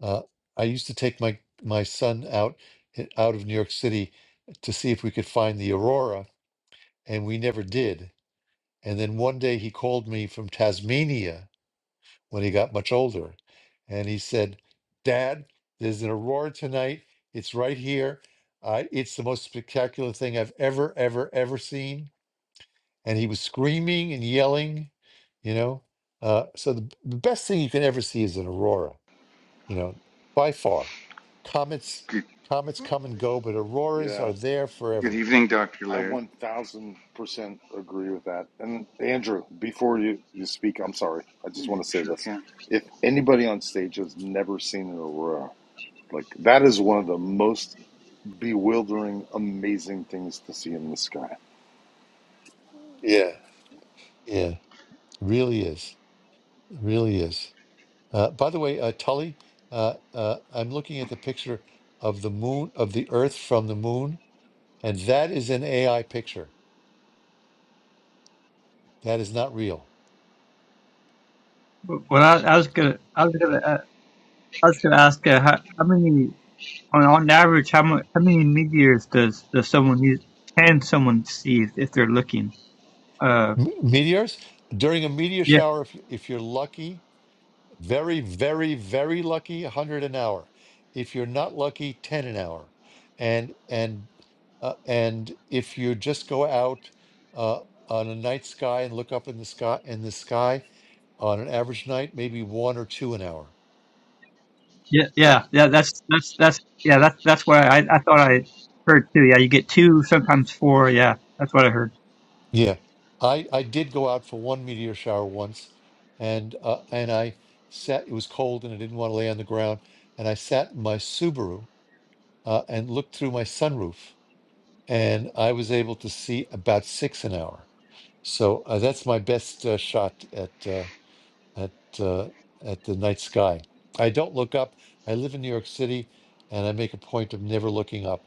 A: uh, I used to take my my son out out of New York City to see if we could find the aurora, and we never did. And then one day he called me from Tasmania when he got much older, and he said, "Dad, there's an aurora tonight. It's right here. Uh, it's the most spectacular thing I've ever, ever, ever seen." and he was screaming and yelling, you know. Uh, so the, the best thing you can ever see is an aurora, you know, by far. Comets,
I: Good,
A: comets come and go, but auroras
F: yeah.
A: are there
I: good
A: forever.
I: evening, Dr.
F: I
I: Laird.
F: 1000% agree with that. And Andrew, before you, you speak, I'm
I: That's,
F: sorry. I just
I: you
F: want to say
I: sure
F: this.
I: can.
F: If anybody on stage has never seen an aurora, like that is one of the most bewildering, amazing things to see in the sky.
A: Yeah, yeah, really is, really is. Uh, by the way, uh, Tully, uh, uh, I'm looking at the picture of the moon of the Earth from the moon, and that is an AI picture. That is not real.
G: Well, I, I was gonna, I was gonna, uh, I was gonna ask uh, how, how many on, on average how many how many meteors does does someone use, can someone see if, if they're looking? Uh,
A: M- meteors during a meteor
G: yeah,
A: shower, if you- if you're lucky, Very, very, very lucky, 100 an hour. If you're not lucky, 10 an hour. And and uh, and if you just go out uh, on a night sky and look up in the sky in the sky on an average night, maybe one or two an hour.
G: yeah,
A: That-
G: yeah, yeah. That's that's that's yeah. That's that's what I I thought I heard too. Yeah, you get two, sometimes four. Yeah, that's what I heard.
A: Yeah, I I did go out for one meteor shower once, and uh, and I sat. It was cold and I didn't want to lay on the ground, and I sat in my Subaru uh, and looked through my sunroof and I was able to see about six an hour. So uh, that's my best uh, shot at uh, at uh, at the night sky. I don't look up. I live in New York City, and I make a point of never looking up.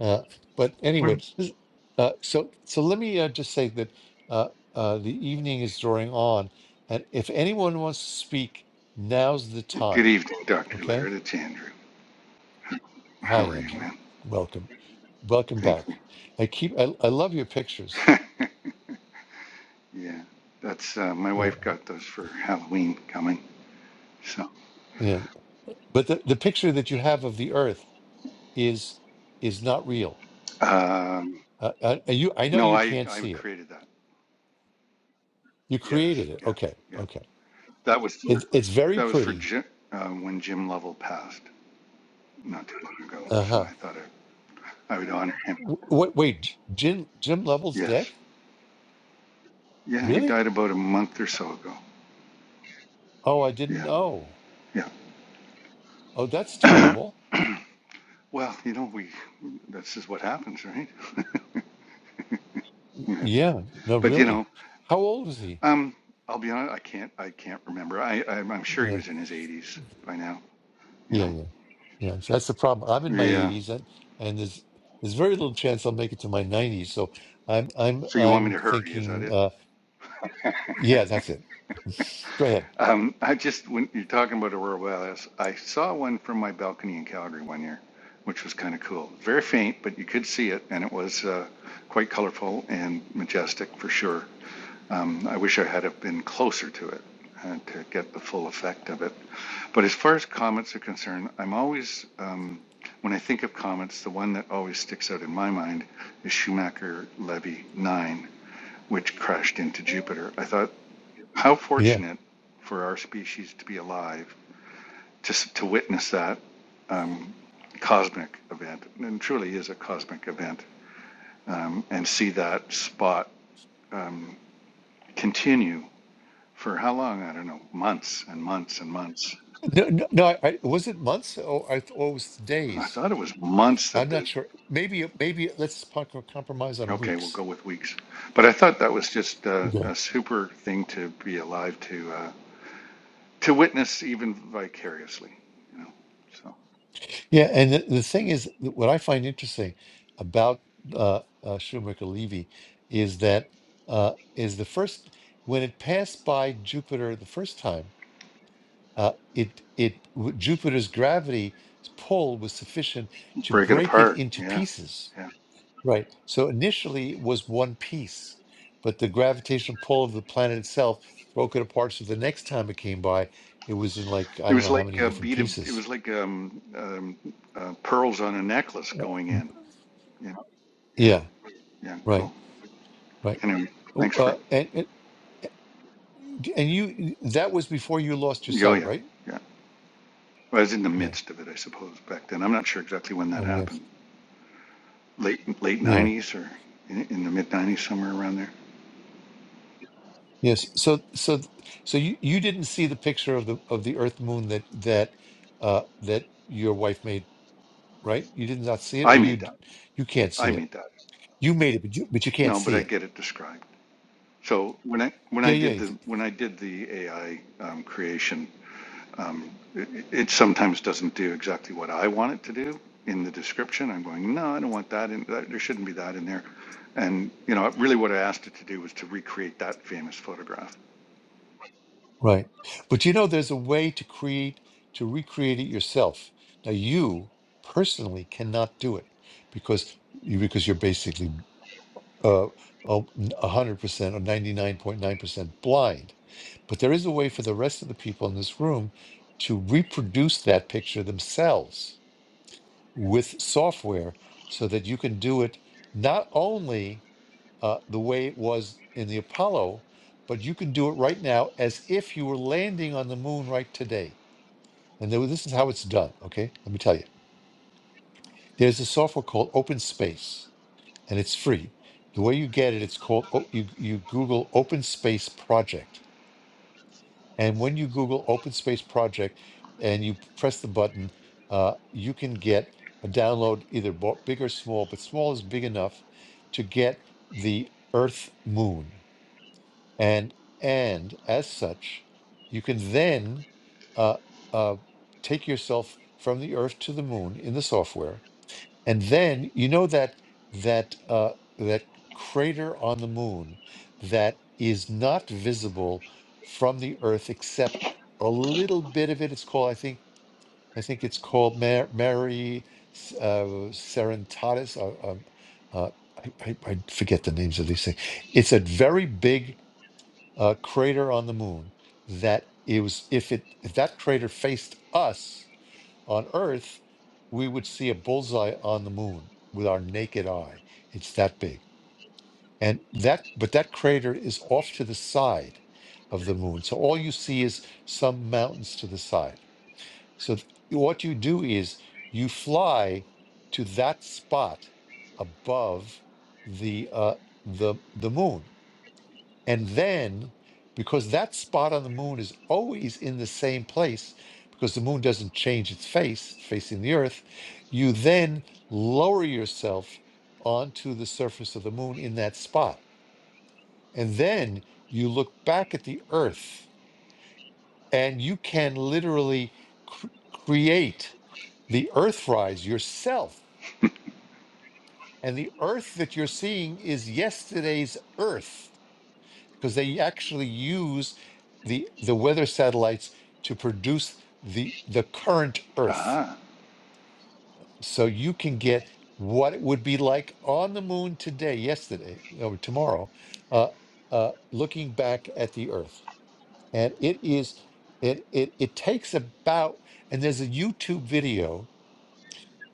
A: Uh, but
G: What
A: anyway, this- uh, so so let me uh, just say that uh, uh, the evening is drawing on, and if anyone wants to speak, now's the
I: Good
A: time.
I: evening, Dr.
A: Okay.
I: Laird. It's Andrew.
A: Hi,
I: How are you,
A: Andrew.
I: man?
A: Welcome. Welcome
I: Thank
A: back.
I: you.
A: I keep. I, I love your pictures.
I: yeah, that's uh, my
A: Yeah.
I: wife got those for Halloween coming. So,
A: Yeah. but the, the picture that you have of the earth is is not real
I: um,
A: uh, uh, you i know
I: no,
A: you
I: I
A: can't
I: I
A: see it
I: created that.
A: you
I: Yes,
A: created it
I: yeah,
A: okay
I: yeah.
A: okay
I: That was for
A: it, it's very
I: that was for
A: pretty
I: Jim uh, when Jim Lovell passed not too long ago. So
A: uh-huh
I: I thought I, I would honor him.
A: wait, wait J- jim jim Lovell's
I: Yes,
A: dead
I: yeah, he
A: really
I: died about a month or so ago.
A: oh i didn't
I: Yeah,
A: know oh that's
I: yeah.
A: terrible
I: Well, you know, we that's just what happens, right? yeah.
A: yeah no
I: But you
A: really
I: know,
A: how old was he
I: um, I'll be honest, I can't I can't remember. I, I I'm sure he
A: yeah
I: was in his 80s by now, you
A: yeah
I: know.
A: yeah yeah so that's the problem i'm in my
I: Yeah.
A: 80s and and there's there's very little chance i'll make it to my 90s so i'm i'm
I: So you want me
A: i'm
I: to hurry, is that
A: thinking
I: it?
A: uh yeah, that's it. Go ahead.
I: Um, I just when you're talking about aurora borealis, I saw one from my balcony in Calgary one year, which was kind of cool. Very faint, but you could see it, and it was uh, quite colorful and majestic for sure. Um, I wish I had have been closer to it uh, to get the full effect of it. But as far as comets are concerned, I'm always, um, when I think of comets, the one that always sticks out in my mind is Schumacher Levy 9, which crashed into Jupiter. I thought, how
A: Yeah.
I: fortunate for our species to be alive to, to witness that um, cosmic event, and truly is a cosmic event, um, and see that spot um, continue. for how long? I don't know, months and months and months.
A: No, no, no. I, I was it months or I th- or was it
I: I
A: days?
I: thought it was months
A: I'm
I: that they,
A: not sure. Maybe, maybe let's po- co- compromise on
I: okay, we'll
A: weeks.
I: go with weeks. But I thought that was just uh,
A: Okay.
I: a super thing to be alive to, uh, to witness even vicariously, you know. So
A: Yeah, and the, the thing is, th- what I find interesting about uh, uh, Schumacher Levy is that uh, is the first when it passed by Jupiter the first time, uh, it it w- Jupiter's gravity pull was sufficient to
I: break it
A: break it
I: apart.
A: into
I: Yeah,
A: pieces
I: yeah.
A: Right. So initially it was one piece, but the gravitational pull of the planet itself broke it apart. So the next time it came by, it was in like, I
I: It
A: don't
I: was
A: know how
I: like
A: many
I: a
A: different
I: bead of, it
A: pieces.
I: was like um, um, uh, pearls on a necklace
A: Uh,
I: going in. You know? Yeah,
A: Yeah,
I: yeah,
A: right,
I: cool.
A: right.
I: Anyway,
A: Oh,
I: thanks for
A: Uh, and, and and you that was before you lost your
I: yo
A: sight,
I: yeah.
A: right?
I: yeah. Well, I was in the
A: Yeah,
I: midst of it, I suppose, back then. I'm not sure exactly when that
A: I guess.
I: happened. late late
A: Yeah,
I: nineties or in, in the mid nineties, somewhere around there.
A: yes. So so so you you didn't see the picture of the of the Earth moon that that uh that your wife made, right? You did not see it,
I: I
A: or you
I: made
A: d-
I: that.
A: you can't see
I: I
A: it.
I: made that.
A: You made it, but you but you can't
I: No, but
A: see
I: I
A: it.
I: get it described. So when I when
A: Yeah,
I: I
A: yeah,
I: did
A: it's-
I: the when I did the AI um, creation, um, it, it sometimes doesn't do exactly what I want it to do in the description. I'm going, no, I don't want that. In, that there shouldn't be that in there. And you know, really, what I asked it to do was to recreate that famous photograph.
A: right. But you know, there's a way to create to recreate it yourself. Now you personally cannot do it because you because you're basically uh a hundred percent or ninety nine point nine percent blind. But there is a way for the rest of the people in this room to reproduce that picture themselves with software so that you can do it not only uh, the way it was in the Apollo, but you can do it right now as if you were landing on the moon right today. And there- this is how it's done, okay? Let me tell you. There's a software called Open Space, and it's free. The way you get it, it's called, O- you, you Google Open Space Project. And when you Google Open Space Project and you press the button, uh, you can get a download, either bo- big or small, but small is big enough to get the Earth moon. and and as such you can then uh, uh, take yourself from the earth to the moon in the software and then you know that that uh, that crater on the moon that is not visible from the earth except a little bit of it it's called i think i think it's called Mar- mary uh, serenitatis uh, um, uh, I, I, I forget the names of these things it's a very big uh, crater on the moon that it was if it if that crater faced us on Earth, we would see a bullseye on the moon with our naked eye. It's that big, and that but that crater is off to the side of the moon, so all you see is some mountains to the side. So th- what you do is you fly to that spot above the uh, the the moon and then, because that spot on the moon is always in the same place, because the moon doesn't change its face, facing the Earth, you then lower yourself onto the surface of the moon in that spot. And then you look back at the Earth and you can literally cr- create the Earthrise yourself. And the Earth that you're seeing is yesterday's Earth because they actually use the the weather satellites to produce the the current Earth.
I: Ah,
A: So you can get what it would be like on the moon today, yesterday, or tomorrow, uh, uh, looking back at the Earth, and it is it it it takes about and there's a YouTube video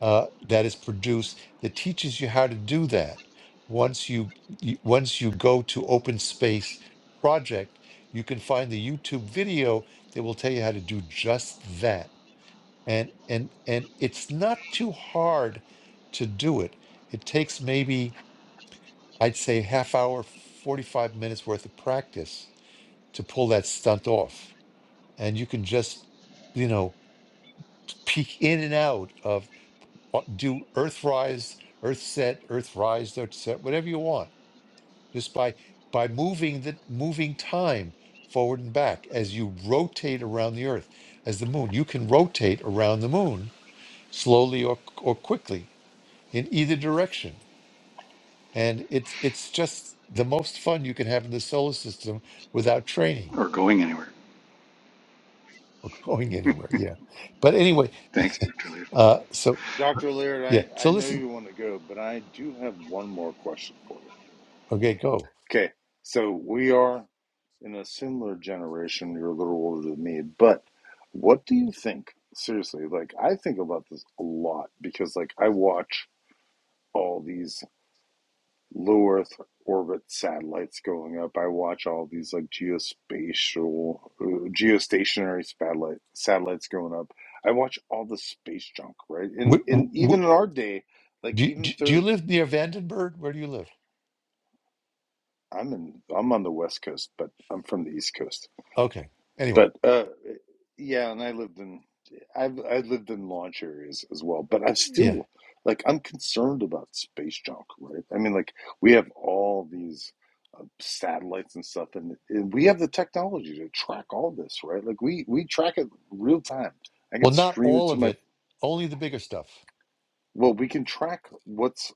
A: uh, that is produced that teaches you how to do that. Once you, you once you go to Open Space Project, you can find the YouTube video that will tell you how to do just that. And and and it's not too hard to do it. It takes maybe I'd say half hour, forty five minutes worth of practice to pull that stunt off, and you can just you know peek in and out of. uh, do Earthrise, Earthset, Earthrise, Earthset, whatever you want, just by by moving the moving time forward and back as you rotate around the Earth, as the Moon. You can rotate around the Moon slowly or or quickly in either direction, and it's it's just the most fun you can have in the solar system without training
I: or going anywhere.
A: or going anywhere. Yeah, but anyway,
I: Thanks, Dr.
A: uh, so
F: Dr. Laird,
A: yeah,
F: I, I
A: so
F: know
A: listen.
F: you want to go, but I do have one more question for you.
A: Okay, go.
F: Okay, so we are in a similar generation, you're a little older than me, but what do you think? Seriously, like I think about this a lot because like I watch all these low Earth orbit satellites going up. I watch all these like geospatial, uh, geostationary satellite satellites going up. I watch all the space junk, right? And and even in our day, like
A: Do you, do
F: even
A: do you
F: third,
A: live near Vandenberg? Where do you live?
F: I'm in I'm on the West Coast, but I'm from the East Coast.
A: Okay. Anyway,
F: But uh Yeah, and I lived in I've I lived in launch areas as well, but I'm
A: yeah.
F: still like I'm concerned about space junk, right? I mean, like we have all these uh, satellites and stuff, and, and we have the technology to track all this, right? Like we we track it real time. I can
A: Well, not
F: stream it
A: all
F: to
A: of
F: my
A: it, only the bigger stuff.
F: well, we can track what's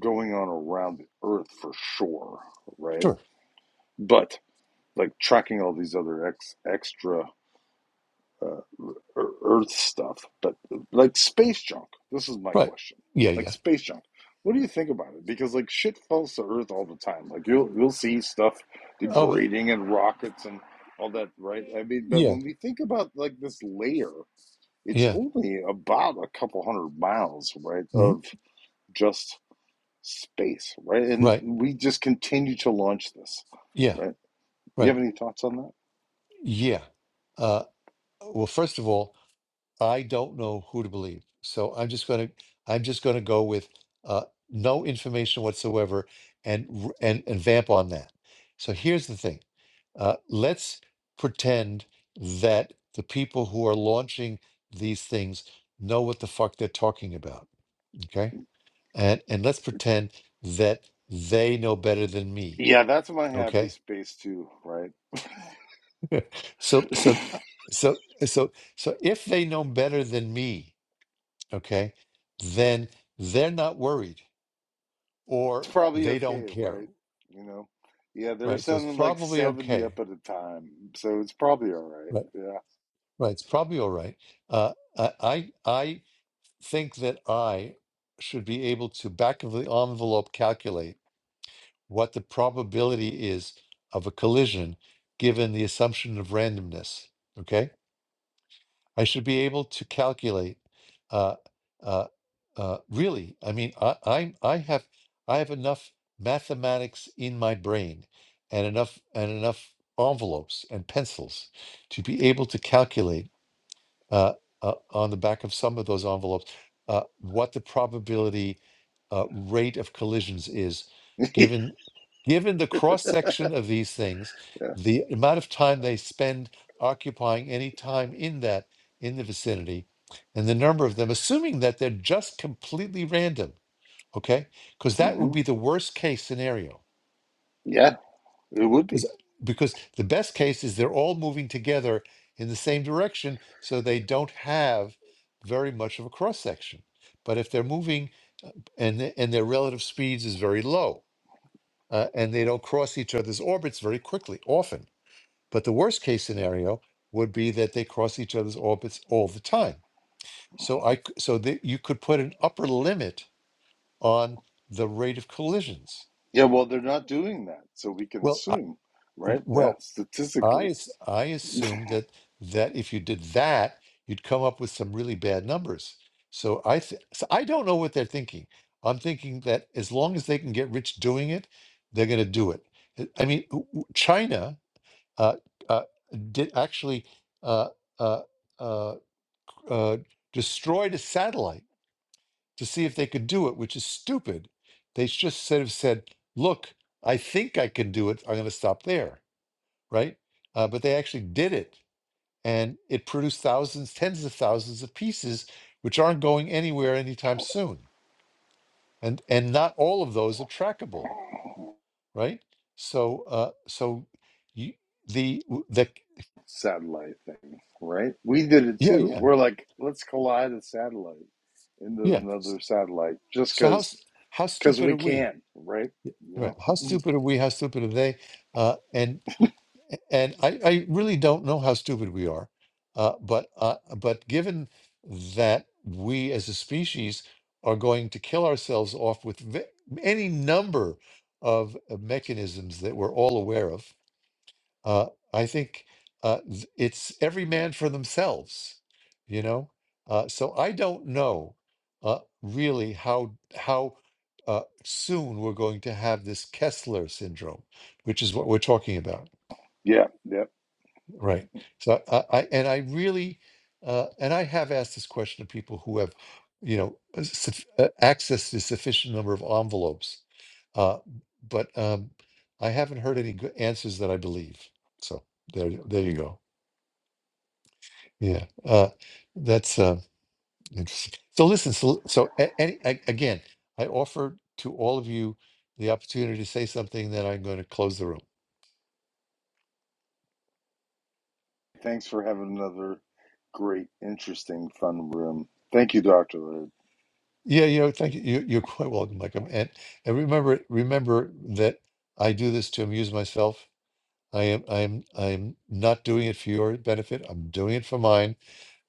F: going on around the Earth for sure, right?
A: Sure.
F: But like tracking all these other ex extra uh, Ear- Earth stuff, but like space junk. This is my
A: Right.
F: question.
A: Yeah,
F: Like
A: yeah.
F: space junk. What do you think about it? Because like shit falls to Earth all the time. Like you'll you'll see stuff
A: Oh, but-
F: degrading and rockets and all that, right? I mean, but
A: yeah,
F: when we think about like this layer, it's
A: yeah.
F: only about a couple hundred miles, right,
A: Mhm.
F: of just space, right? And
A: Right.
F: we just continue to launch this,
A: Yeah,
F: right? You
A: right.
F: have any thoughts on that?
A: Yeah. Uh, well, first of all, I don't know who to believe. So I'm just going to I'm just going to go with uh, no information whatsoever and r- and and vamp on that. So here's the thing. Uh, let's pretend that the people who are launching these things know what the fuck they're talking about, okay? And and let's pretend that they know better than me,
F: Yeah, that's my happy
A: okay?
F: space too, right?
A: so so uh, so so so if they know better than me, okay, then they're not worried or
F: It's probably
A: they don't
F: okay,
A: care,
F: right? You know? Yeah, they're
A: right? So it's
F: sending like
A: probably
F: 70
A: okay,
F: up at a time. So it's probably all
A: right?
F: right.
A: Right, it's probably all right. Uh, I I I think that I should be able to back of the envelope calculate what the probability is of a collision given the assumption of randomness. Okay, I should be able to calculate. Uh, uh, uh, really, I mean, I, I, I have, I have enough mathematics in my brain, and enough, and enough envelopes and pencils to be able to calculate uh, uh, on the back of some of those envelopes uh, what the probability uh, rate of collisions is
F: Yeah.
A: given given the cross section of these things the amount of time they spend occupying any time in that in the vicinity and the number of them assuming that they're just completely random okay because that
F: hmm
A: would be the worst case scenario
F: Yeah, it would be.
A: because because the best case is they're all moving together in the same direction so they don't have very much of a cross section but if they're moving uh, and the- and their relative speeds is very low uh, and they don't cross each other's orbits very quickly often but the worst case scenario would be that they cross each other's orbits all the time so i c- so that you could put an upper limit on the rate of collisions
F: Yeah, well, they're not doing that. So we can
A: well I,
F: assume, right? Yeah,
A: well I
F: statistically,
A: as- I assumed that that if you did that, you'd come up with some really bad numbers. So I th- so I don't know what they're thinking. I'm thinking that as long as they can get rich doing it, they're going to do it. Uh, I mean, w- w- China uh, uh, did actually uh, uh, uh, uh, destroyed a satellite to see if they could do it, which is stupid. They just sort of said, "Look, I think I can do it. I'm going to stop there." Right? Uh, but they actually did it and it produced thousands, tens of thousands of pieces, which aren't going anywhere anytime soon, and and not all of those are trackable, right? So, uh, so you, the w- the
F: satellite thing, right? We did it
A: yeah
F: too.
A: yeah
F: We're like, let's collide a satellite into
A: yeah. S-
F: another satellite just
A: So how
F: because
A: s- how
F: because
A: stupid
F: we
A: are we?
F: can, right? You
A: Right?
F: know?
A: How stupid are we? How stupid are they? Uh, and A- And I, I really don't know how stupid we are, uh, but uh, but given that we as a species are going to kill ourselves off with ve- any number of uh, mechanisms that we're all aware of, uh, I think uh, th- it's every man for themselves, you know. Uh, so I don't know uh, really how how uh, soon we're going to have this Kessler syndrome, which is what we're talking about
F: Yeah, yeah.
A: Right. So I, I and I really, uh, and I have asked this question to people who have, you know, uh, suf- uh, access to sufficient number of envelopes, uh, but um, I haven't heard any good answers that I believe. So there, there you go. Yeah, uh, that's uh, interesting. So listen, so so a- any, a- again, I offer to all of you the opportunity to say something. Then I'm going to close the room.
F: Thanks for having another great, interesting, fun room. Thank you, Dr. Larry.
A: Yeah, you know, thank you. you- You're quite welcome, Michael. And and remember, remember that I do this to amuse myself. I am, I am, I am not doing it for your benefit. I'm doing it for mine.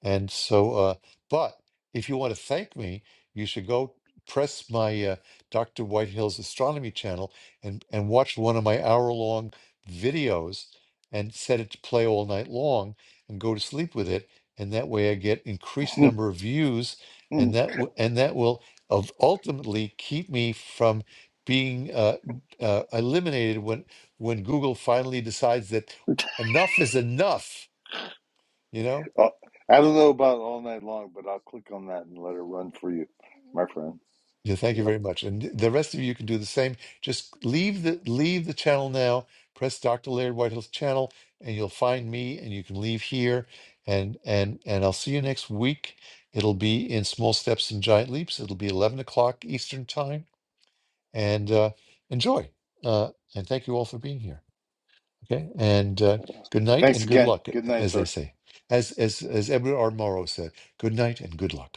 A: And so, uh, but if you want to thank me, you should go press my uh, Dr. Whitehill's astronomy channel and, and watch one of my hour long videos and set it to play all night long and go to sleep with it. And that way I get increased number of views and
F: Mm,
A: that, w- and that will of ultimately keep me from being uh, uh, eliminated when, when Google finally decides that enough is enough, You know.
F: uh, I don't know about all night long, but I'll click on that and let it run for you, my friend.
A: Yeah, thank you
F: Yeah.
A: very much. And the rest of you can do the same. Just leave the leave the channel now. Press Dr. Laird Whitehill's channel, and you'll find me. And you can leave here. And and and I'll see you next week. It'll be in small steps and giant leaps. It'll be eleven o'clock Eastern time. And uh, enjoy. Uh, and thank you all for being here. Okay. And uh, good night
F: Thanks
A: and good
F: again.
A: luck,
F: Good night,
A: as they
F: sir.
A: say, as as as Edward R. Morrow said. Good night and good luck.